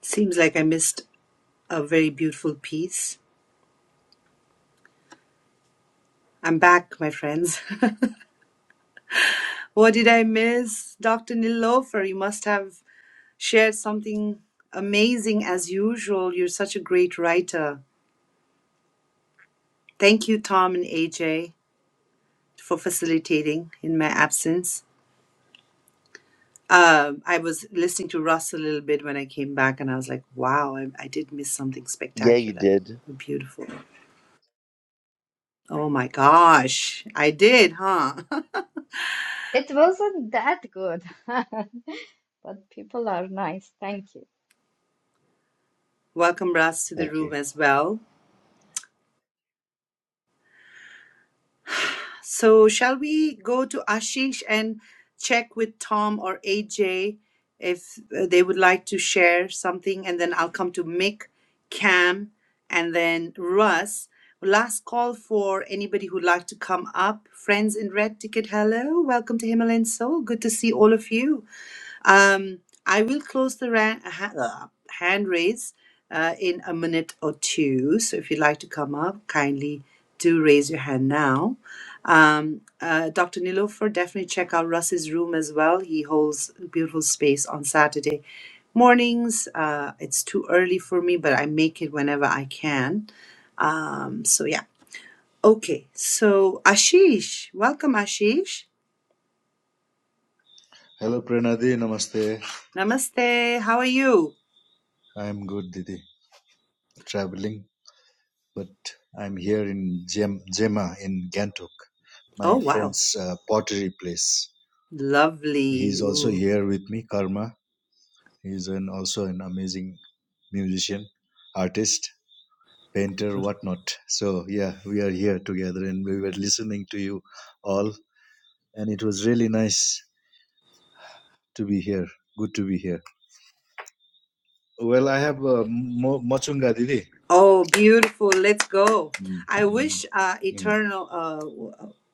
S1: Seems like I missed a very beautiful piece. I'm back, my friends. What did I miss? Dr. Nilofer, you must have shared something amazing as usual. You're such a great writer. Thank you, Tom and AJ, for facilitating in my absence. Um, I was listening to Russ a little bit when I came back, and I was like, wow, I, I did miss something
S16: Yeah, you
S1: spectacular.
S16: did.
S1: Beautiful. Oh my gosh, I did, huh?
S8: It wasn't that good, but people are nice. Thank you.
S1: Welcome, Russ, to the
S16: Thank
S1: room
S16: you.
S1: as well. So, shall we go to Ashish and check with Tom or AJ if uh, they would like to share something? And then I'll come to Mick, Cam, and then Russ. Last call for anybody who'd like to come up. Friends in red ticket, hello. Welcome to Himalayan Soul. Good to see all of you. Um, I will close the ran- ha- uh, hand raise uh, in a minute or two. So if you'd like to come up, kindly do raise your hand now. Um, uh, Dr. Nilofer, definitely check out Russ's room as well. He holds a beautiful space on Saturday mornings. Uh, it's too early for me, but I make it whenever I can. Um, so yeah. Okay. So Ashish, welcome Ashish.
S15: Hello, Pranadi. Namaste.
S1: Namaste. How are you?
S15: I'm good, Didi. Traveling, but I'm here in Gem- Gemma in Gantok,
S1: Oh,
S15: my
S1: wow.
S15: friend's uh, pottery place.
S1: Lovely.
S15: He's also
S1: Ooh.
S15: here with me, Karma. He's an, also an amazing musician, artist painter, whatnot. So, yeah, we are here together and we were listening to you all, and it was really nice to be here. Good to be here. Well, I have uh, mo- Mochunga Didi.
S1: Oh, beautiful. Let's go.
S15: Mm,
S1: I
S15: mm,
S1: wish uh,
S15: mm.
S1: Eternal, uh, w-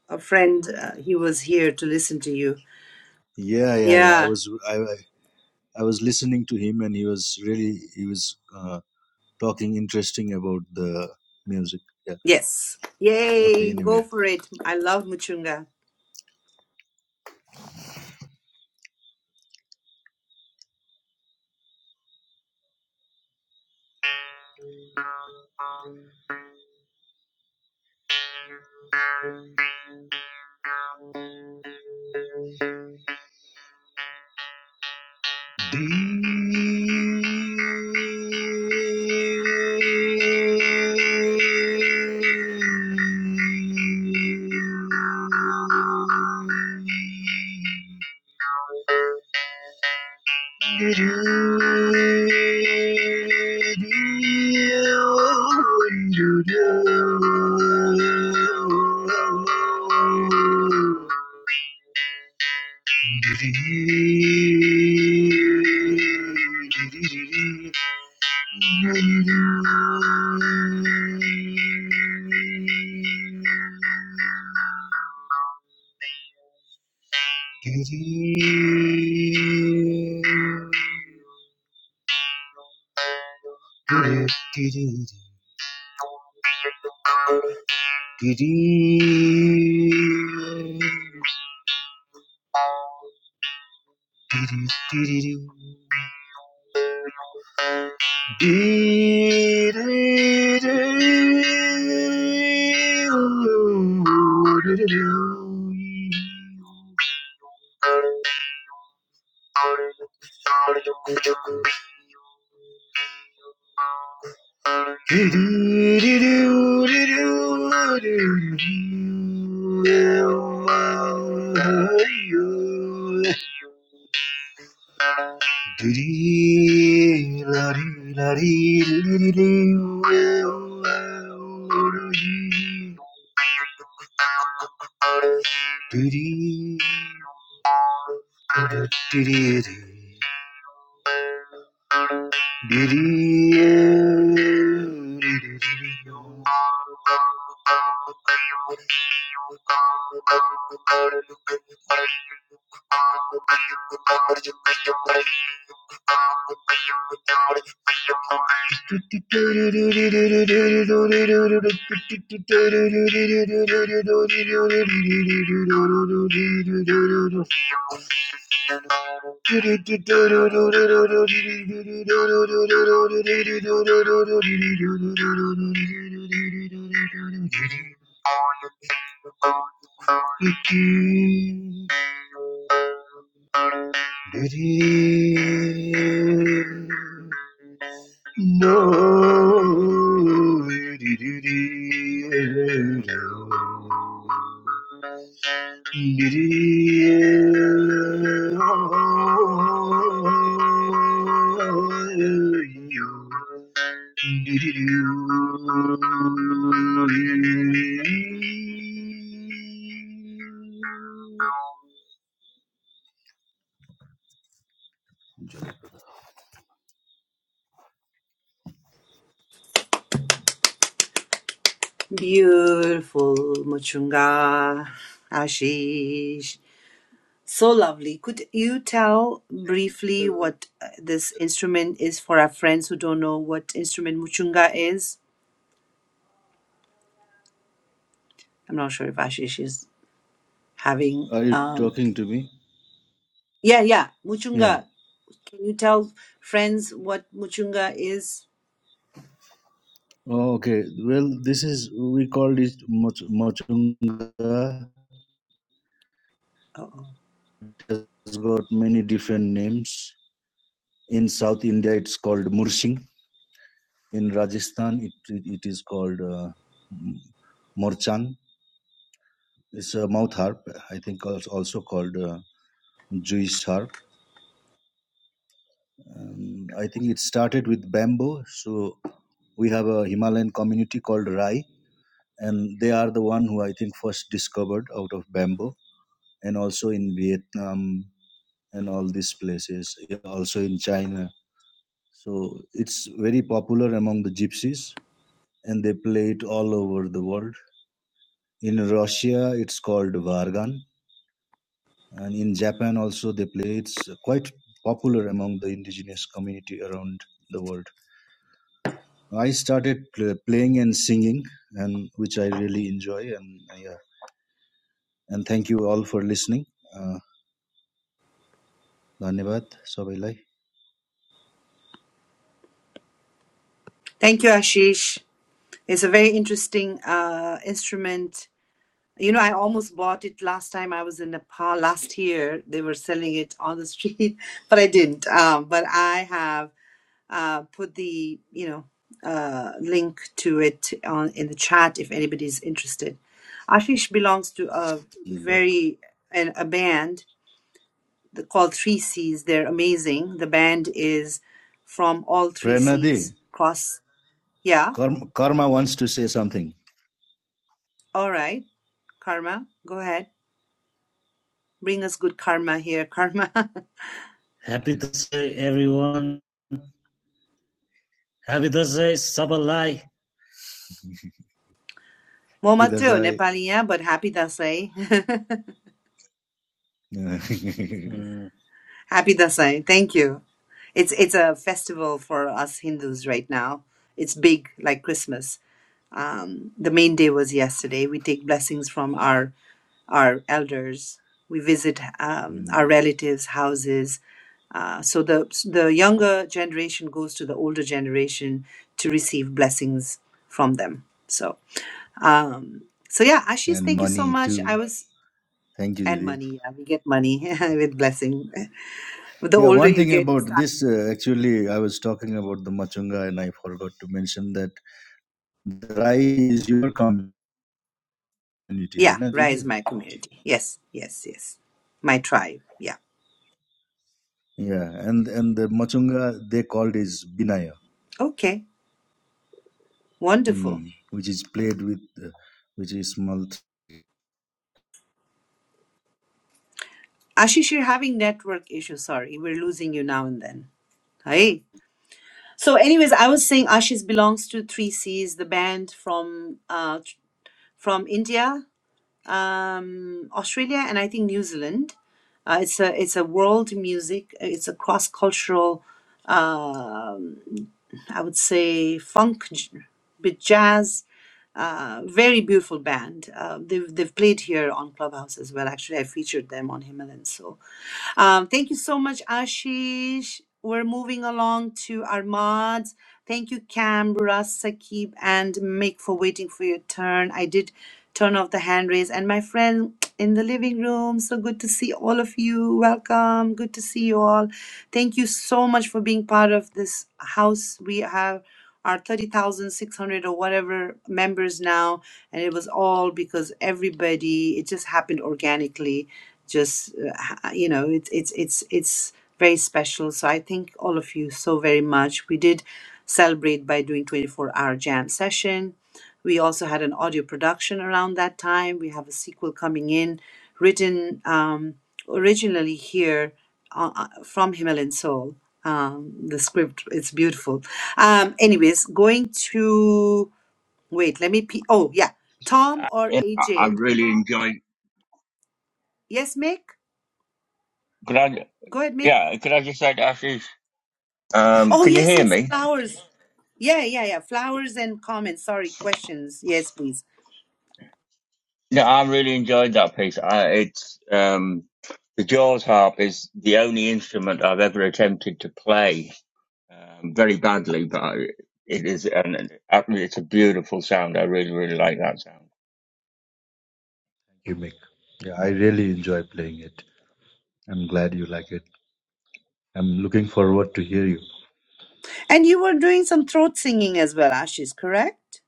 S1: a friend, uh, he was here to listen to you.
S15: Yeah, yeah, yeah. I
S1: Yeah.
S15: was I, I I was listening to him, and he was really he was uh, talking interesting about the music. Yeah.
S1: Yes.
S15: Okay.
S1: Yay.
S15: Anyway,
S1: Go for it. I love Muchunga.
S15: Did you you do? Dee-dee-dee-doo-dee-doo-doo-doo-doo. Do-dee-la-dee-la-dee-la-dee-la-dee-la-dee. Do-dee. Do-do-dee-dee-dee. Thank you. No. Are
S1: Beautiful Muchunga. Ashish. So lovely. Could you tell briefly what uh, this instrument is for our friends who don't know what instrument Muchunga is? I'm not sure if Ashish is having.
S15: you
S1: um.
S15: talking to me?
S1: Yeah, yeah.
S15: Yeah.
S1: Muchunga. Can you tell friends what Muchunga is?
S15: Oh, okay. Well, this is we call it Moch- Mochunga.
S1: Uh-oh.
S15: It has got many different names. In South India, it's called Mursing. In Rajasthan, it it is called uh, morchang. It's a mouth harp. I think als- also called uh, Jewish harp. Um, I think it started with bamboo. So we have a Himalayan community called Rai, and they are the one who I think first discovered out of bamboo, and also in Vietnam and all these places, yeah, also in China. So it's very popular among the gypsies, and they play it all over the world In Russia, it's called vargan, and in Japan also they play. It's quite popular among the indigenous community around the world. I started pl- playing and singing, and which I really enjoy. And yeah, and thank you all for listening. Uh, धन्यवाद सबैलाई
S1: Thank you, Ashish. It's a very interesting uh, instrument. You know, I almost bought it last time I was in Nepal last year. They were selling it on the street, but I didn't. Um, but I have uh, put the, you know, uh, link to it on in the chat if anybody's interested. Ashish belongs to a very an, a band the, called Three Seas. They're amazing. The band is from all Three
S15: Prerna
S1: Seas.
S15: Di,
S1: Cross. Yeah.
S15: karma कर्म karma wants to say something
S1: All right. Karma, go ahead. Bring us good karma here, karma.
S15: Happy Thursday, everyone. Happy Thursday, Sabalai.
S1: Momatro,
S15: विदासाई
S1: Nepaliya, but happy dasai. happy dasai. Thank you. It's it's a festival for us Hindus right now. It's big, like Christmas. Um, the main day was yesterday. We take blessings from our our elders. We visit um, our
S15: Mm.
S1: relatives' houses. Uh, so the the younger generation goes to the older generation to receive blessings from them. So um, so yeah, Ashish,
S15: And
S1: thank you so
S15: money
S1: much.
S15: too.
S1: I was
S15: Thank you,
S1: and
S15: Didi.
S1: money. Yeah, we get money with blessing. But the
S15: Yeah,
S1: older
S15: one
S1: you
S15: thing
S1: get, you
S15: about
S1: start.
S15: this, uh, actually, I was talking about the Machunga and I forgot to mention that the Rai is your community,
S1: Yeah,
S15: right? na,
S1: rise
S15: Didi?
S1: my community. Yes, yes, yes. My tribe. Yeah.
S15: Yeah, and, and the Machunga they called is Binaya,
S1: Okay. Wonderful.
S15: hmm, which is played with, uh, which is small
S1: Ashish, you're having network issues. Sorry, we're losing you now and then. Hey. So, anyways, I was saying Ashish belongs to Three Cs, the band from uh, tr- from India, um, Australia, and I think New Zealand. Uh, it's a it's a world music. It's a cross cultural. Um, I would say funk j- with jazz. Uh, very beautiful band. Uh, they've they've played here on Clubhouse as well. Actually, I featured them on Himalayan Soul um, thank you so much, Ashish. We're moving along to our mods. Thank you, Canberra, Sakib, and Mick for waiting for your turn. I did turn off the hand raise. And my friend in the living room, so good to see all of you. Welcome. Good to see you all. Thank you so much for being part of this house. We have our 30,600 or whatever members now and it was all because everybody it just happened organically just uh, you know it's it's it's it's very special so i thank all of you so very much we did celebrate by doing 24 hour jam session we also had an audio production around that time we have a sequel coming in written um, originally here uh, uh, from himalayan soul um, the script it's beautiful um, anyways going to Wait, let me. P- oh, yeah. Tom or
S17: Yeah, I I
S1: AJ?
S17: really enjoy.
S1: Yes, Mick?
S17: Could I?
S1: Go ahead, Mick.
S17: Yeah, could I just say, to Ashish? Um,
S1: Oh,
S17: can you
S1: yes,
S17: hear
S1: yes.
S17: me?
S1: Flowers. Yeah, yeah, yeah. Flowers and comments. Sorry, questions. Yes, please.
S17: No, I really enjoyed that piece. I, it's um, the Jaws harp is the only instrument I've ever attempted to play, um, very badly, but I, it is an, an- it's a beautiful sound. I really, really like that sound.
S15: gimmick. Yeah, I really enjoy playing it. I'm glad you like it. I'm looking forward to hear you.
S1: And you were doing some throat singing as well, Ashish, correct?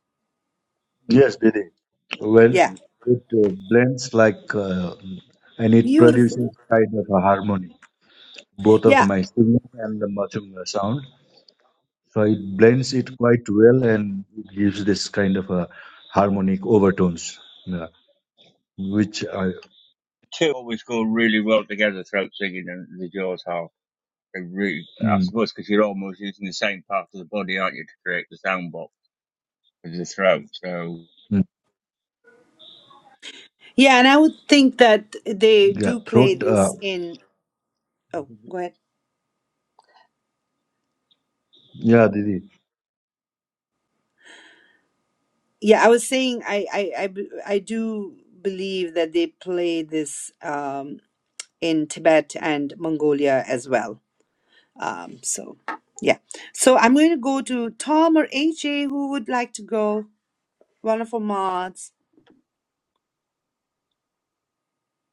S15: Yes, Didi. Well,
S1: Yeah.
S15: it uh, blends like, uh, and it produces
S1: Beautiful.
S15: kind of a harmony. both of
S1: Yeah.
S15: my singing and the machunga sound. So it blends it quite well and it gives this kind of a harmonic overtones, yeah, which I,
S17: Two always go really well together: throat singing and the Jaws harp. They really, I
S15: mm,
S17: suppose, because you're almost using the same part of the body, aren't you, to create the sound box with the throat? So.
S15: mm,
S1: Yeah. And I would think that they
S15: yeah,
S1: do play
S15: throat, uh,
S1: this in. Oh, go ahead.
S15: yeah, Didi.
S1: Yeah, I was saying I, I, I, b- I do believe that they play this um, in Tibet and Mongolia as well Um, so yeah. So I'm going to go to Tom or AJ. Who would like to go? Wonderful mods.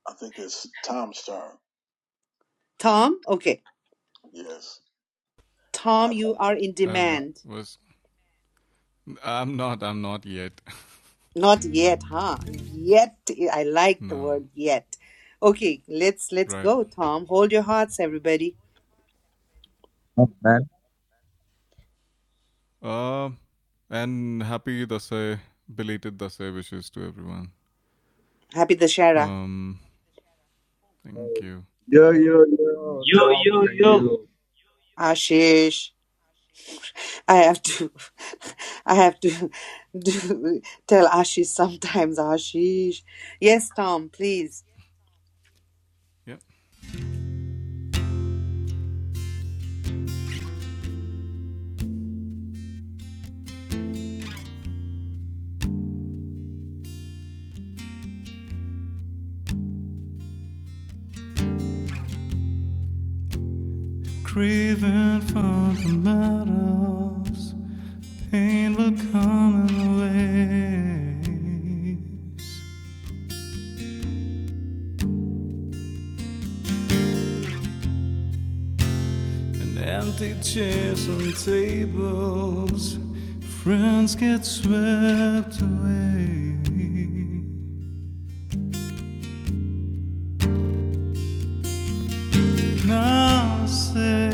S12: I think it's Tom's turn.
S1: Tom? Okay.
S12: Yes.
S1: Tom, you are in
S14: I don't know.
S1: demand.
S14: Was I'm not. I'm not yet.
S1: Not yet, huh? Yet. I like the
S14: no.
S1: word yet. Okay, let's let's
S14: Right.
S1: go, Tom. Hold your hearts, everybody.
S14: Uh, and happy Dasai, belated Dasai wishes to everyone.
S1: Happy Dashara.
S14: Um, thank you.
S15: Yo, yo, yo, Yo, Tom, yo, thank yo. you.
S1: Ashish. I have to I have to do, tell Ashish sometimes. Ashish. Yes, Tom, please.
S14: Yeah. Craving for the metals, pain will come in waves. and empty chairs and tables. Friends get swept away. Now I say,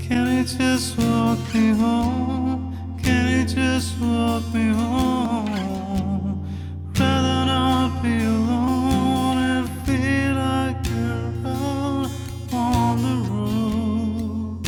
S14: can you just walk me home? Can you just walk me home? Rather not be alone and feel like you're out on the road.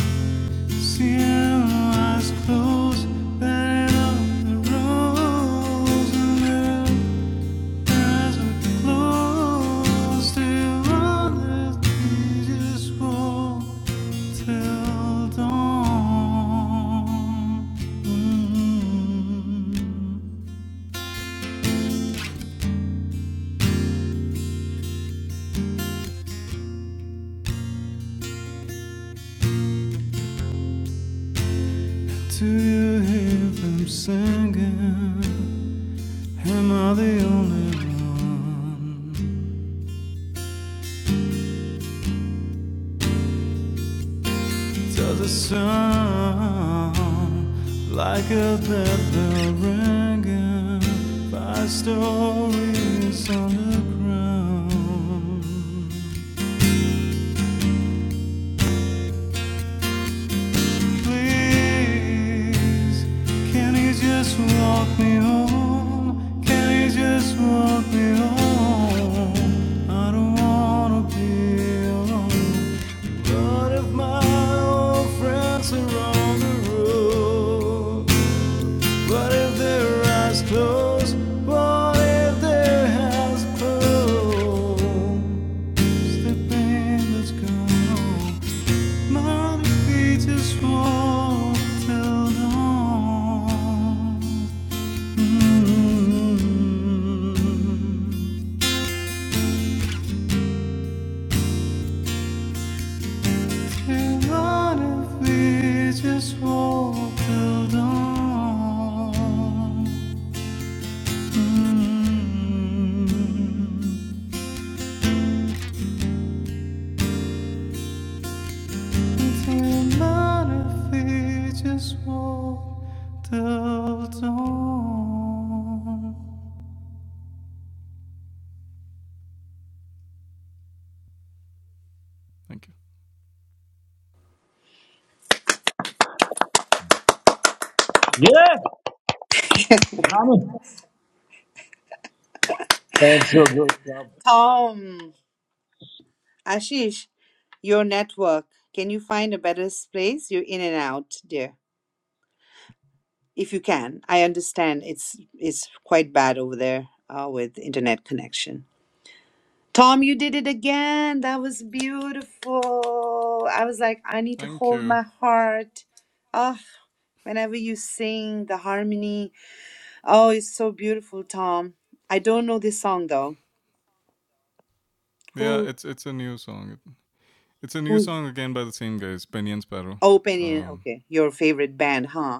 S14: Do you hear them singing? Am I the only one? to the sun like a bell bell ringing five stories underground. Please, can you just walk me home? Can you just walk me home? I don't wanna be alone. But if my old friends are on the road. What if their eyes closed? What if their hands closed? The pain that's gone. on. Mommy, we just walked along. Mm. Come on, if we just walked along. Mm. Come on, if we just walked along. Thank you.
S15: Sounds so good, Tom.
S1: Tom. Ashish. Your network. Can you find a better place? You're in and out, dear. If you can. I understand it's it's quite bad over there uh, with internet connection. Tom, you did it again. That was beautiful. I was like, I need to
S14: Thank
S1: hold
S14: you.
S1: my heart. Ah, whenever you sing the harmony. Oh, it's so beautiful, Tom. I don't know this song though.
S14: Yeah,
S1: Who
S14: it's it's a new song. It's a new
S1: who's
S14: song again by the same guys, Penny and Sparrow.
S1: opening
S14: Um,
S1: okay, your favorite band, huh?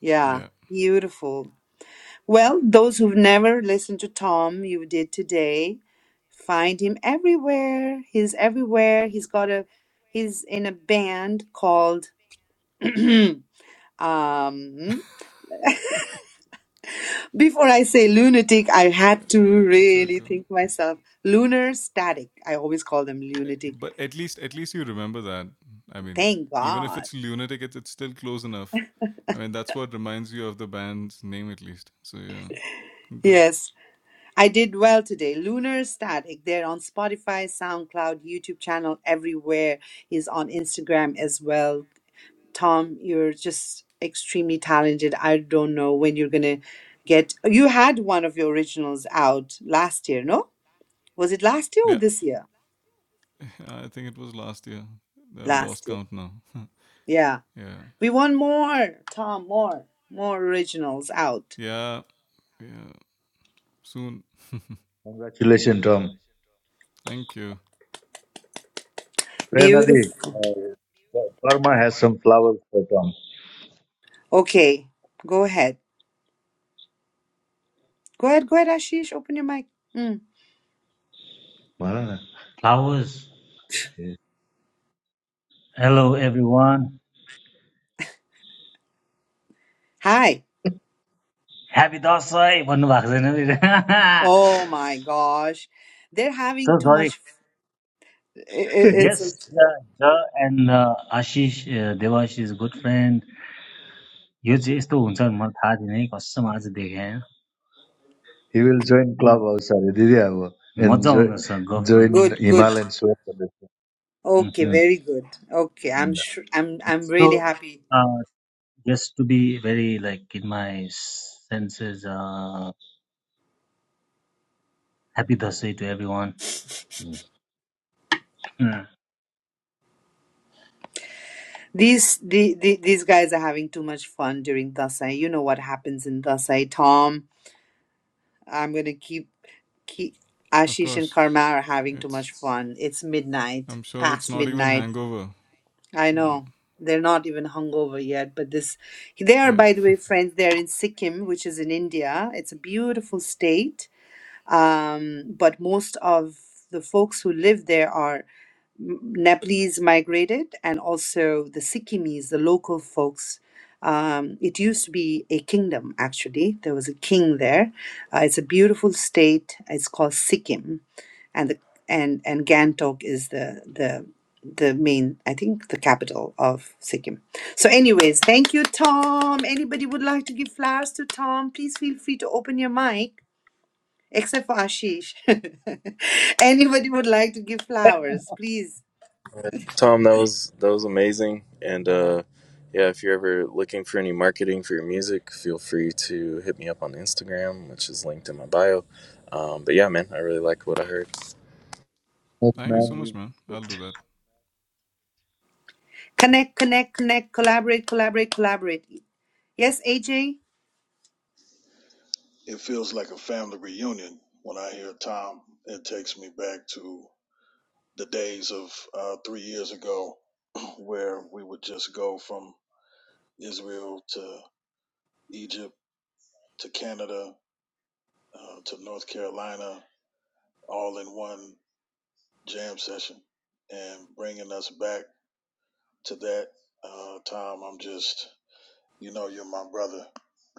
S1: Yeah.
S14: yeah,
S1: Beautiful. Well, those who've never listened to Tom, you did today. Find him everywhere. He's everywhere. He's got a he's in a band called um before I say lunatic, I
S14: uh,
S1: had to really
S14: juggle.
S1: think myself. Lunar static. I always call them
S14: But,
S1: lunatic.
S14: but at least, at least you remember that. I mean,
S1: Thank
S14: even if
S1: God.
S14: it's lunatic, it's, it's still close enough. I mean, that's what reminds you of the band's name, at least. So yeah, good.
S1: Yes. I did well today. Lunar Static. They're on Spotify, SoundCloud, YouTube channel, everywhere. He's on Instagram as well Tom, you're just extremely talented. I don't know when you're going to get. You had one of your originals out last year, no? Was it last year or
S14: Yeah,
S1: this year?
S14: I think it was last year. I've lost
S1: Last year.
S14: count now.
S1: Yeah.
S14: yeah,
S1: We want more, Tom, more, more originals out.
S14: yeah, yeah. Soon.
S15: Congratulations, Tom.
S14: Thank you.
S1: Beautiful.
S15: Prenadi, uh, Parma has some flowers for Tom.
S1: Okay. Go ahead. Go ahead. Go ahead, Ashish. Open your mic. Mm.
S15: Ah, Flowers. yeah. Hello, everyone.
S1: Hi.
S15: Happy Dasai भन्नुभएको छैन फेरि
S1: Oh my gosh. They're having
S15: So
S1: too
S15: sorry.
S1: much. i- i- It's a-
S15: Yes, the, the and uh, Ashish uh, Devash's good friend. यो चाहिँ यस्तो हुन्छ भने मलाई थाहा थिएन है कसम आज देखेँ है। He will join Clubhouse, sorry, did Abo, and मजा join, आउँदछ गफ गर्नु join
S1: good, good.
S15: Himalayan Sword. Foundation.
S1: Okay,
S15: um.
S1: very good. Okay, I'm
S15: Mm.
S1: sure I'm I'm
S15: So,
S1: really happy.
S15: uh, just to be very like in my senses, uh, happy Dasai to everyone. Mm. Hmm.
S1: These the, the these guys are having too much fun during Dasai. You know what happens in Dasai, Tom. I'm gonna keep keep
S14: Of
S1: Ashish and
S14: course,
S1: Karma are having too much
S14: it's.
S1: fun. It's midnight,
S14: I'm sure it's
S1: past
S14: not even
S1: midnight.
S14: hangover.
S1: I
S14: Yeah.
S1: know. They're not even hungover yet, but this they are
S14: Yeah.
S1: by the way, friends, they're in Sikkim, which is in India. It's a beautiful state. Um, but most of the folks who live there are M- Nepalese migrated and also the Sikkimese, the local folks. Um, it used to be a kingdom, actually. There was a king there. Uh, it's a beautiful state. It's called Sikkim, and the and and Gantok is the the the main, I think, the capital of Sikkim. So, anyways, thank you, Tom. Anybody would like to give flowers to Tom? Please feel free to open your mic, except for Ashish. Anybody would like to give flowers? Please
S4: tom that was that was amazing and uh, yeah if you're ever looking for any marketing for your music feel free to hit me up on instagram which is linked in my bio um, but yeah man i really liked what i heard
S14: Thank you so much, man. I'll do that.
S1: Connect, connect, connect, collaborate, collaborate, collaborate. Yes, AJ?
S12: It feels like a family reunion when I hear Tom. It takes me back to the days of uh, three years ago where we would just go from Israel to Egypt to Canada uh, to North Carolina all in one jam session and bringing us back to that. Uh, Tom, I'm just, you know, you're my brother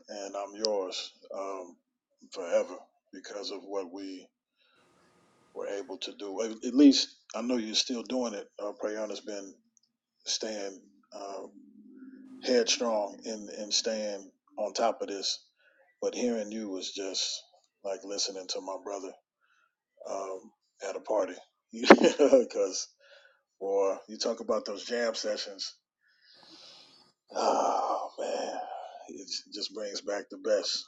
S12: and I'm yours um, forever because of what we were able to do. At at least I know you're still doing it. Uh, Prayana's been staying uh, headstrong and and staying on top of this. But hearing you was just like listening to my brother um, at a party, because boy, you talk about those jam sessions. Oh man, it just brings back the best.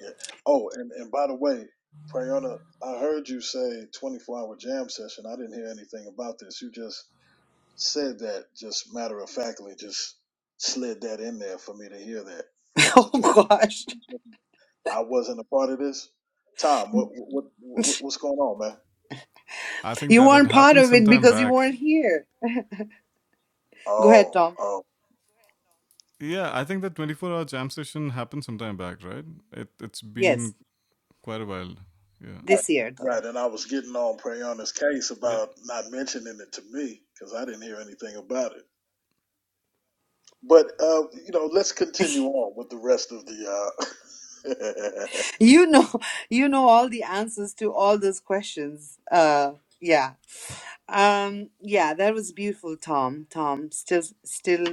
S12: Yeah. Oh, and and by the way, Prayana, I heard you say 24 hour jam session. I didn't hear anything about this. You just said that just matter of factly, just slid that in there for me to hear that it was a
S1: Oh
S12: twenty.
S1: gosh.
S12: I wasn't a part of this. Tom, what what, what what's going on, man?
S14: I think
S1: You
S14: that had
S1: weren't part
S14: happened
S1: of it
S14: sometime
S1: because you
S14: back.
S1: weren't here. Go ahead,
S12: Oh,
S1: Tom.
S12: oh,
S14: Yeah, I think that 24 hour jam session happened sometime back, right? It, it's been
S1: Yes,
S14: quite a while. Yeah.
S12: right,
S1: this year though.
S12: right. And I was getting on Prayana's case
S14: Yep.
S12: about not mentioning it to me because I didn't hear anything about it. But uh, you know, let's continue on with the rest of the. Uh...
S1: You know, you know all the answers to all those questions. Uh yeah. Um yeah, that was beautiful, Tom. Tom still still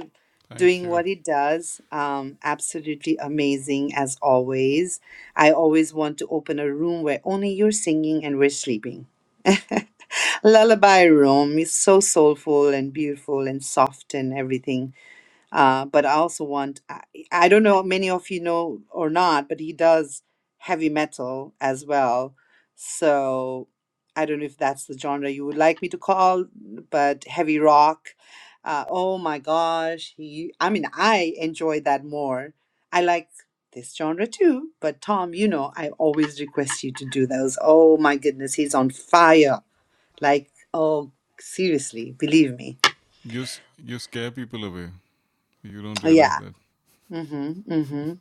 S14: Thank
S1: doing
S14: you.
S1: what he does. Um absolutely amazing as always. I always want to open a room where only you're singing and we're sleeping. Lullaby Room is so soulful and beautiful and soft and everything. Uh, but I also want, I, I don't know many of you know or not, but he does heavy metal as well. So I don't know if that's the genre you would like me to call, but heavy rock. Uh, oh my gosh, he, I mean, I enjoy that more. I like this genre too, but Tom, you know, I always request you to do those. Oh my goodness, he's on fire like, oh, seriously, believe me.
S14: You, s- you scare people away. You don't
S1: Oh,
S14: realize
S1: yeah.
S14: that.
S1: Mm-hmm. Mm-hmm.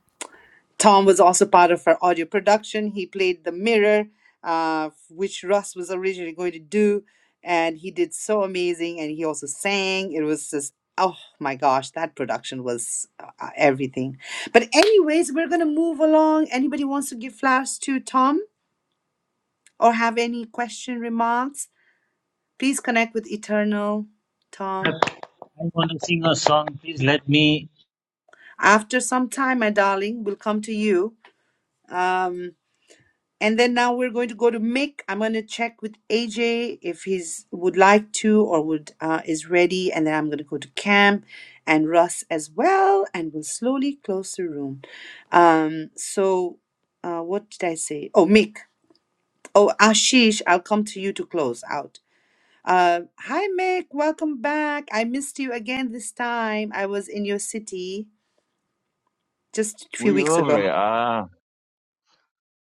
S1: Tom was also part of our audio production. He played the mirror, uh, which Russ was originally going to do, and he did so amazing. And he also sang. It was just oh my gosh, that production was uh, uh, everything. But anyways, we're gonna move along. Anybody wants to give flowers to Tom or have any question remarks? Please connect with Eternal Tom.
S15: Look, I want to sing a song. Please let me.
S1: After some time, my darling, we'll come to you. Um, and then now we're going to go to Mick. I'm going to check with AJ if he's would like to or would uh, is ready, and then I'm going to go to Cam and Russ as well, and we'll slowly close the room. Um, so, uh, what did I say? Oh, Mick. Oh, Ashish, I'll come to you to close out. Uh, hi, Mick. Welcome back. I missed you again this time. I was in your city just a
S17: Were
S1: few
S17: you
S1: weeks
S17: over
S1: ago.
S17: it? Ah,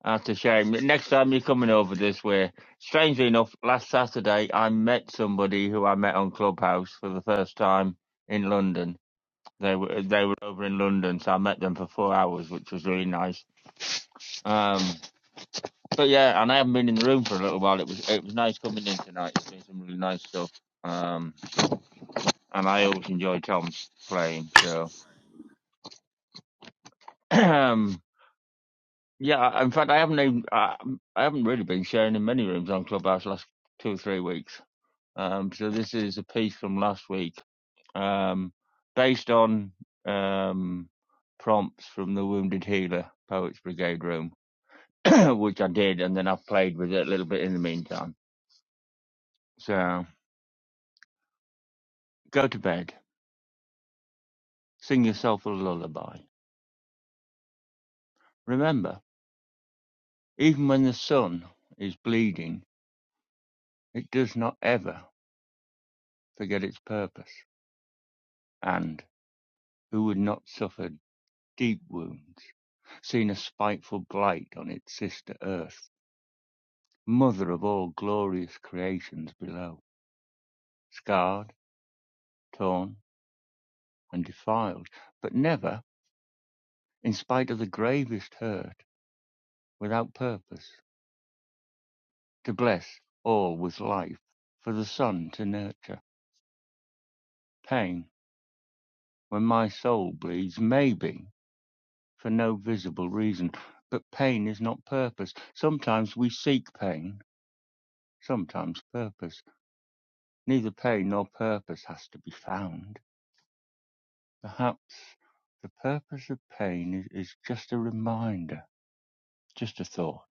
S17: that's a shame. Next time you're coming over this way. Strangely enough, last Saturday I met somebody who I met on Clubhouse for the first time in London. They were they were over in London, so I met them for four hours, which was really nice. Um, but yeah, and I haven't been in the room for a little while. It was it was nice coming in tonight. It's been some really nice stuff. Um, and I always enjoy Tom's playing. So Yeah, in fact, I haven't even, I, I haven't really been sharing in many rooms on Clubhouse last two or three weeks. Um, so this is a piece from last week, um, based on um, prompts from the Wounded Healer Poets Brigade room, which I did, and then I've played with it a little bit in the meantime. So go to bed, sing yourself a lullaby. Remember, even when the sun is bleeding, it does not ever forget its purpose. And who would not suffer deep wounds, seen a spiteful blight on its sister Earth, mother of all glorious creations below, scarred, torn, and defiled, but never, in spite of the gravest hurt, without purpose, to bless all with life, for the sun to nurture. Pain, when my soul bleeds, maybe, for no visible reason, but pain is not purpose. Sometimes we seek pain, sometimes purpose Neither pain nor purpose has to be found. Perhaps the purpose of pain is, is just a reminder, just a thought.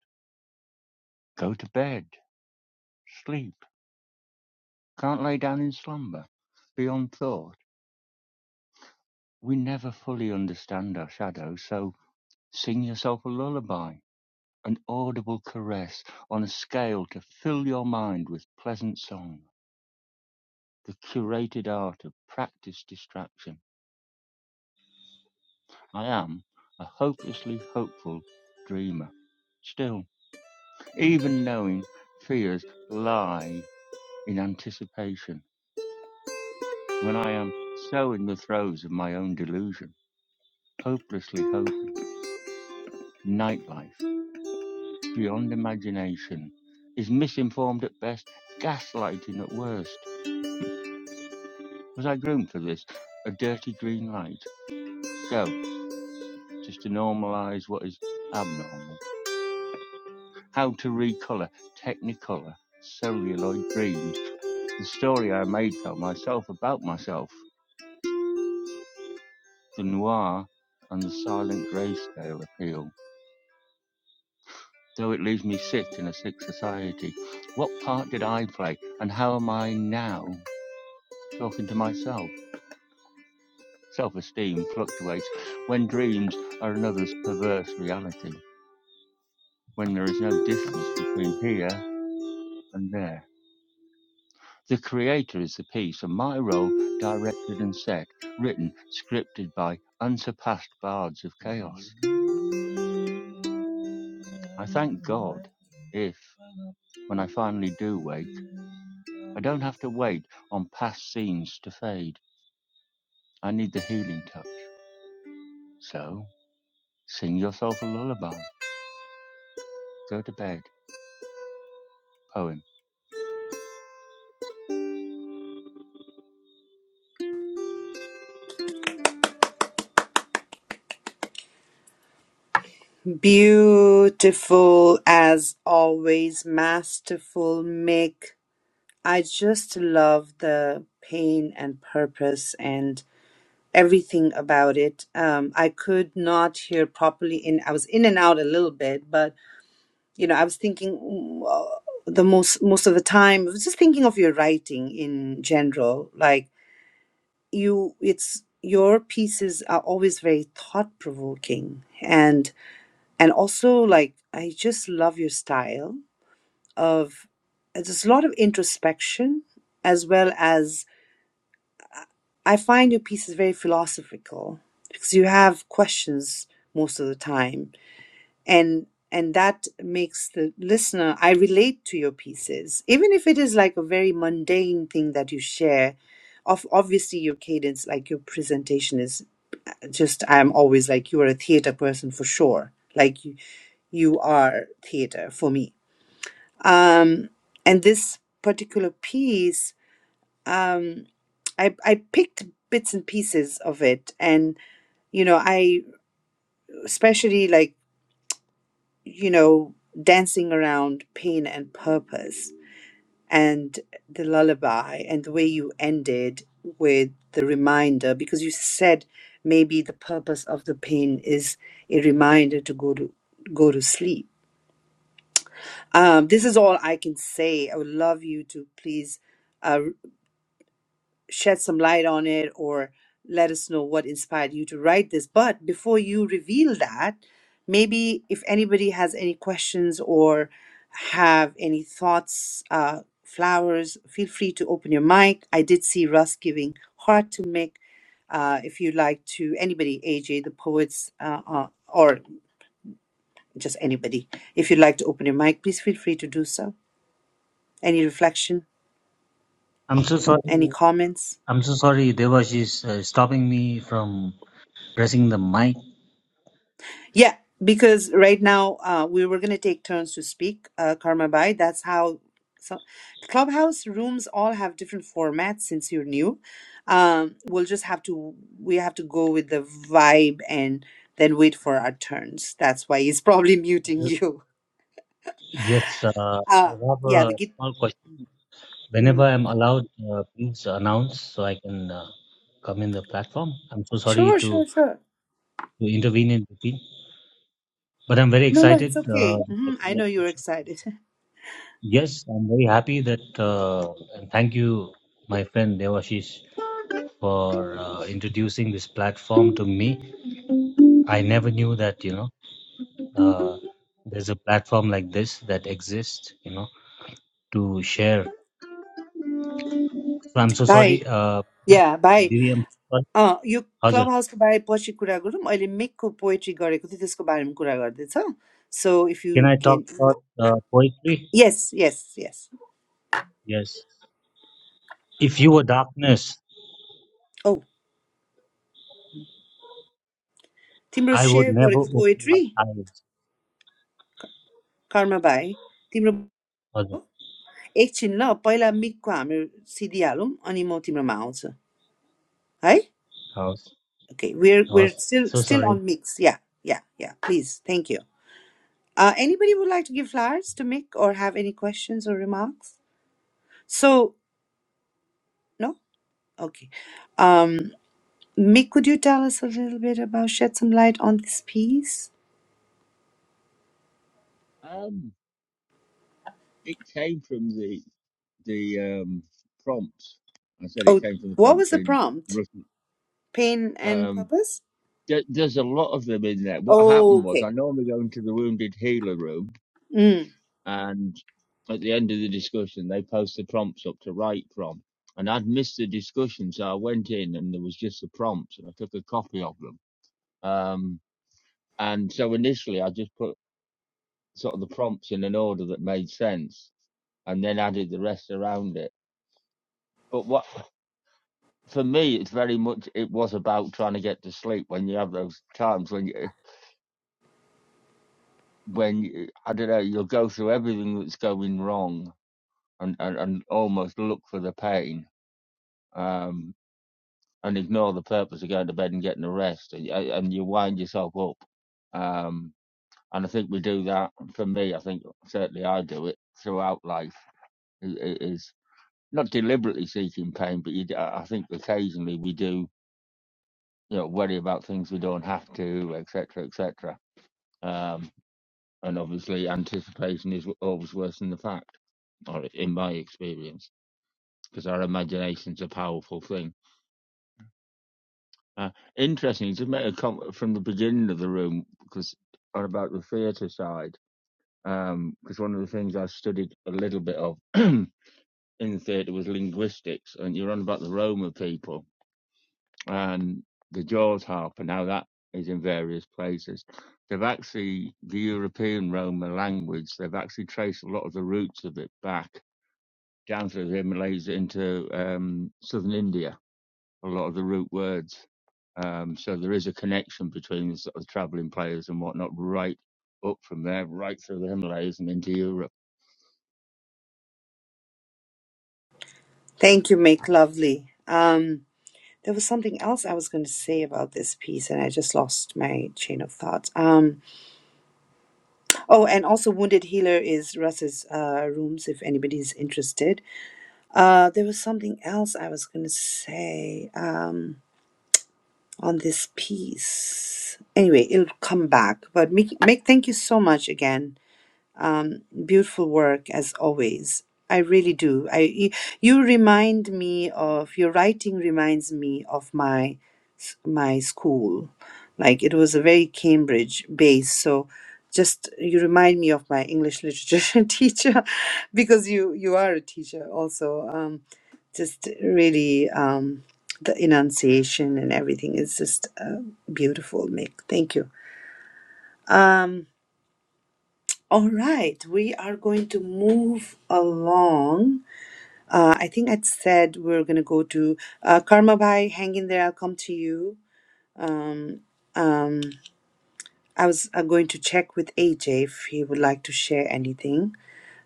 S17: Go to bed, sleep, can't lay down in slumber. Beyond thought, we never fully understand our shadow, so sing yourself a lullaby, an audible caress on a scale to fill your mind with pleasant song, the curated art of practiced distraction I am a hopelessly hopeful dreamer. Still, even knowing fears lie in anticipation, when I am so in the throes of my own delusion, hopelessly hoping, nightlife, beyond imagination, is misinformed at best, gaslighting at worst. Was I groomed for this? A dirty green light? Go, just to normalize what is abnormal. How to recolor, technicolor, celluloid dreams the story I made up myself about myself, the noir and the silent grayscale appeal. Though it leaves me sick in a sick society, what part did I play and how am I now talking to myself? Self esteem fluctuates when dreams are another's perverse reality, when there is no distance between here and there. The creator is the piece, and my role directed and set, written, scripted by unsurpassed bards of chaos. I thank God if, when I finally do wake, I don't have to wait on past scenes to fade. I need the healing touch. So, sing yourself a lullaby. Go to bed. Poem.
S1: Beautiful as always, masterful, Mick. I just love the pain and purpose and everything about it. Um, I could not hear properly in I was in and out a little bit, but you know, I was thinking mm, uh, the most most of the time, I was just thinking of your writing in general. Like you it's your pieces are always very thought provoking and and also like i just love your style of there's a lot of introspection as well as i find your pieces very philosophical because you have questions most of the time and and that makes the listener i relate to your pieces even if it is like a very mundane thing that you share of obviously your cadence like your presentation is just i'm always like you are a theater person for sure like you you are theater for me Um, and this particular piece, um, I, I picked bits and pieces of it. And, you know, I especially like, you know, dancing around pain and purpose and the lullaby and the way you ended with the reminder, because you said maybe the purpose of the pain is a reminder to go to go to sleep. Um, this is all I can say. I would love you to please uh, shed some light on it or let us know what inspired you to write this. But before you reveal that, maybe if anybody has any questions or have any thoughts, uh, flowers, feel free to open your mic. I did see Russ giving heart to Mick. Uh, if you'd like to, anybody, AJ, the poets, uh, uh, or just anybody, if you'd like to open your mic, please feel free to do so. Any reflection,
S15: I'm so
S1: any
S15: sorry.
S1: comments?
S15: I'm so sorry. Devash is uh, stopping me from. pressing the mic.
S1: Yeah, because right now uh, we were going to take turns to speak, uh, Karma Bai. That's how so, clubhouse rooms all have different formats since you're new. Um, we'll just have to, we have to go with the vibe and then wait for our turns. That's why he's probably muting you.
S15: Yes, uh, I
S1: Uh,
S15: have
S1: yeah,
S15: a
S1: the git.
S15: small question. Whenever
S1: mhm.
S15: I'm allowed, uh, please announce so I can uh, come in the platform. I'm so sorry
S1: Sure,
S15: to,
S1: sure, sure.
S15: to intervene in between, but I'm very
S1: No, no, it's
S15: excited.
S1: okay.
S15: Uh, with the
S1: hmm I know you're
S15: conversation.
S1: excited.
S15: Yes, I'm very happy that, uh, and thank you, my friend Devashish, for uh, introducing this platform to me. I never knew that, you know, uh, there's a platform like this that exists, you know, to share. So I'm so
S1: bye.
S15: sorry. Uh,
S1: Yeah, bye.
S15: Diriam Sir,
S1: Ah, you clubhouse के बारे पहुँचे कुरा गुरुम और एलिमिक को poetry करें कुतितेश को बारे में कुरा करते हैं सां. So if
S15: Can
S1: you
S15: I
S1: can,
S15: talk about uh, poetry?
S1: yes, yes, yes.
S15: Yes. If you were darkness,
S1: Oh, तीमरोज़
S15: I would
S1: शेयर करें
S15: never
S1: कु
S15: open my
S1: poetry
S15: eyes.
S1: Car में बाय. तीमरोज़
S15: Hazir.
S1: एक चिंडा पहला मिक को आमर सीडियालुम अनिमो तीमर mount सा है.
S15: House.
S1: Okay, we're we're
S15: House.
S1: still
S15: So
S1: still
S15: sorry.
S1: on mix. Yeah, yeah, yeah. Please, thank you. Ah, anybody would like to give flowers to Mick or have any questions or remarks? So no, okay. Um. Mick, could you tell us a little bit about, shed some light on this piece?
S17: Um, it came from the the um prompts. I said it
S1: Oh,
S17: came from the
S1: what was
S17: prompts
S1: the
S17: in
S1: prompt?
S17: Russian.
S1: Pain and
S17: Um,
S1: purpose?
S17: there, there's a lot of them in there. What
S1: Oh,
S17: happened was
S1: okay.
S17: I normally go into the wounded healer room
S1: Mm,
S17: and at the end of the discussion they post the prompts up to write from and i'd missed the discussion so i went in and there was just the prompts and i took a copy of them um and so initially i just put sort of the prompts in an order that made sense and then added the rest around it but what for me it's very much it was about trying to get to sleep when you have those times when you when you, i don't know you'll go through everything that's going wrong and, and and almost look for the pain Um, and ignore the purpose of going to bed and getting a rest, and, uh, and you wind yourself up. Um, and I think we do that. For me, I think certainly I do it throughout life. It, it is not deliberately seeking pain, but you, d- I I think occasionally we do, you know, worry about things we don't have to, etc., etc. Um, and obviously, anticipation is always worse than the fact, or in my experience, because our imagination's a powerful thing Uh, interesting to make a comment from the beginning of the room because on about the theatre side, because um, one of the things I studied a little bit of in theatre was linguistics, and you're on about the Roma people and the Jaws harp and how that is in various places. They've actually the European Roma language. They've actually traced a lot of the roots of it back down through the Himalayas into um, southern India a lot of the root words. Um, so there is a connection between the sort of traveling players and whatnot, right up from there, right through the Himalayas and into Europe.
S1: thank you, Mick. Lovely. Um, there was something else I was going to say about this piece, and I just lost my chain of thoughts. Um, oh, and also, Wounded Healer is Russ's uh, rooms if anybody's interested. Uh, there was something else I was going to say. Um. on this piece. Anyway, it'll come back. But make, make thank you so much again. Beautiful work as always. I really do. I y- you remind me of your writing reminds me of my s- my school. Like it was a very Cambridge base, so just you remind me of my English literature teacher because you you are a teacher also. Um, just really um, the enunciation and everything is just uh, beautiful, Mick. Thank you. Um, all right, we are going to move along. Uh, I think I said we're going to go to uh, Karma Bhai, hang in there, I'll come to you. Um, um, I was uh, going to check with AJ if he would like to share anything.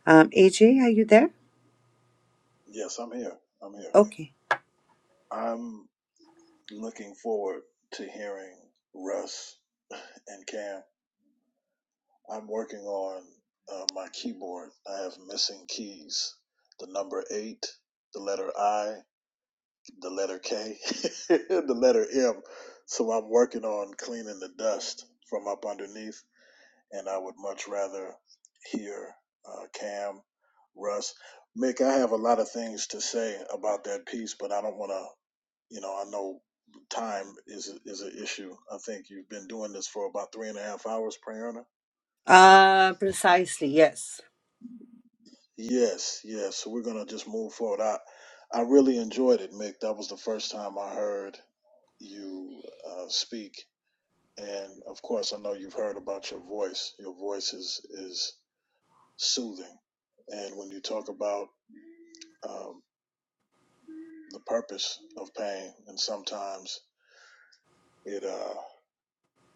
S1: Um, AJ, are you there?
S12: yes, I'm here. I'm here.
S1: Okay.
S12: I'm looking forward to hearing Russ And Cam, I'm working on uh, my keyboard. I have missing keys the number eight, the letter I, the letter K, the letter M. So I'm working on cleaning the dust from up underneath. And I would much rather hear uh, Cam, Russ. Mick, I have a lot of things to say about that piece, but I don't want to, you know, I know time is, is an issue. I think you've been doing this for about three and a half hours, Prayerna.
S1: Uh, precisely, yes.
S12: Yes, yes. So we're gonna just move forward. I I really enjoyed it, Mick. That was the first time I heard you uh, speak, and of course, I know you've heard about your voice. Your voice is is soothing, and when you talk about um, the purpose of pain, and sometimes it uh,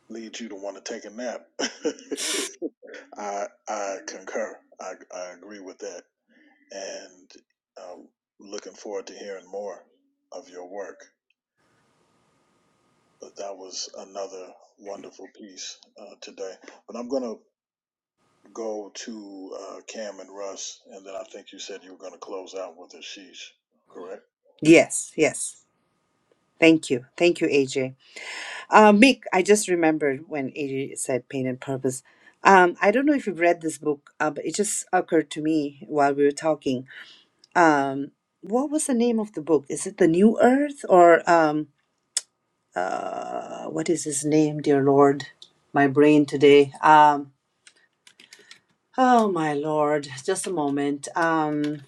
S12: leads you to want to take a nap. I I concur. I I agree with that, and um, looking forward to hearing more of your work. But that was another wonderful piece uh, today. But I'm going to go to uh, Cam and Russ, and then I think you said you were going to close out with Ashish, correct?
S1: Yes, yes. Thank you. Thank you, AJ. Uh, Mick, I just remembered when AJ said pain and purpose. Um, I don't know if you've read this book, uh, but it just occurred to me while we were talking. Um, what was the name of the book? Is it The New Earth or um, uh, what is his name, dear Lord? My brain today. Um, oh, my Lord. Just a moment. Um,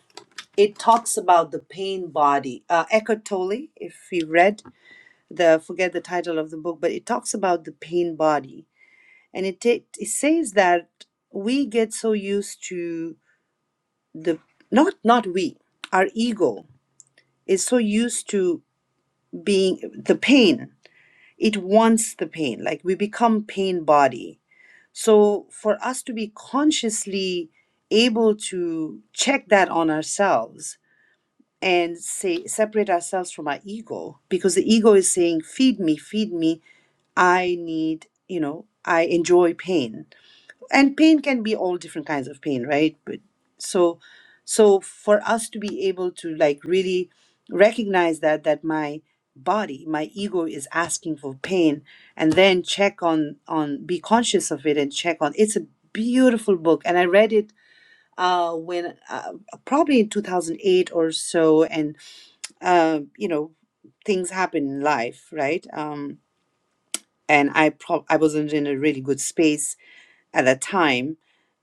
S1: it talks about the pain body. Uh, Eckhart Tolle, if you read the, forget the title of the book, but it talks about the pain body and it, it it says that we get so used to the not not we our ego is so used to being the pain it wants the pain like we become pain body so for us to be consciously able to check that on ourselves and say separate ourselves from our ego because the ego is saying feed me feed me i need you know i enjoy pain and pain can be all different kinds of pain right but so so for us to be able to like really recognize that that my body my ego is asking for pain and then check on on be conscious of it and check on it's a beautiful book and i read it uh when uh, probably in 2008 or so and uh, you know things happen in life right um and i pro- i wasn't in a really good space at that time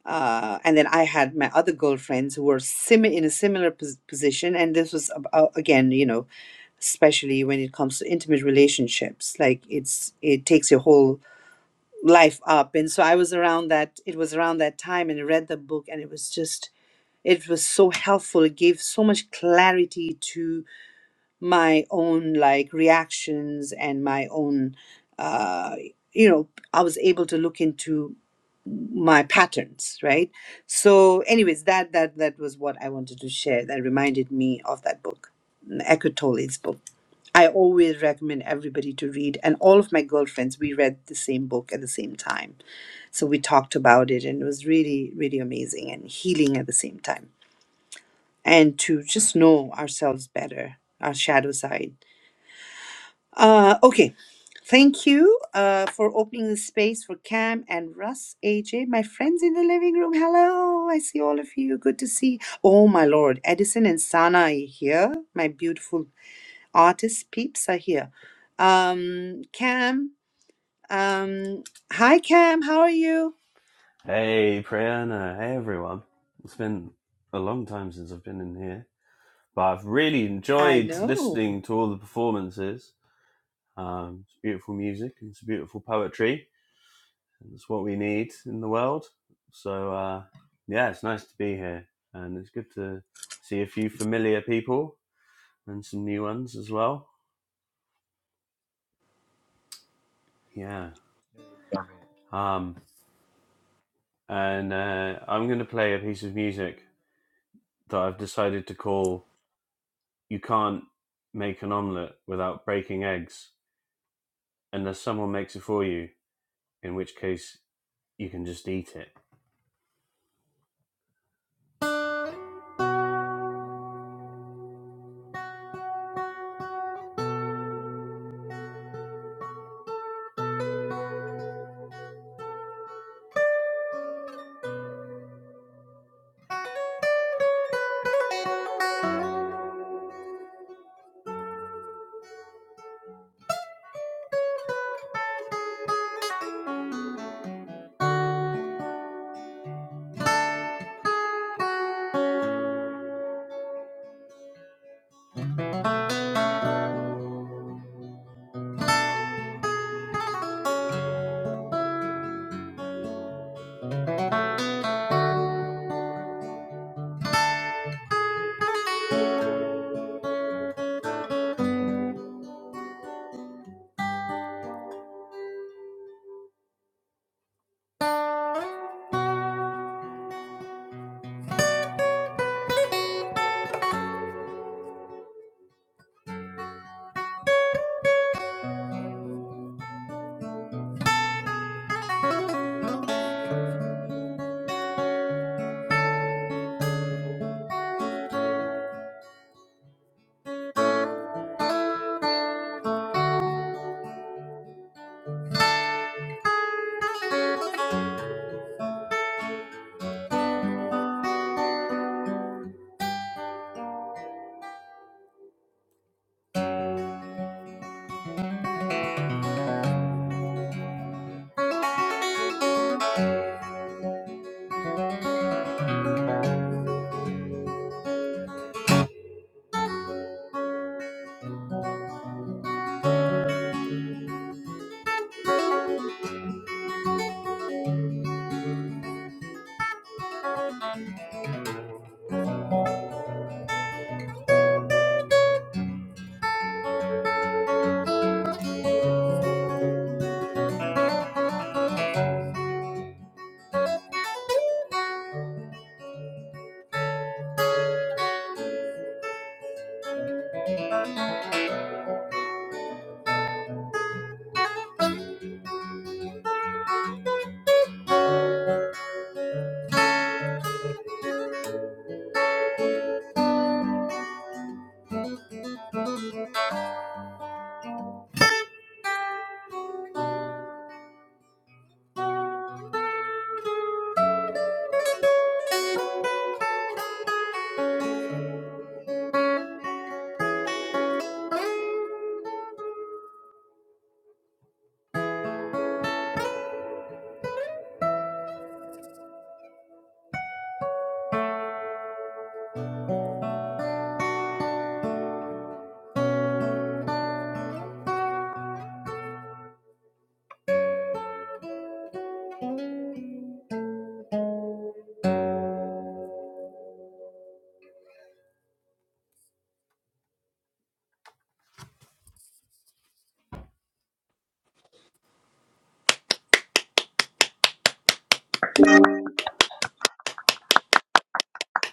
S1: uh, and then I had my other girlfriends who were sim- in a similar pos- position, and this was ab- uh, again, you know, especially when it comes to intimate relationships, like it's it takes your whole life up, and so I was around that. It was around that time, and I read the book, and it was just it was so helpful. It gave so much clarity to my own like reactions and my own, uh, you know, I was able to look into my patterns right so anyways that that that was what i wanted to share that reminded me of that book mm, Eckhart Tolle's book i always recommend everybody to read and all of my girlfriends we read the same book at the same time so we talked about it and it was really really amazing and healing at the same time and to just know ourselves better our shadow side uh okay Thank you uh, for opening the space for Cam and Russ, AJ, my friends in the living room. Hello, I see all of you. Good to see. Oh my lord, Edison and Sanai here. My beautiful artist peeps are here. Um, Cam, um, hi Cam, how are you?
S18: Hey, Priyana. Hey, everyone. It's been a long time since I've been in here, but I've really
S1: I
S18: enjoyed
S1: know.
S18: listening to all the performances. Um, it's beautiful music and it's beautiful poetry, and it's what we need in the world. So, uh, yeah, it's nice to be here, and it's good to see a few familiar people and some new ones as well. Yeah. Um, and uh, I'm going to play a piece of music that I've decided to call you can't make an omelette without breaking eggs unless someone makes it for you, in which case you can just eat it.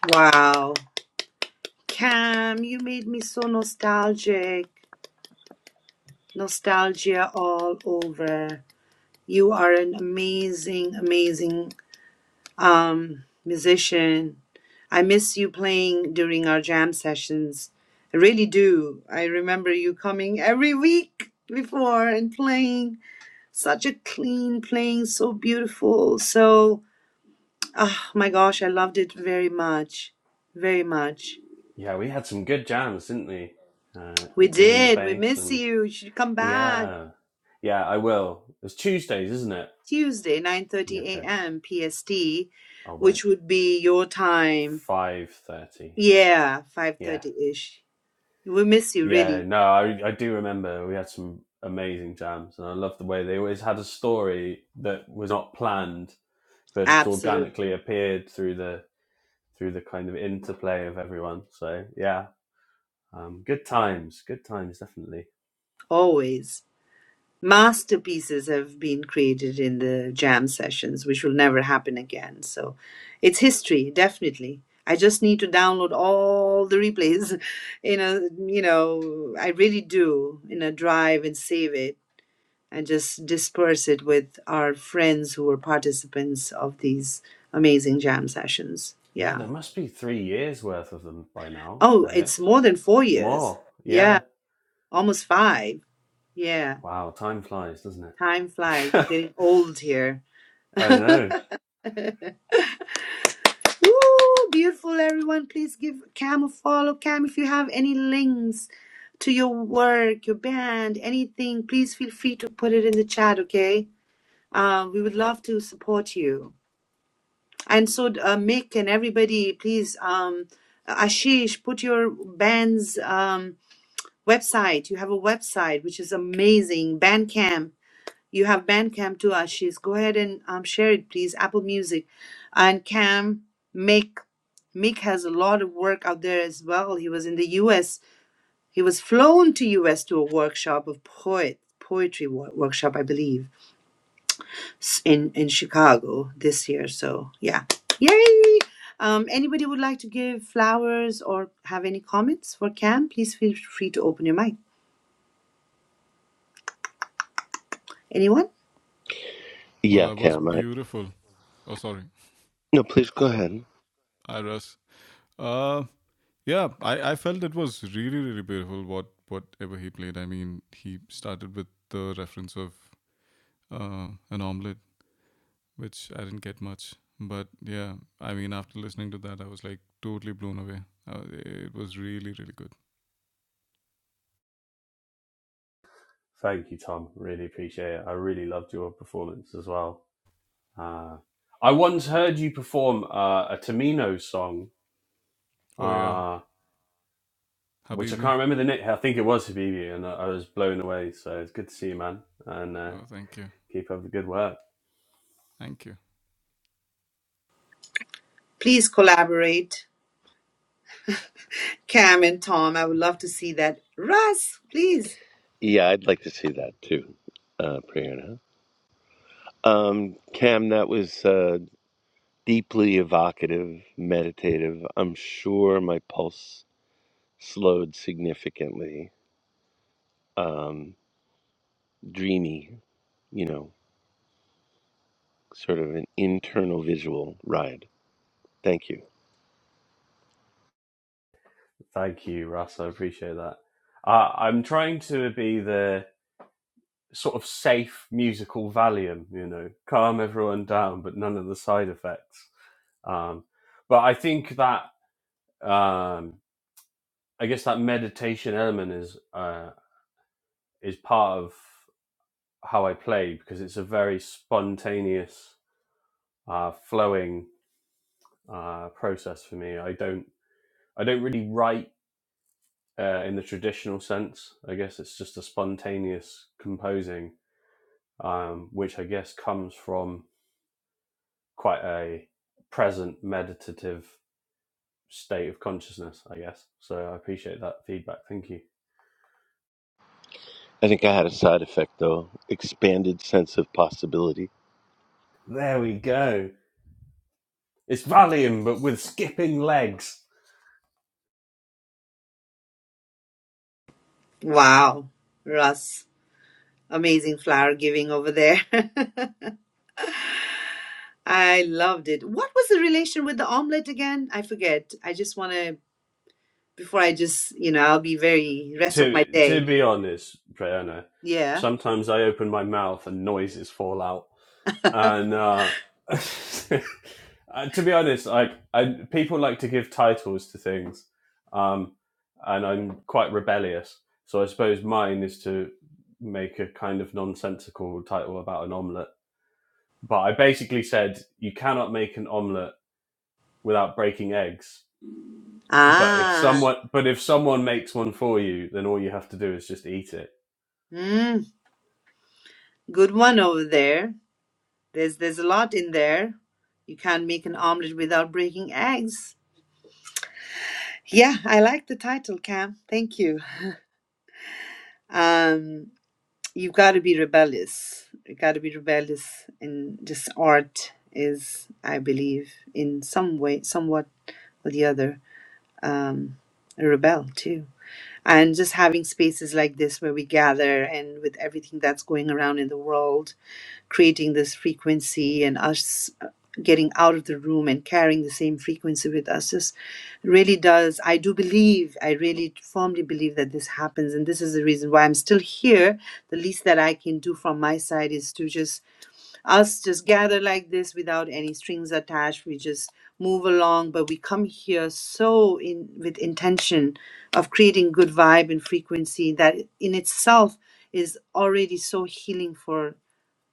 S1: Wow, Cam, you made me so nostalgic. Nostalgia all over. You are an amazing, amazing um, musician. I miss you playing during our jam sessions. I really do. I remember you coming every week before and playing such a clean playing, so beautiful. So, ah, my gosh, I loved it very much. Very much.
S18: Yeah, we had some good jams, didn't we? Uh,
S1: We
S18: giving the
S1: did. We
S18: bass
S1: miss
S18: and
S1: you. You should come back
S18: yeah, yeah, I will. It's Tuesdays, isn't it?
S1: Tuesday, 9:30
S18: Okay,
S1: a.m. PST,
S18: I'll write
S1: which would be your time.
S18: five thirty.
S1: Yeah,
S18: Yeah,
S1: 5:30 ish. We miss you
S18: yeah.
S1: really.
S18: No, I I do remember we had some amazing jams, and I love the way they always had a story that was not planned, but just
S1: Absolutely.
S18: organically appeared through the through the kind of interplay of everyone. So yeah, um, good times, good times, definitely.
S1: Always. Masterpieces have been created in the jam sessions, which will never happen again. So it's history, definitely. I just need to download all the replays in a, you know, I really do in a drive and save it and just disperse it with our friends who were participants of these amazing jam sessions.
S18: Yeah,
S1: Yeah.
S18: there must be three years worth of them by now,
S1: Oh,
S18: I
S1: it's
S18: guess.
S1: more than four years.
S18: More,
S1: Yeah.
S18: yeah.
S1: Almost five. Yeah.
S18: Wow, time flies, doesn't it?
S1: Time flies. We're getting old here.
S18: I know.
S1: Woo! Beautiful, everyone. Please give Cam a follow. Cam, if you have any links to your work, your band, anything, please feel free to put it in the chat, okay? Uh, we would love to support you. And so, uh, Mick and everybody, please, um, Ashish, put your band's um, website. You have a website, which is amazing. Bandcamp You have Bandcamp too, Ashish. Go ahead and um, share it, please. Apple Music. And Cam, Mick. Mick has a lot of work out there as well. He was in the US. He was flown to US to a workshop of poet poetry wo- workshop, I believe, s- in, in Chicago this year. So yeah. Yay! Um, anybody would like to give flowers or have any comments for Cam? Please feel free to open your mic. Anyone?
S14: Well,
S16: Yeah,
S14: that was
S16: Cam. I,
S14: beautiful. Oh, sorry.
S16: no, please go ahead.
S14: Iris. Uh, yeah, I, I felt it was really, really beautiful what whatever he played. I mean, he started with the reference of uh, an omelette which I didn't get much. But yeah, I mean, after listening to that, I was like totally blown away. Uh, it was really, really good.
S18: Thank you, Tom. Really appreciate it. I really loved your performance as well. Uh, I once
S14: Thank you.
S18: heard you perform uh, a Tamino song,
S14: Oh yeah,
S18: uh, which I
S14: Habibi.
S18: can't remember the name. I think it was Habibi, and I, I was blown away. So it's good to see you, man. And uh,
S14: Oh, thank you.
S18: keep up the good work.
S14: Thank you.
S1: Please collaborate. Cam and Tom, I would love to see that. Russ, please.
S16: Yeah, I'd like to see that too, uh, Priyana. Um, Cam, that was uh, deeply evocative, meditative. I'm sure my pulse slowed significantly. Um, dreamy, you know, sort of an internal visual ride. Thank you.
S18: Thank you, Russ. I appreciate that. Uh, I'm trying to be the sort of safe musical Valium, you know, calm everyone down, but none of the side effects. Um, but I think that um, I guess that meditation element is uh, is part of how I play because it's a very spontaneous, uh, flowing uh, process for me. I don't I don't really write uh, in the traditional sense. I guess it's just a spontaneous composing um, which I guess comes from quite a present meditative state of consciousness, I guess. So I appreciate that feedback. Thank you.
S16: I think I had a side effect though, expanded sense of possibility.
S18: There we go. It's Valium, but with skipping legs.
S1: Wow. Russ, amazing flower giving over there. I loved it. What was the relation with the omelet again? I forget. I just want to, before I just, you know, I'll be very rest of
S18: To
S1: my
S18: to
S1: day.
S18: be honest, Prayana,
S1: Yeah.
S18: sometimes I open my mouth and noises fall out. and uh, to be honest, like I, people like to give titles to things, um, and I'm quite rebellious. So I suppose mine is to make a kind of nonsensical title about an omelette. But I basically said you cannot make an omelette without breaking eggs. But if
S1: Ah,
S18: someone but if someone makes one for you, then all you have to do is just eat it.
S1: mm, good one over there. There's there's a lot in there. You can't make an omelet without breaking eggs. Yeah, I like the title, Cam. Thank you. Um, you've got to be rebellious. You got to be rebellious, and just art is, I believe, in some way, somewhat or the other, um, a rebel too. And just having spaces like this where we gather, and with everything that's going around in the world, creating this frequency and us uh, getting out of the room and carrying the same frequency with us just really does i do believe i really firmly believe that this happens and this is the reason why i'm still here the least that i can do from my side is to just us just gather like this without any strings attached we just move along but we come here so in with intention of creating good vibe and frequency that in itself is already so healing for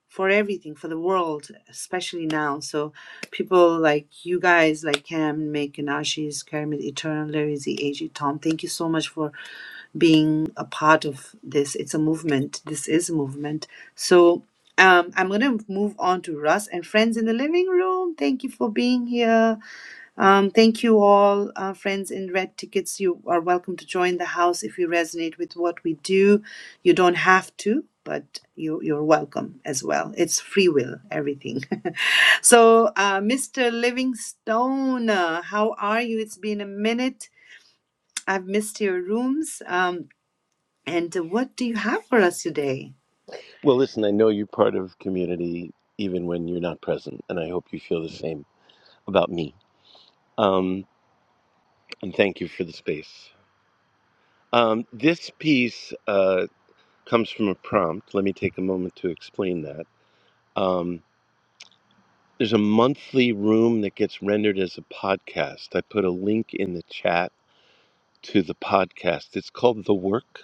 S1: for everything for the world especially now so people like you guys like cam mick and ashish kermit eternal Lazy, ag tom thank you so much for being a part of this it's a movement this is a movement so um, i'm going to move on to russ and friends in the living room thank you for being here um, thank you all, uh, friends in red tickets. You are welcome to join the house if you resonate with what we do. You don't have to, but you, you're welcome as well. It's free will, everything. so, uh, Mr. Livingstone, uh, how are you? It's been a minute. I've missed your rooms. Um, and uh, what do you have for us today?
S16: Well, listen, I know you're part of community even when you're not present, and I hope you feel the same about me. Um, and thank you for the space. Um, this piece uh, comes from a prompt. Let me take a moment to explain that. Um, there's a monthly room that gets rendered as a podcast. I put a link in the chat to the podcast. It's called The Work,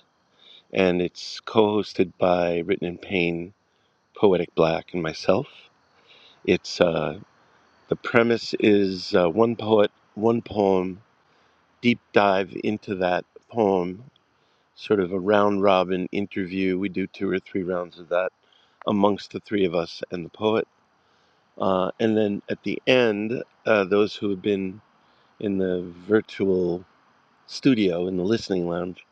S16: and it's co hosted by Written in Pain, Poetic Black, and myself. It's uh, The premise is uh, one poet, one poem, deep dive into that poem, sort of a round robin interview. We do two or three rounds of that amongst the three of us and the poet. Uh, and then at the end, uh, those who have been in the virtual studio in the listening lounge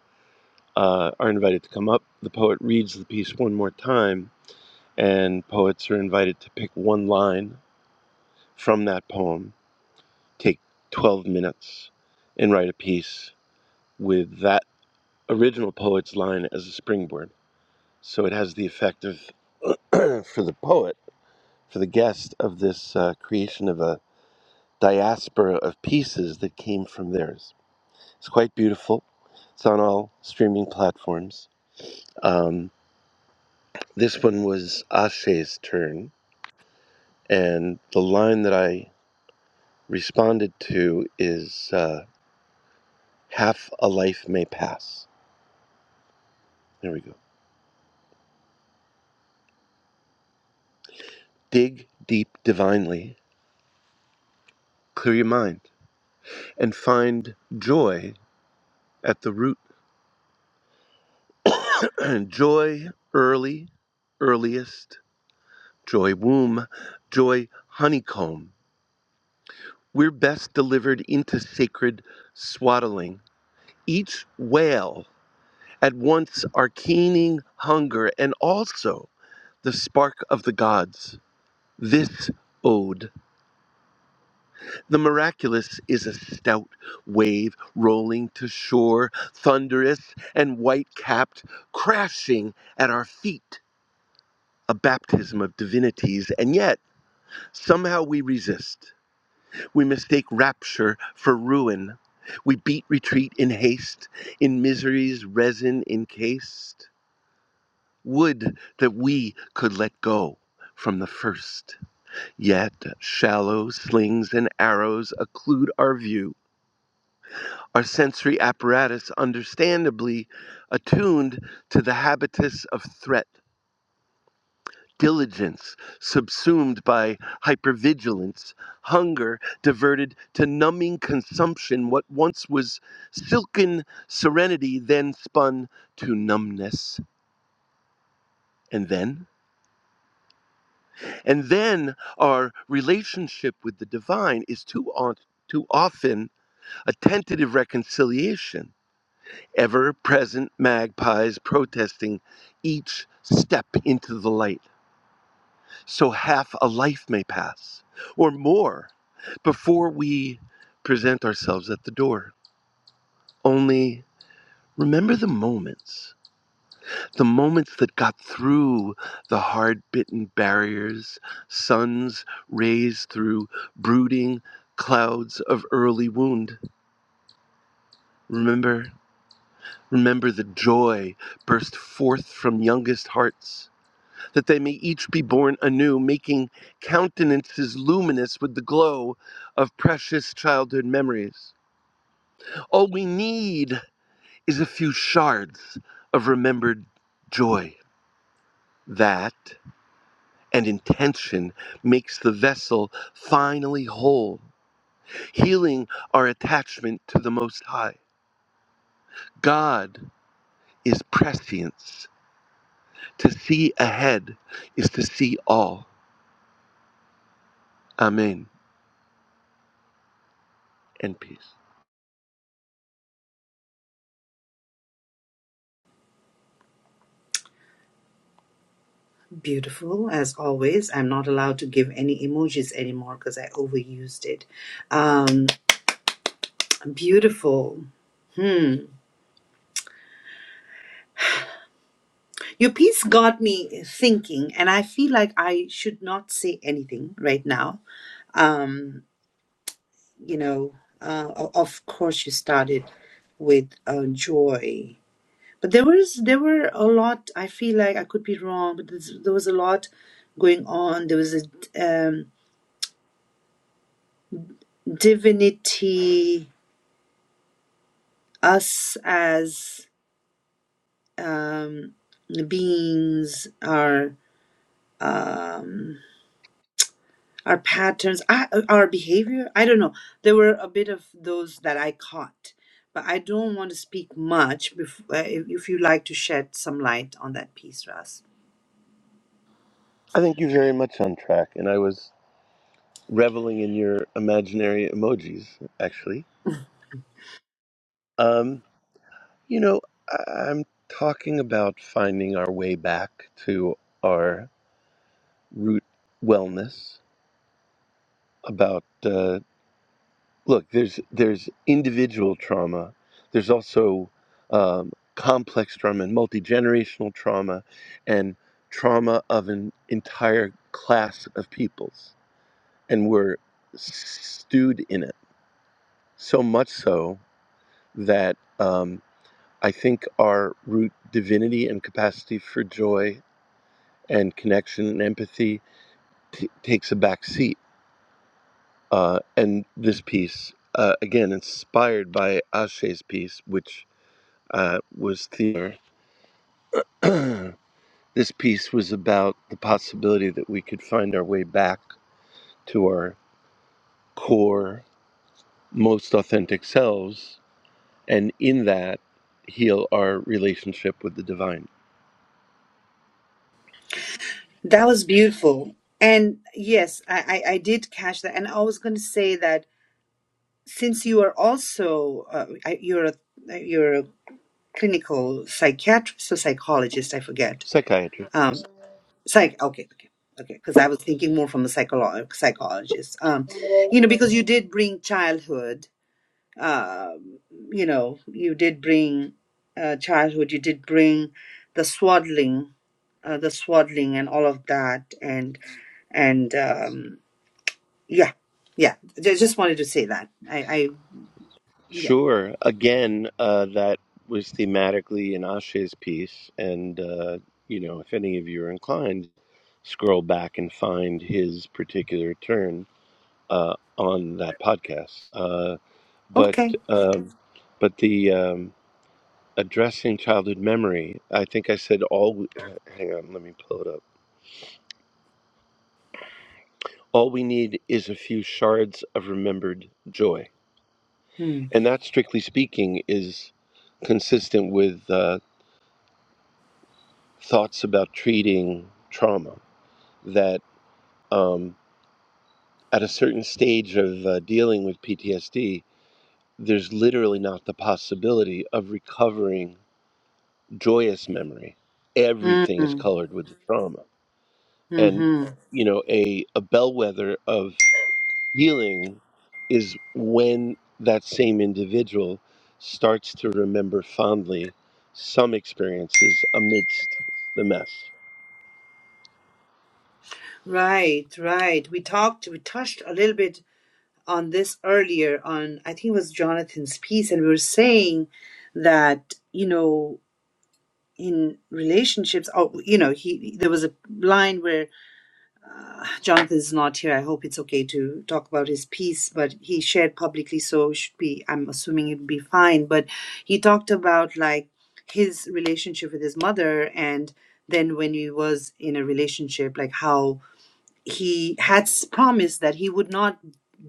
S16: uh, are invited to come up. The poet reads the piece one more time, and poets are invited to pick one line from that poem, take 12 minutes, and write a piece with that original poet's line as a springboard. So it has the effect of, for the poet, for the guest, of this uh, creation of a diaspora of pieces that came from theirs. It's quite beautiful. It's on all streaming platforms. Um, this one was Ashe's turn, and the line that I responded to is uh, Half a life may pass. There we go. Dig deep divinely, clear your mind, and find joy at the root. joy early, earliest, joy womb, joy honeycomb. We're best delivered into sacred swaddling each wail at once our keening hunger and also the spark of the gods. This ode. The miraculous is a stout wave rolling to shore, thunderous and white capped, crashing at our feet. A baptism of divinities, and yet somehow we resist. We mistake rapture for ruin. We beat retreat in haste, in misery's resin encased. Would that we could let go from the first. Yet shallow slings and arrows occlude our view. Our sensory apparatus, understandably attuned to the habitus of threat, diligence subsumed by hypervigilance, hunger diverted to numbing consumption, what once was silken serenity, then spun to numbness. And then? And then our relationship with the divine is too, on, too often a tentative reconciliation, ever present magpies protesting each step into the light, so half a life may pass or more before we present ourselves at the door. Only remember the moments. the moments that got through the hard bitten barriers, suns rays through brooding clouds of early wound. Remember, remember the joy burst forth from youngest hearts, that they may each be born anew, making countenances luminous with the glow of precious childhood memories. All we need is a few shards of remembered joy. That and intention makes the vessel finally whole, healing our attachment to the Most High. God is prescience. To see ahead is to see all. Amen. And peace.
S1: Beautiful, as always. I'm not allowed to give any emojis anymore because I overused it. Um, beautiful. Hmm. Your piece got me thinking, and I feel like I should not say anything right now. Um, you know, uh, o- of course, you started with uh, joy, but there was there were a lot. I feel like I could be wrong, but there's, there was a lot going on. There was a um, divinity, us as um, beings are. Um, our patterns, I, our behavior. I don't know. There were a bit of those that I caught, but I don't want to speak much. Bef- uh, if if you like to shed some light on that piece, Russ,
S16: I think you're very much on track, and I was reveling in your imaginary emojis, actually. Um, you know, I- I'm talking about finding our way back to our root wellness, about. uh, look there's there's individual trauma there's also um, complex trauma and multi-generational trauma and trauma of an entire class of peoples and we're stewed in it so much so that um, i think our root divinity and capacity for joy and connection and empathy t- takes a back seat uh, and this piece uh, again inspired by ashe's piece which uh, was theater. this piece was about the possibility that we could find our way back to our core, most authentic selves, and in that, heal our relationship with the divine.
S1: that was beautiful. And yes, I, I, I did catch that. And I was going to say that since you are also uh, I- you're a, you're a clinical psychiatrist or psychologist, I forget.
S16: Psychiatry.
S1: um, Psych. Okay, okay, okay. Because I was thinking more from a psycholo- psychologist. Um, you know, because you did bring childhood. Um, you know, you did bring uh, childhood. You did bring the swaddling, uh, the swaddling, and all of that. And and um, yeah, yeah. I just wanted to say that. I, I yeah.
S16: Sure. Again, uh, that was thematically in Ashe's piece, and uh, you know, if any of you are inclined, scroll back and find his particular turn uh, on that podcast. Uh, but
S1: Okay.
S16: um, but the um, addressing childhood memory. I think I said all. We, hang on, let me pull it up. All we need is a few shards of remembered joy,
S1: Hmm.
S16: and that, strictly speaking, is consistent with uh, thoughts about treating trauma. That um, at a certain stage of uh, dealing with PTSD, there's literally not the possibility of recovering joyous memory. Everything is
S1: Mm-hmm.
S16: colored with the trauma and
S1: Mm-hmm.
S16: you know a a bellwether of healing is when that same individual starts to remember fondly some experiences amidst the mess
S1: Right, right. We talked. We touched a little bit on this earlier on I think it was Jonathan's piece and we were saying that you know in relationships oh you know he there was a line where uh, Jonathan is not here I hope it's okay to talk about his piece but he shared publicly so it should be I'm assuming it would be fine but he talked about like his relationship with his mother and then when he was in a relationship like how he had promised that he would not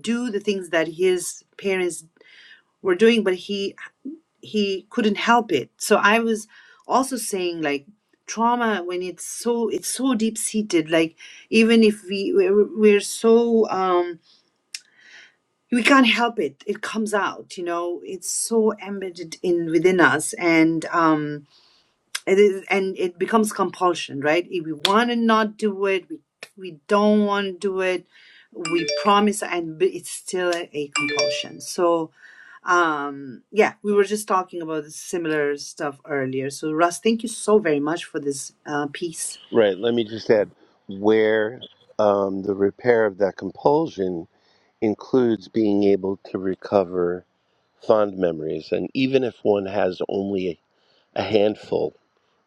S1: do the things that his parents were doing but he he couldn't help it so i was also saying like trauma when it's so it's so deep seated like even if we we're, we're so um we can't help it it comes out you know it's so embedded in within us and um it is and it becomes compulsion right if we want to not do it we we don't want to do it we promise and b- it's still a, a compulsion so um yeah we were just talking about the similar stuff earlier so russ thank you so very much for this uh, piece
S16: right let me just add where um, the repair of that compulsion includes being able to recover fond memories and even if one has only a handful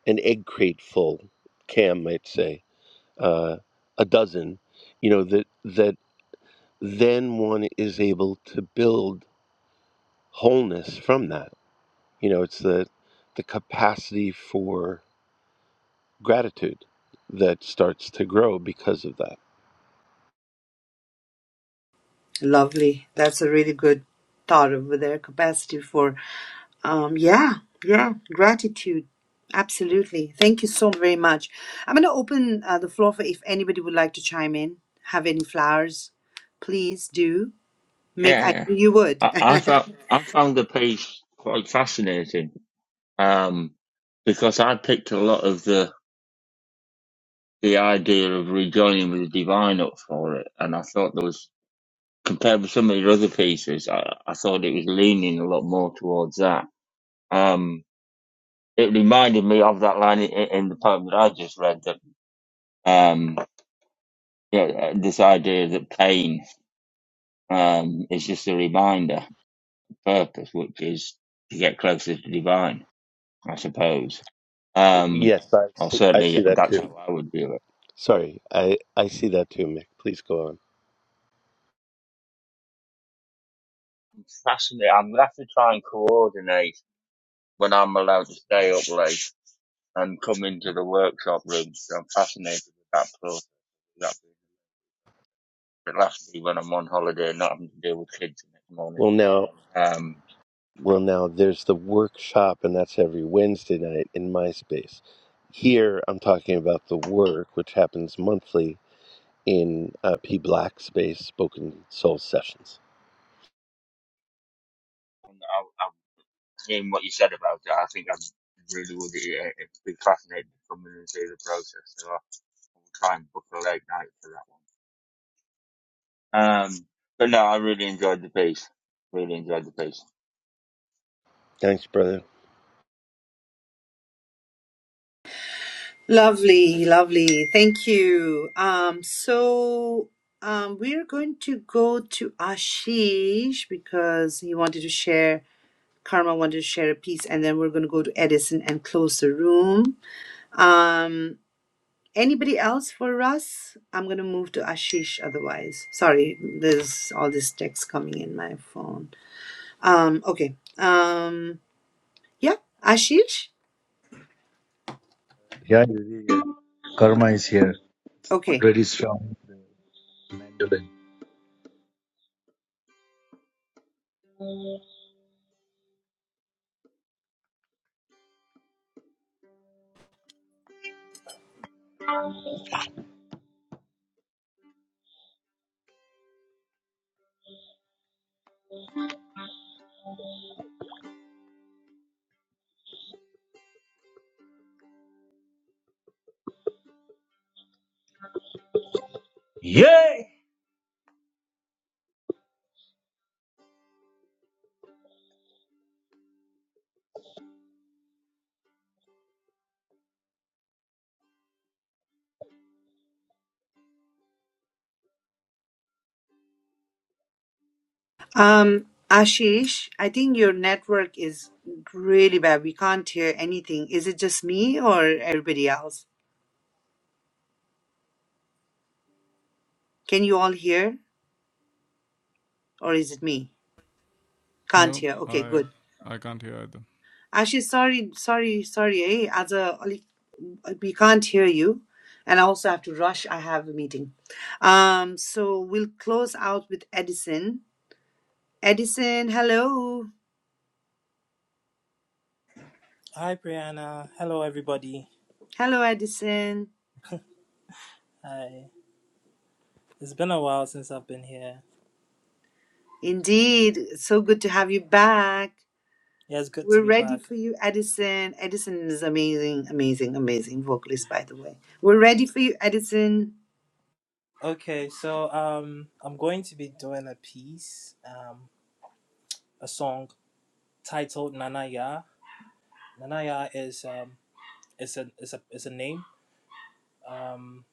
S16: an egg crate full cam might say uh, a dozen, you know, that that then one is able to build wholeness from that. You know, it's the the capacity for gratitude that starts to grow because of that.
S1: lovely that's a really good thought over there capacity for Um, yeah, yeah, gratitude. Absolutely. Thank you so very much. I'm going to open uh, the floor for if anybody would like to chime in, have any flowers, please do. Make I
S17: Yeah,
S1: knew you would.
S17: I, I found I found the piece quite fascinating um, because I picked a lot of the the idea of rejoining with the divine up for it, and I thought there was compared with some of the other pieces, I, I thought it was leaning a lot more towards that. Um, it reminded me of that line in, in the poem that I just read that. Um, yeah, uh, this idea that pain um, is just a reminder, of purpose, which is to get closer to divine, I suppose. Um,
S16: Yes, I
S17: or
S16: see, I
S17: certainly
S16: see that
S17: that's
S16: too.
S17: how I would view it.
S16: Sorry, I I see that too, Mick. Please go on.
S17: Fascinating. I'm gonna have to try and coordinate when I'm allowed to stay up late and come into the workshop room. So I'm fascinated with that process. That it lasts me when I'm on holiday, and not having to deal with kids the next morning.
S16: Well, now,
S17: Um,
S16: well now, there's the workshop, and that's every Wednesday night in my space. Here, I'm talking about the work, which happens monthly in uh, P Black Space Spoken Soul Sessions.
S17: in what you said about it, I think I really would uh, be fascinated to come in and see the process. So I'll try and book a late night for that one. Um, but no, I really enjoyed the piece. Really enjoyed the piece.
S16: Thanks, brother.
S1: lovely, lovely. Thank you. Um, so um, we're going to go to Ashish because he wanted to share. Karma wanted to share a piece, and then we're going to go to Edison and close the room. Um, Anybody else for Russ? I'm going to move to Ashish otherwise. Sorry, there's all this text coming in my phone. Um, okay. Um, yeah, Ashish?
S15: Yeah, Vivek, karma is here.
S1: Okay.
S15: Already strong. Yay!
S1: Um, Ashish, I think your network is really bad. We can't hear anything. Is it just me or everybody else? Can you all hear or is it me? Can't
S14: No,
S1: hear. Okay,
S14: I
S1: good.
S14: I can't hear either.
S1: Ashish, sorry, sorry, sorry. Eh? we can't hear you and i also have to rush i have a meeting um so we'll close out with edison edison hello
S19: Hi, Brianna. Hello, everybody.
S1: hello edison
S19: Hi. It's been a while since I've been here.
S1: indeed so good to have you back
S19: Yeah, it's good to
S1: we're
S19: be
S1: ready
S19: back.
S1: for you edison edison is amazing amazing amazing vocalist by the way we're ready for you edison
S19: Okay, so um, I'm going to be doing a piece, um, a song titled Nanaya. Nanaya is um, it's a it's a it's a name. Um,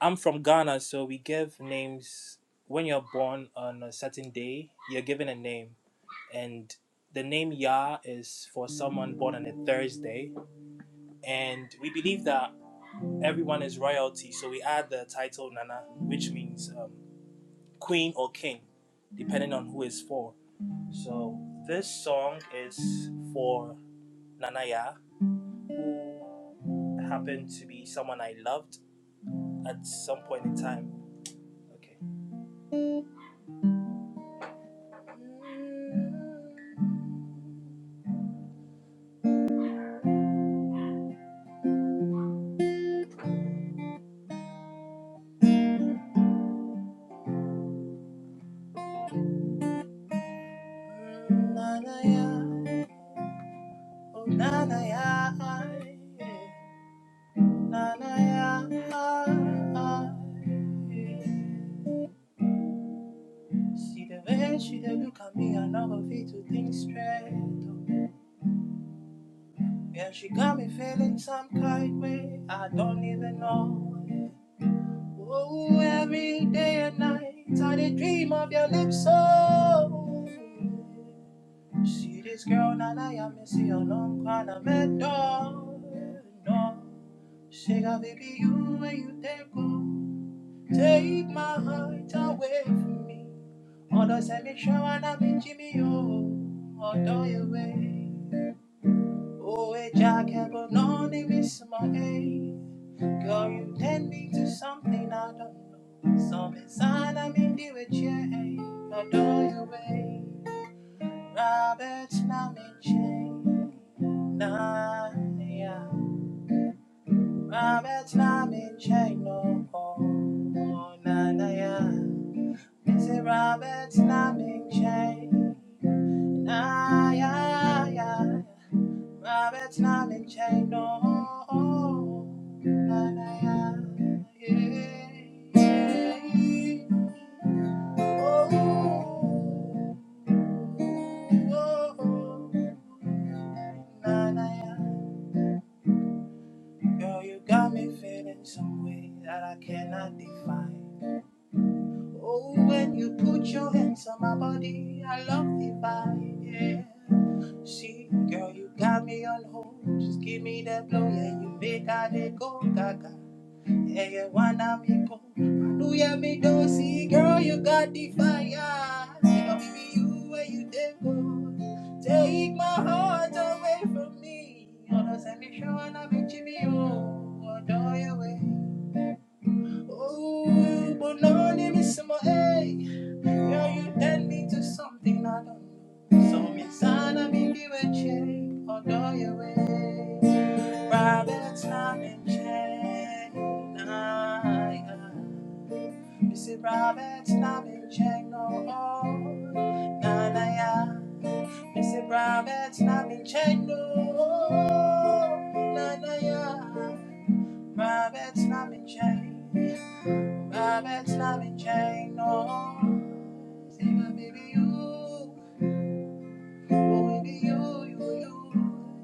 S19: I'm from Ghana, so we give names when you're born on a certain day. You're given a name, and the name Ya is for someone born on a Thursday, and we believe that everyone is royalty, so we add the title Nana, which means um, queen or king, depending on who is for. So this song is for Nanaya, who happened to be someone I loved at some point in time. Okay. Mm, Nanaya, oh Nanaya, Nanaya. See the way she dey look at me, I never fit to think straight. oh. Yeah, she got me feeling some kind way, I don't even know. yeah. Oh, every day and night, I dey dream of your lips Oh, See this girl, now I am missing your long kind of am at No, she got baby, you where you take go. Take my heart away from me. Ọ̀dọ̀ sẹ̀mí ṣọ́wọ́nà mi jí mi o, ọ̀dọ̀ ìwé. Òwe jákèbọ̀ náà ní mi my ẹ̀yìn. Girl, you tend me to something I don't know. Some inside I'm in the way change. Ọ̀dọ̀ ìwé. Robert náà mi chain. Náà yá. Robert náà mi oh, lọ́kọ̀ọ́. Náà yeah. Missy Roberts not been chained. Nah, yeah, yeah. Roberts not been chained, no. Nah, nah, yeah, yeah. Oh, oh, oh. Nah, nah, yeah. Girl, you got me feeling some way that I cannot define. Oh, when you put your hands on my body, I love the vibe, yeah. See, girl, you got me on hold. Just give me that blow, yeah. You make I dey go gaga, yeah, yeah. Wanna me go? Hallelujah, me do see, girl, you got the fire. See, up me, you where you dey go. Take my heart away from me. Oh, no, send me show and I be Jimmy, oh, do you way? Oh, but now I name is my A. Now you tend me to something I don't know. So inside I be you a change or do your way. Private time and change. Nah, yeah. This is private time and change. No, oh, nah, nah, yeah. This is private time and change. No, oh, nah, nah, yeah. Private change. No, Say my baby you, oh baby you, you, you.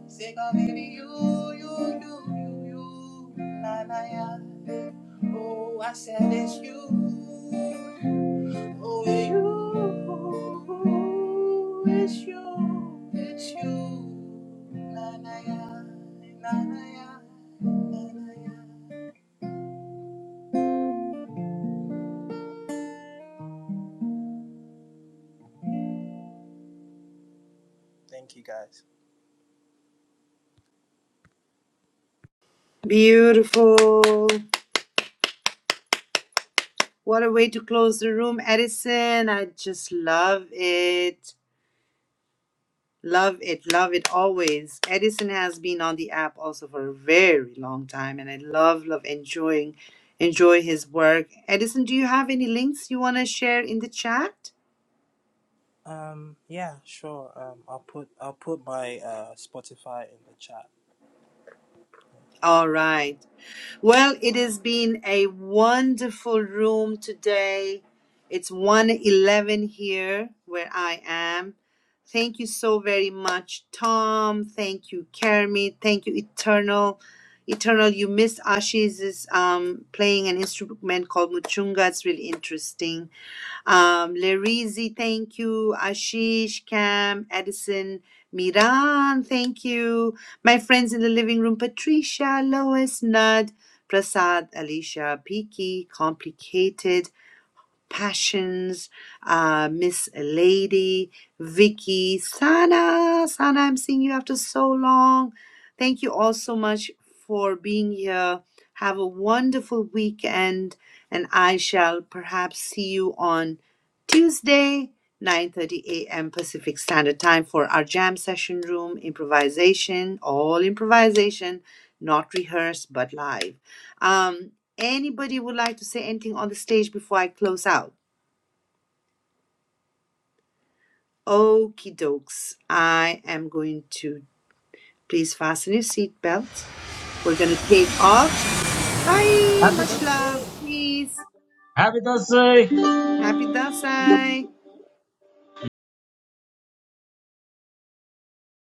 S19: Say my baby you, you, na na ya. Oh, I said it's you, oh you, it's you. Thank you guys.
S1: beautiful what a way to close the room edison i just love it Love it, love it always. Edison has been on the app also for a very long time, and I love, love enjoying, enjoy his work. Edison, do you have any links you want to share in the chat?
S19: Um, yeah, sure. Um, I'll put I'll put my uh Spotify in the chat.
S1: All right. Well, it has been a wonderful room today. It's 111 here where I am. Thank you so very much, Tom. Thank you, Kermit. Thank you, Eternal. Eternal, you missed Ashi's um, playing an instrument called Muchunga. It's really interesting. Um, Larizi, thank you. Ashish, Cam, Edison, Miran, thank you. My friends in the living room, Patricia, Lois, Nud, Prasad, Alicia, Piki, Complicated, Passions, uh, Miss Lady, Vicky, Sana. Sana, I'm seeing you after so long. Thank you all so much for being here. Have a wonderful weekend, and I shall perhaps see you on Tuesday, 9:30 a.m. Pacific Standard Time for our jam session room improvisation, all improvisation, not rehearsed but live. Um, anybody would like to say anything on the stage before I close out? Okie dokes. I am going to please fasten your seatbelt. We're going to take off. Bye.
S15: Happy
S1: Much
S15: birthday!
S1: love. Peace.
S15: Happy birthday!
S1: Happy Dasai.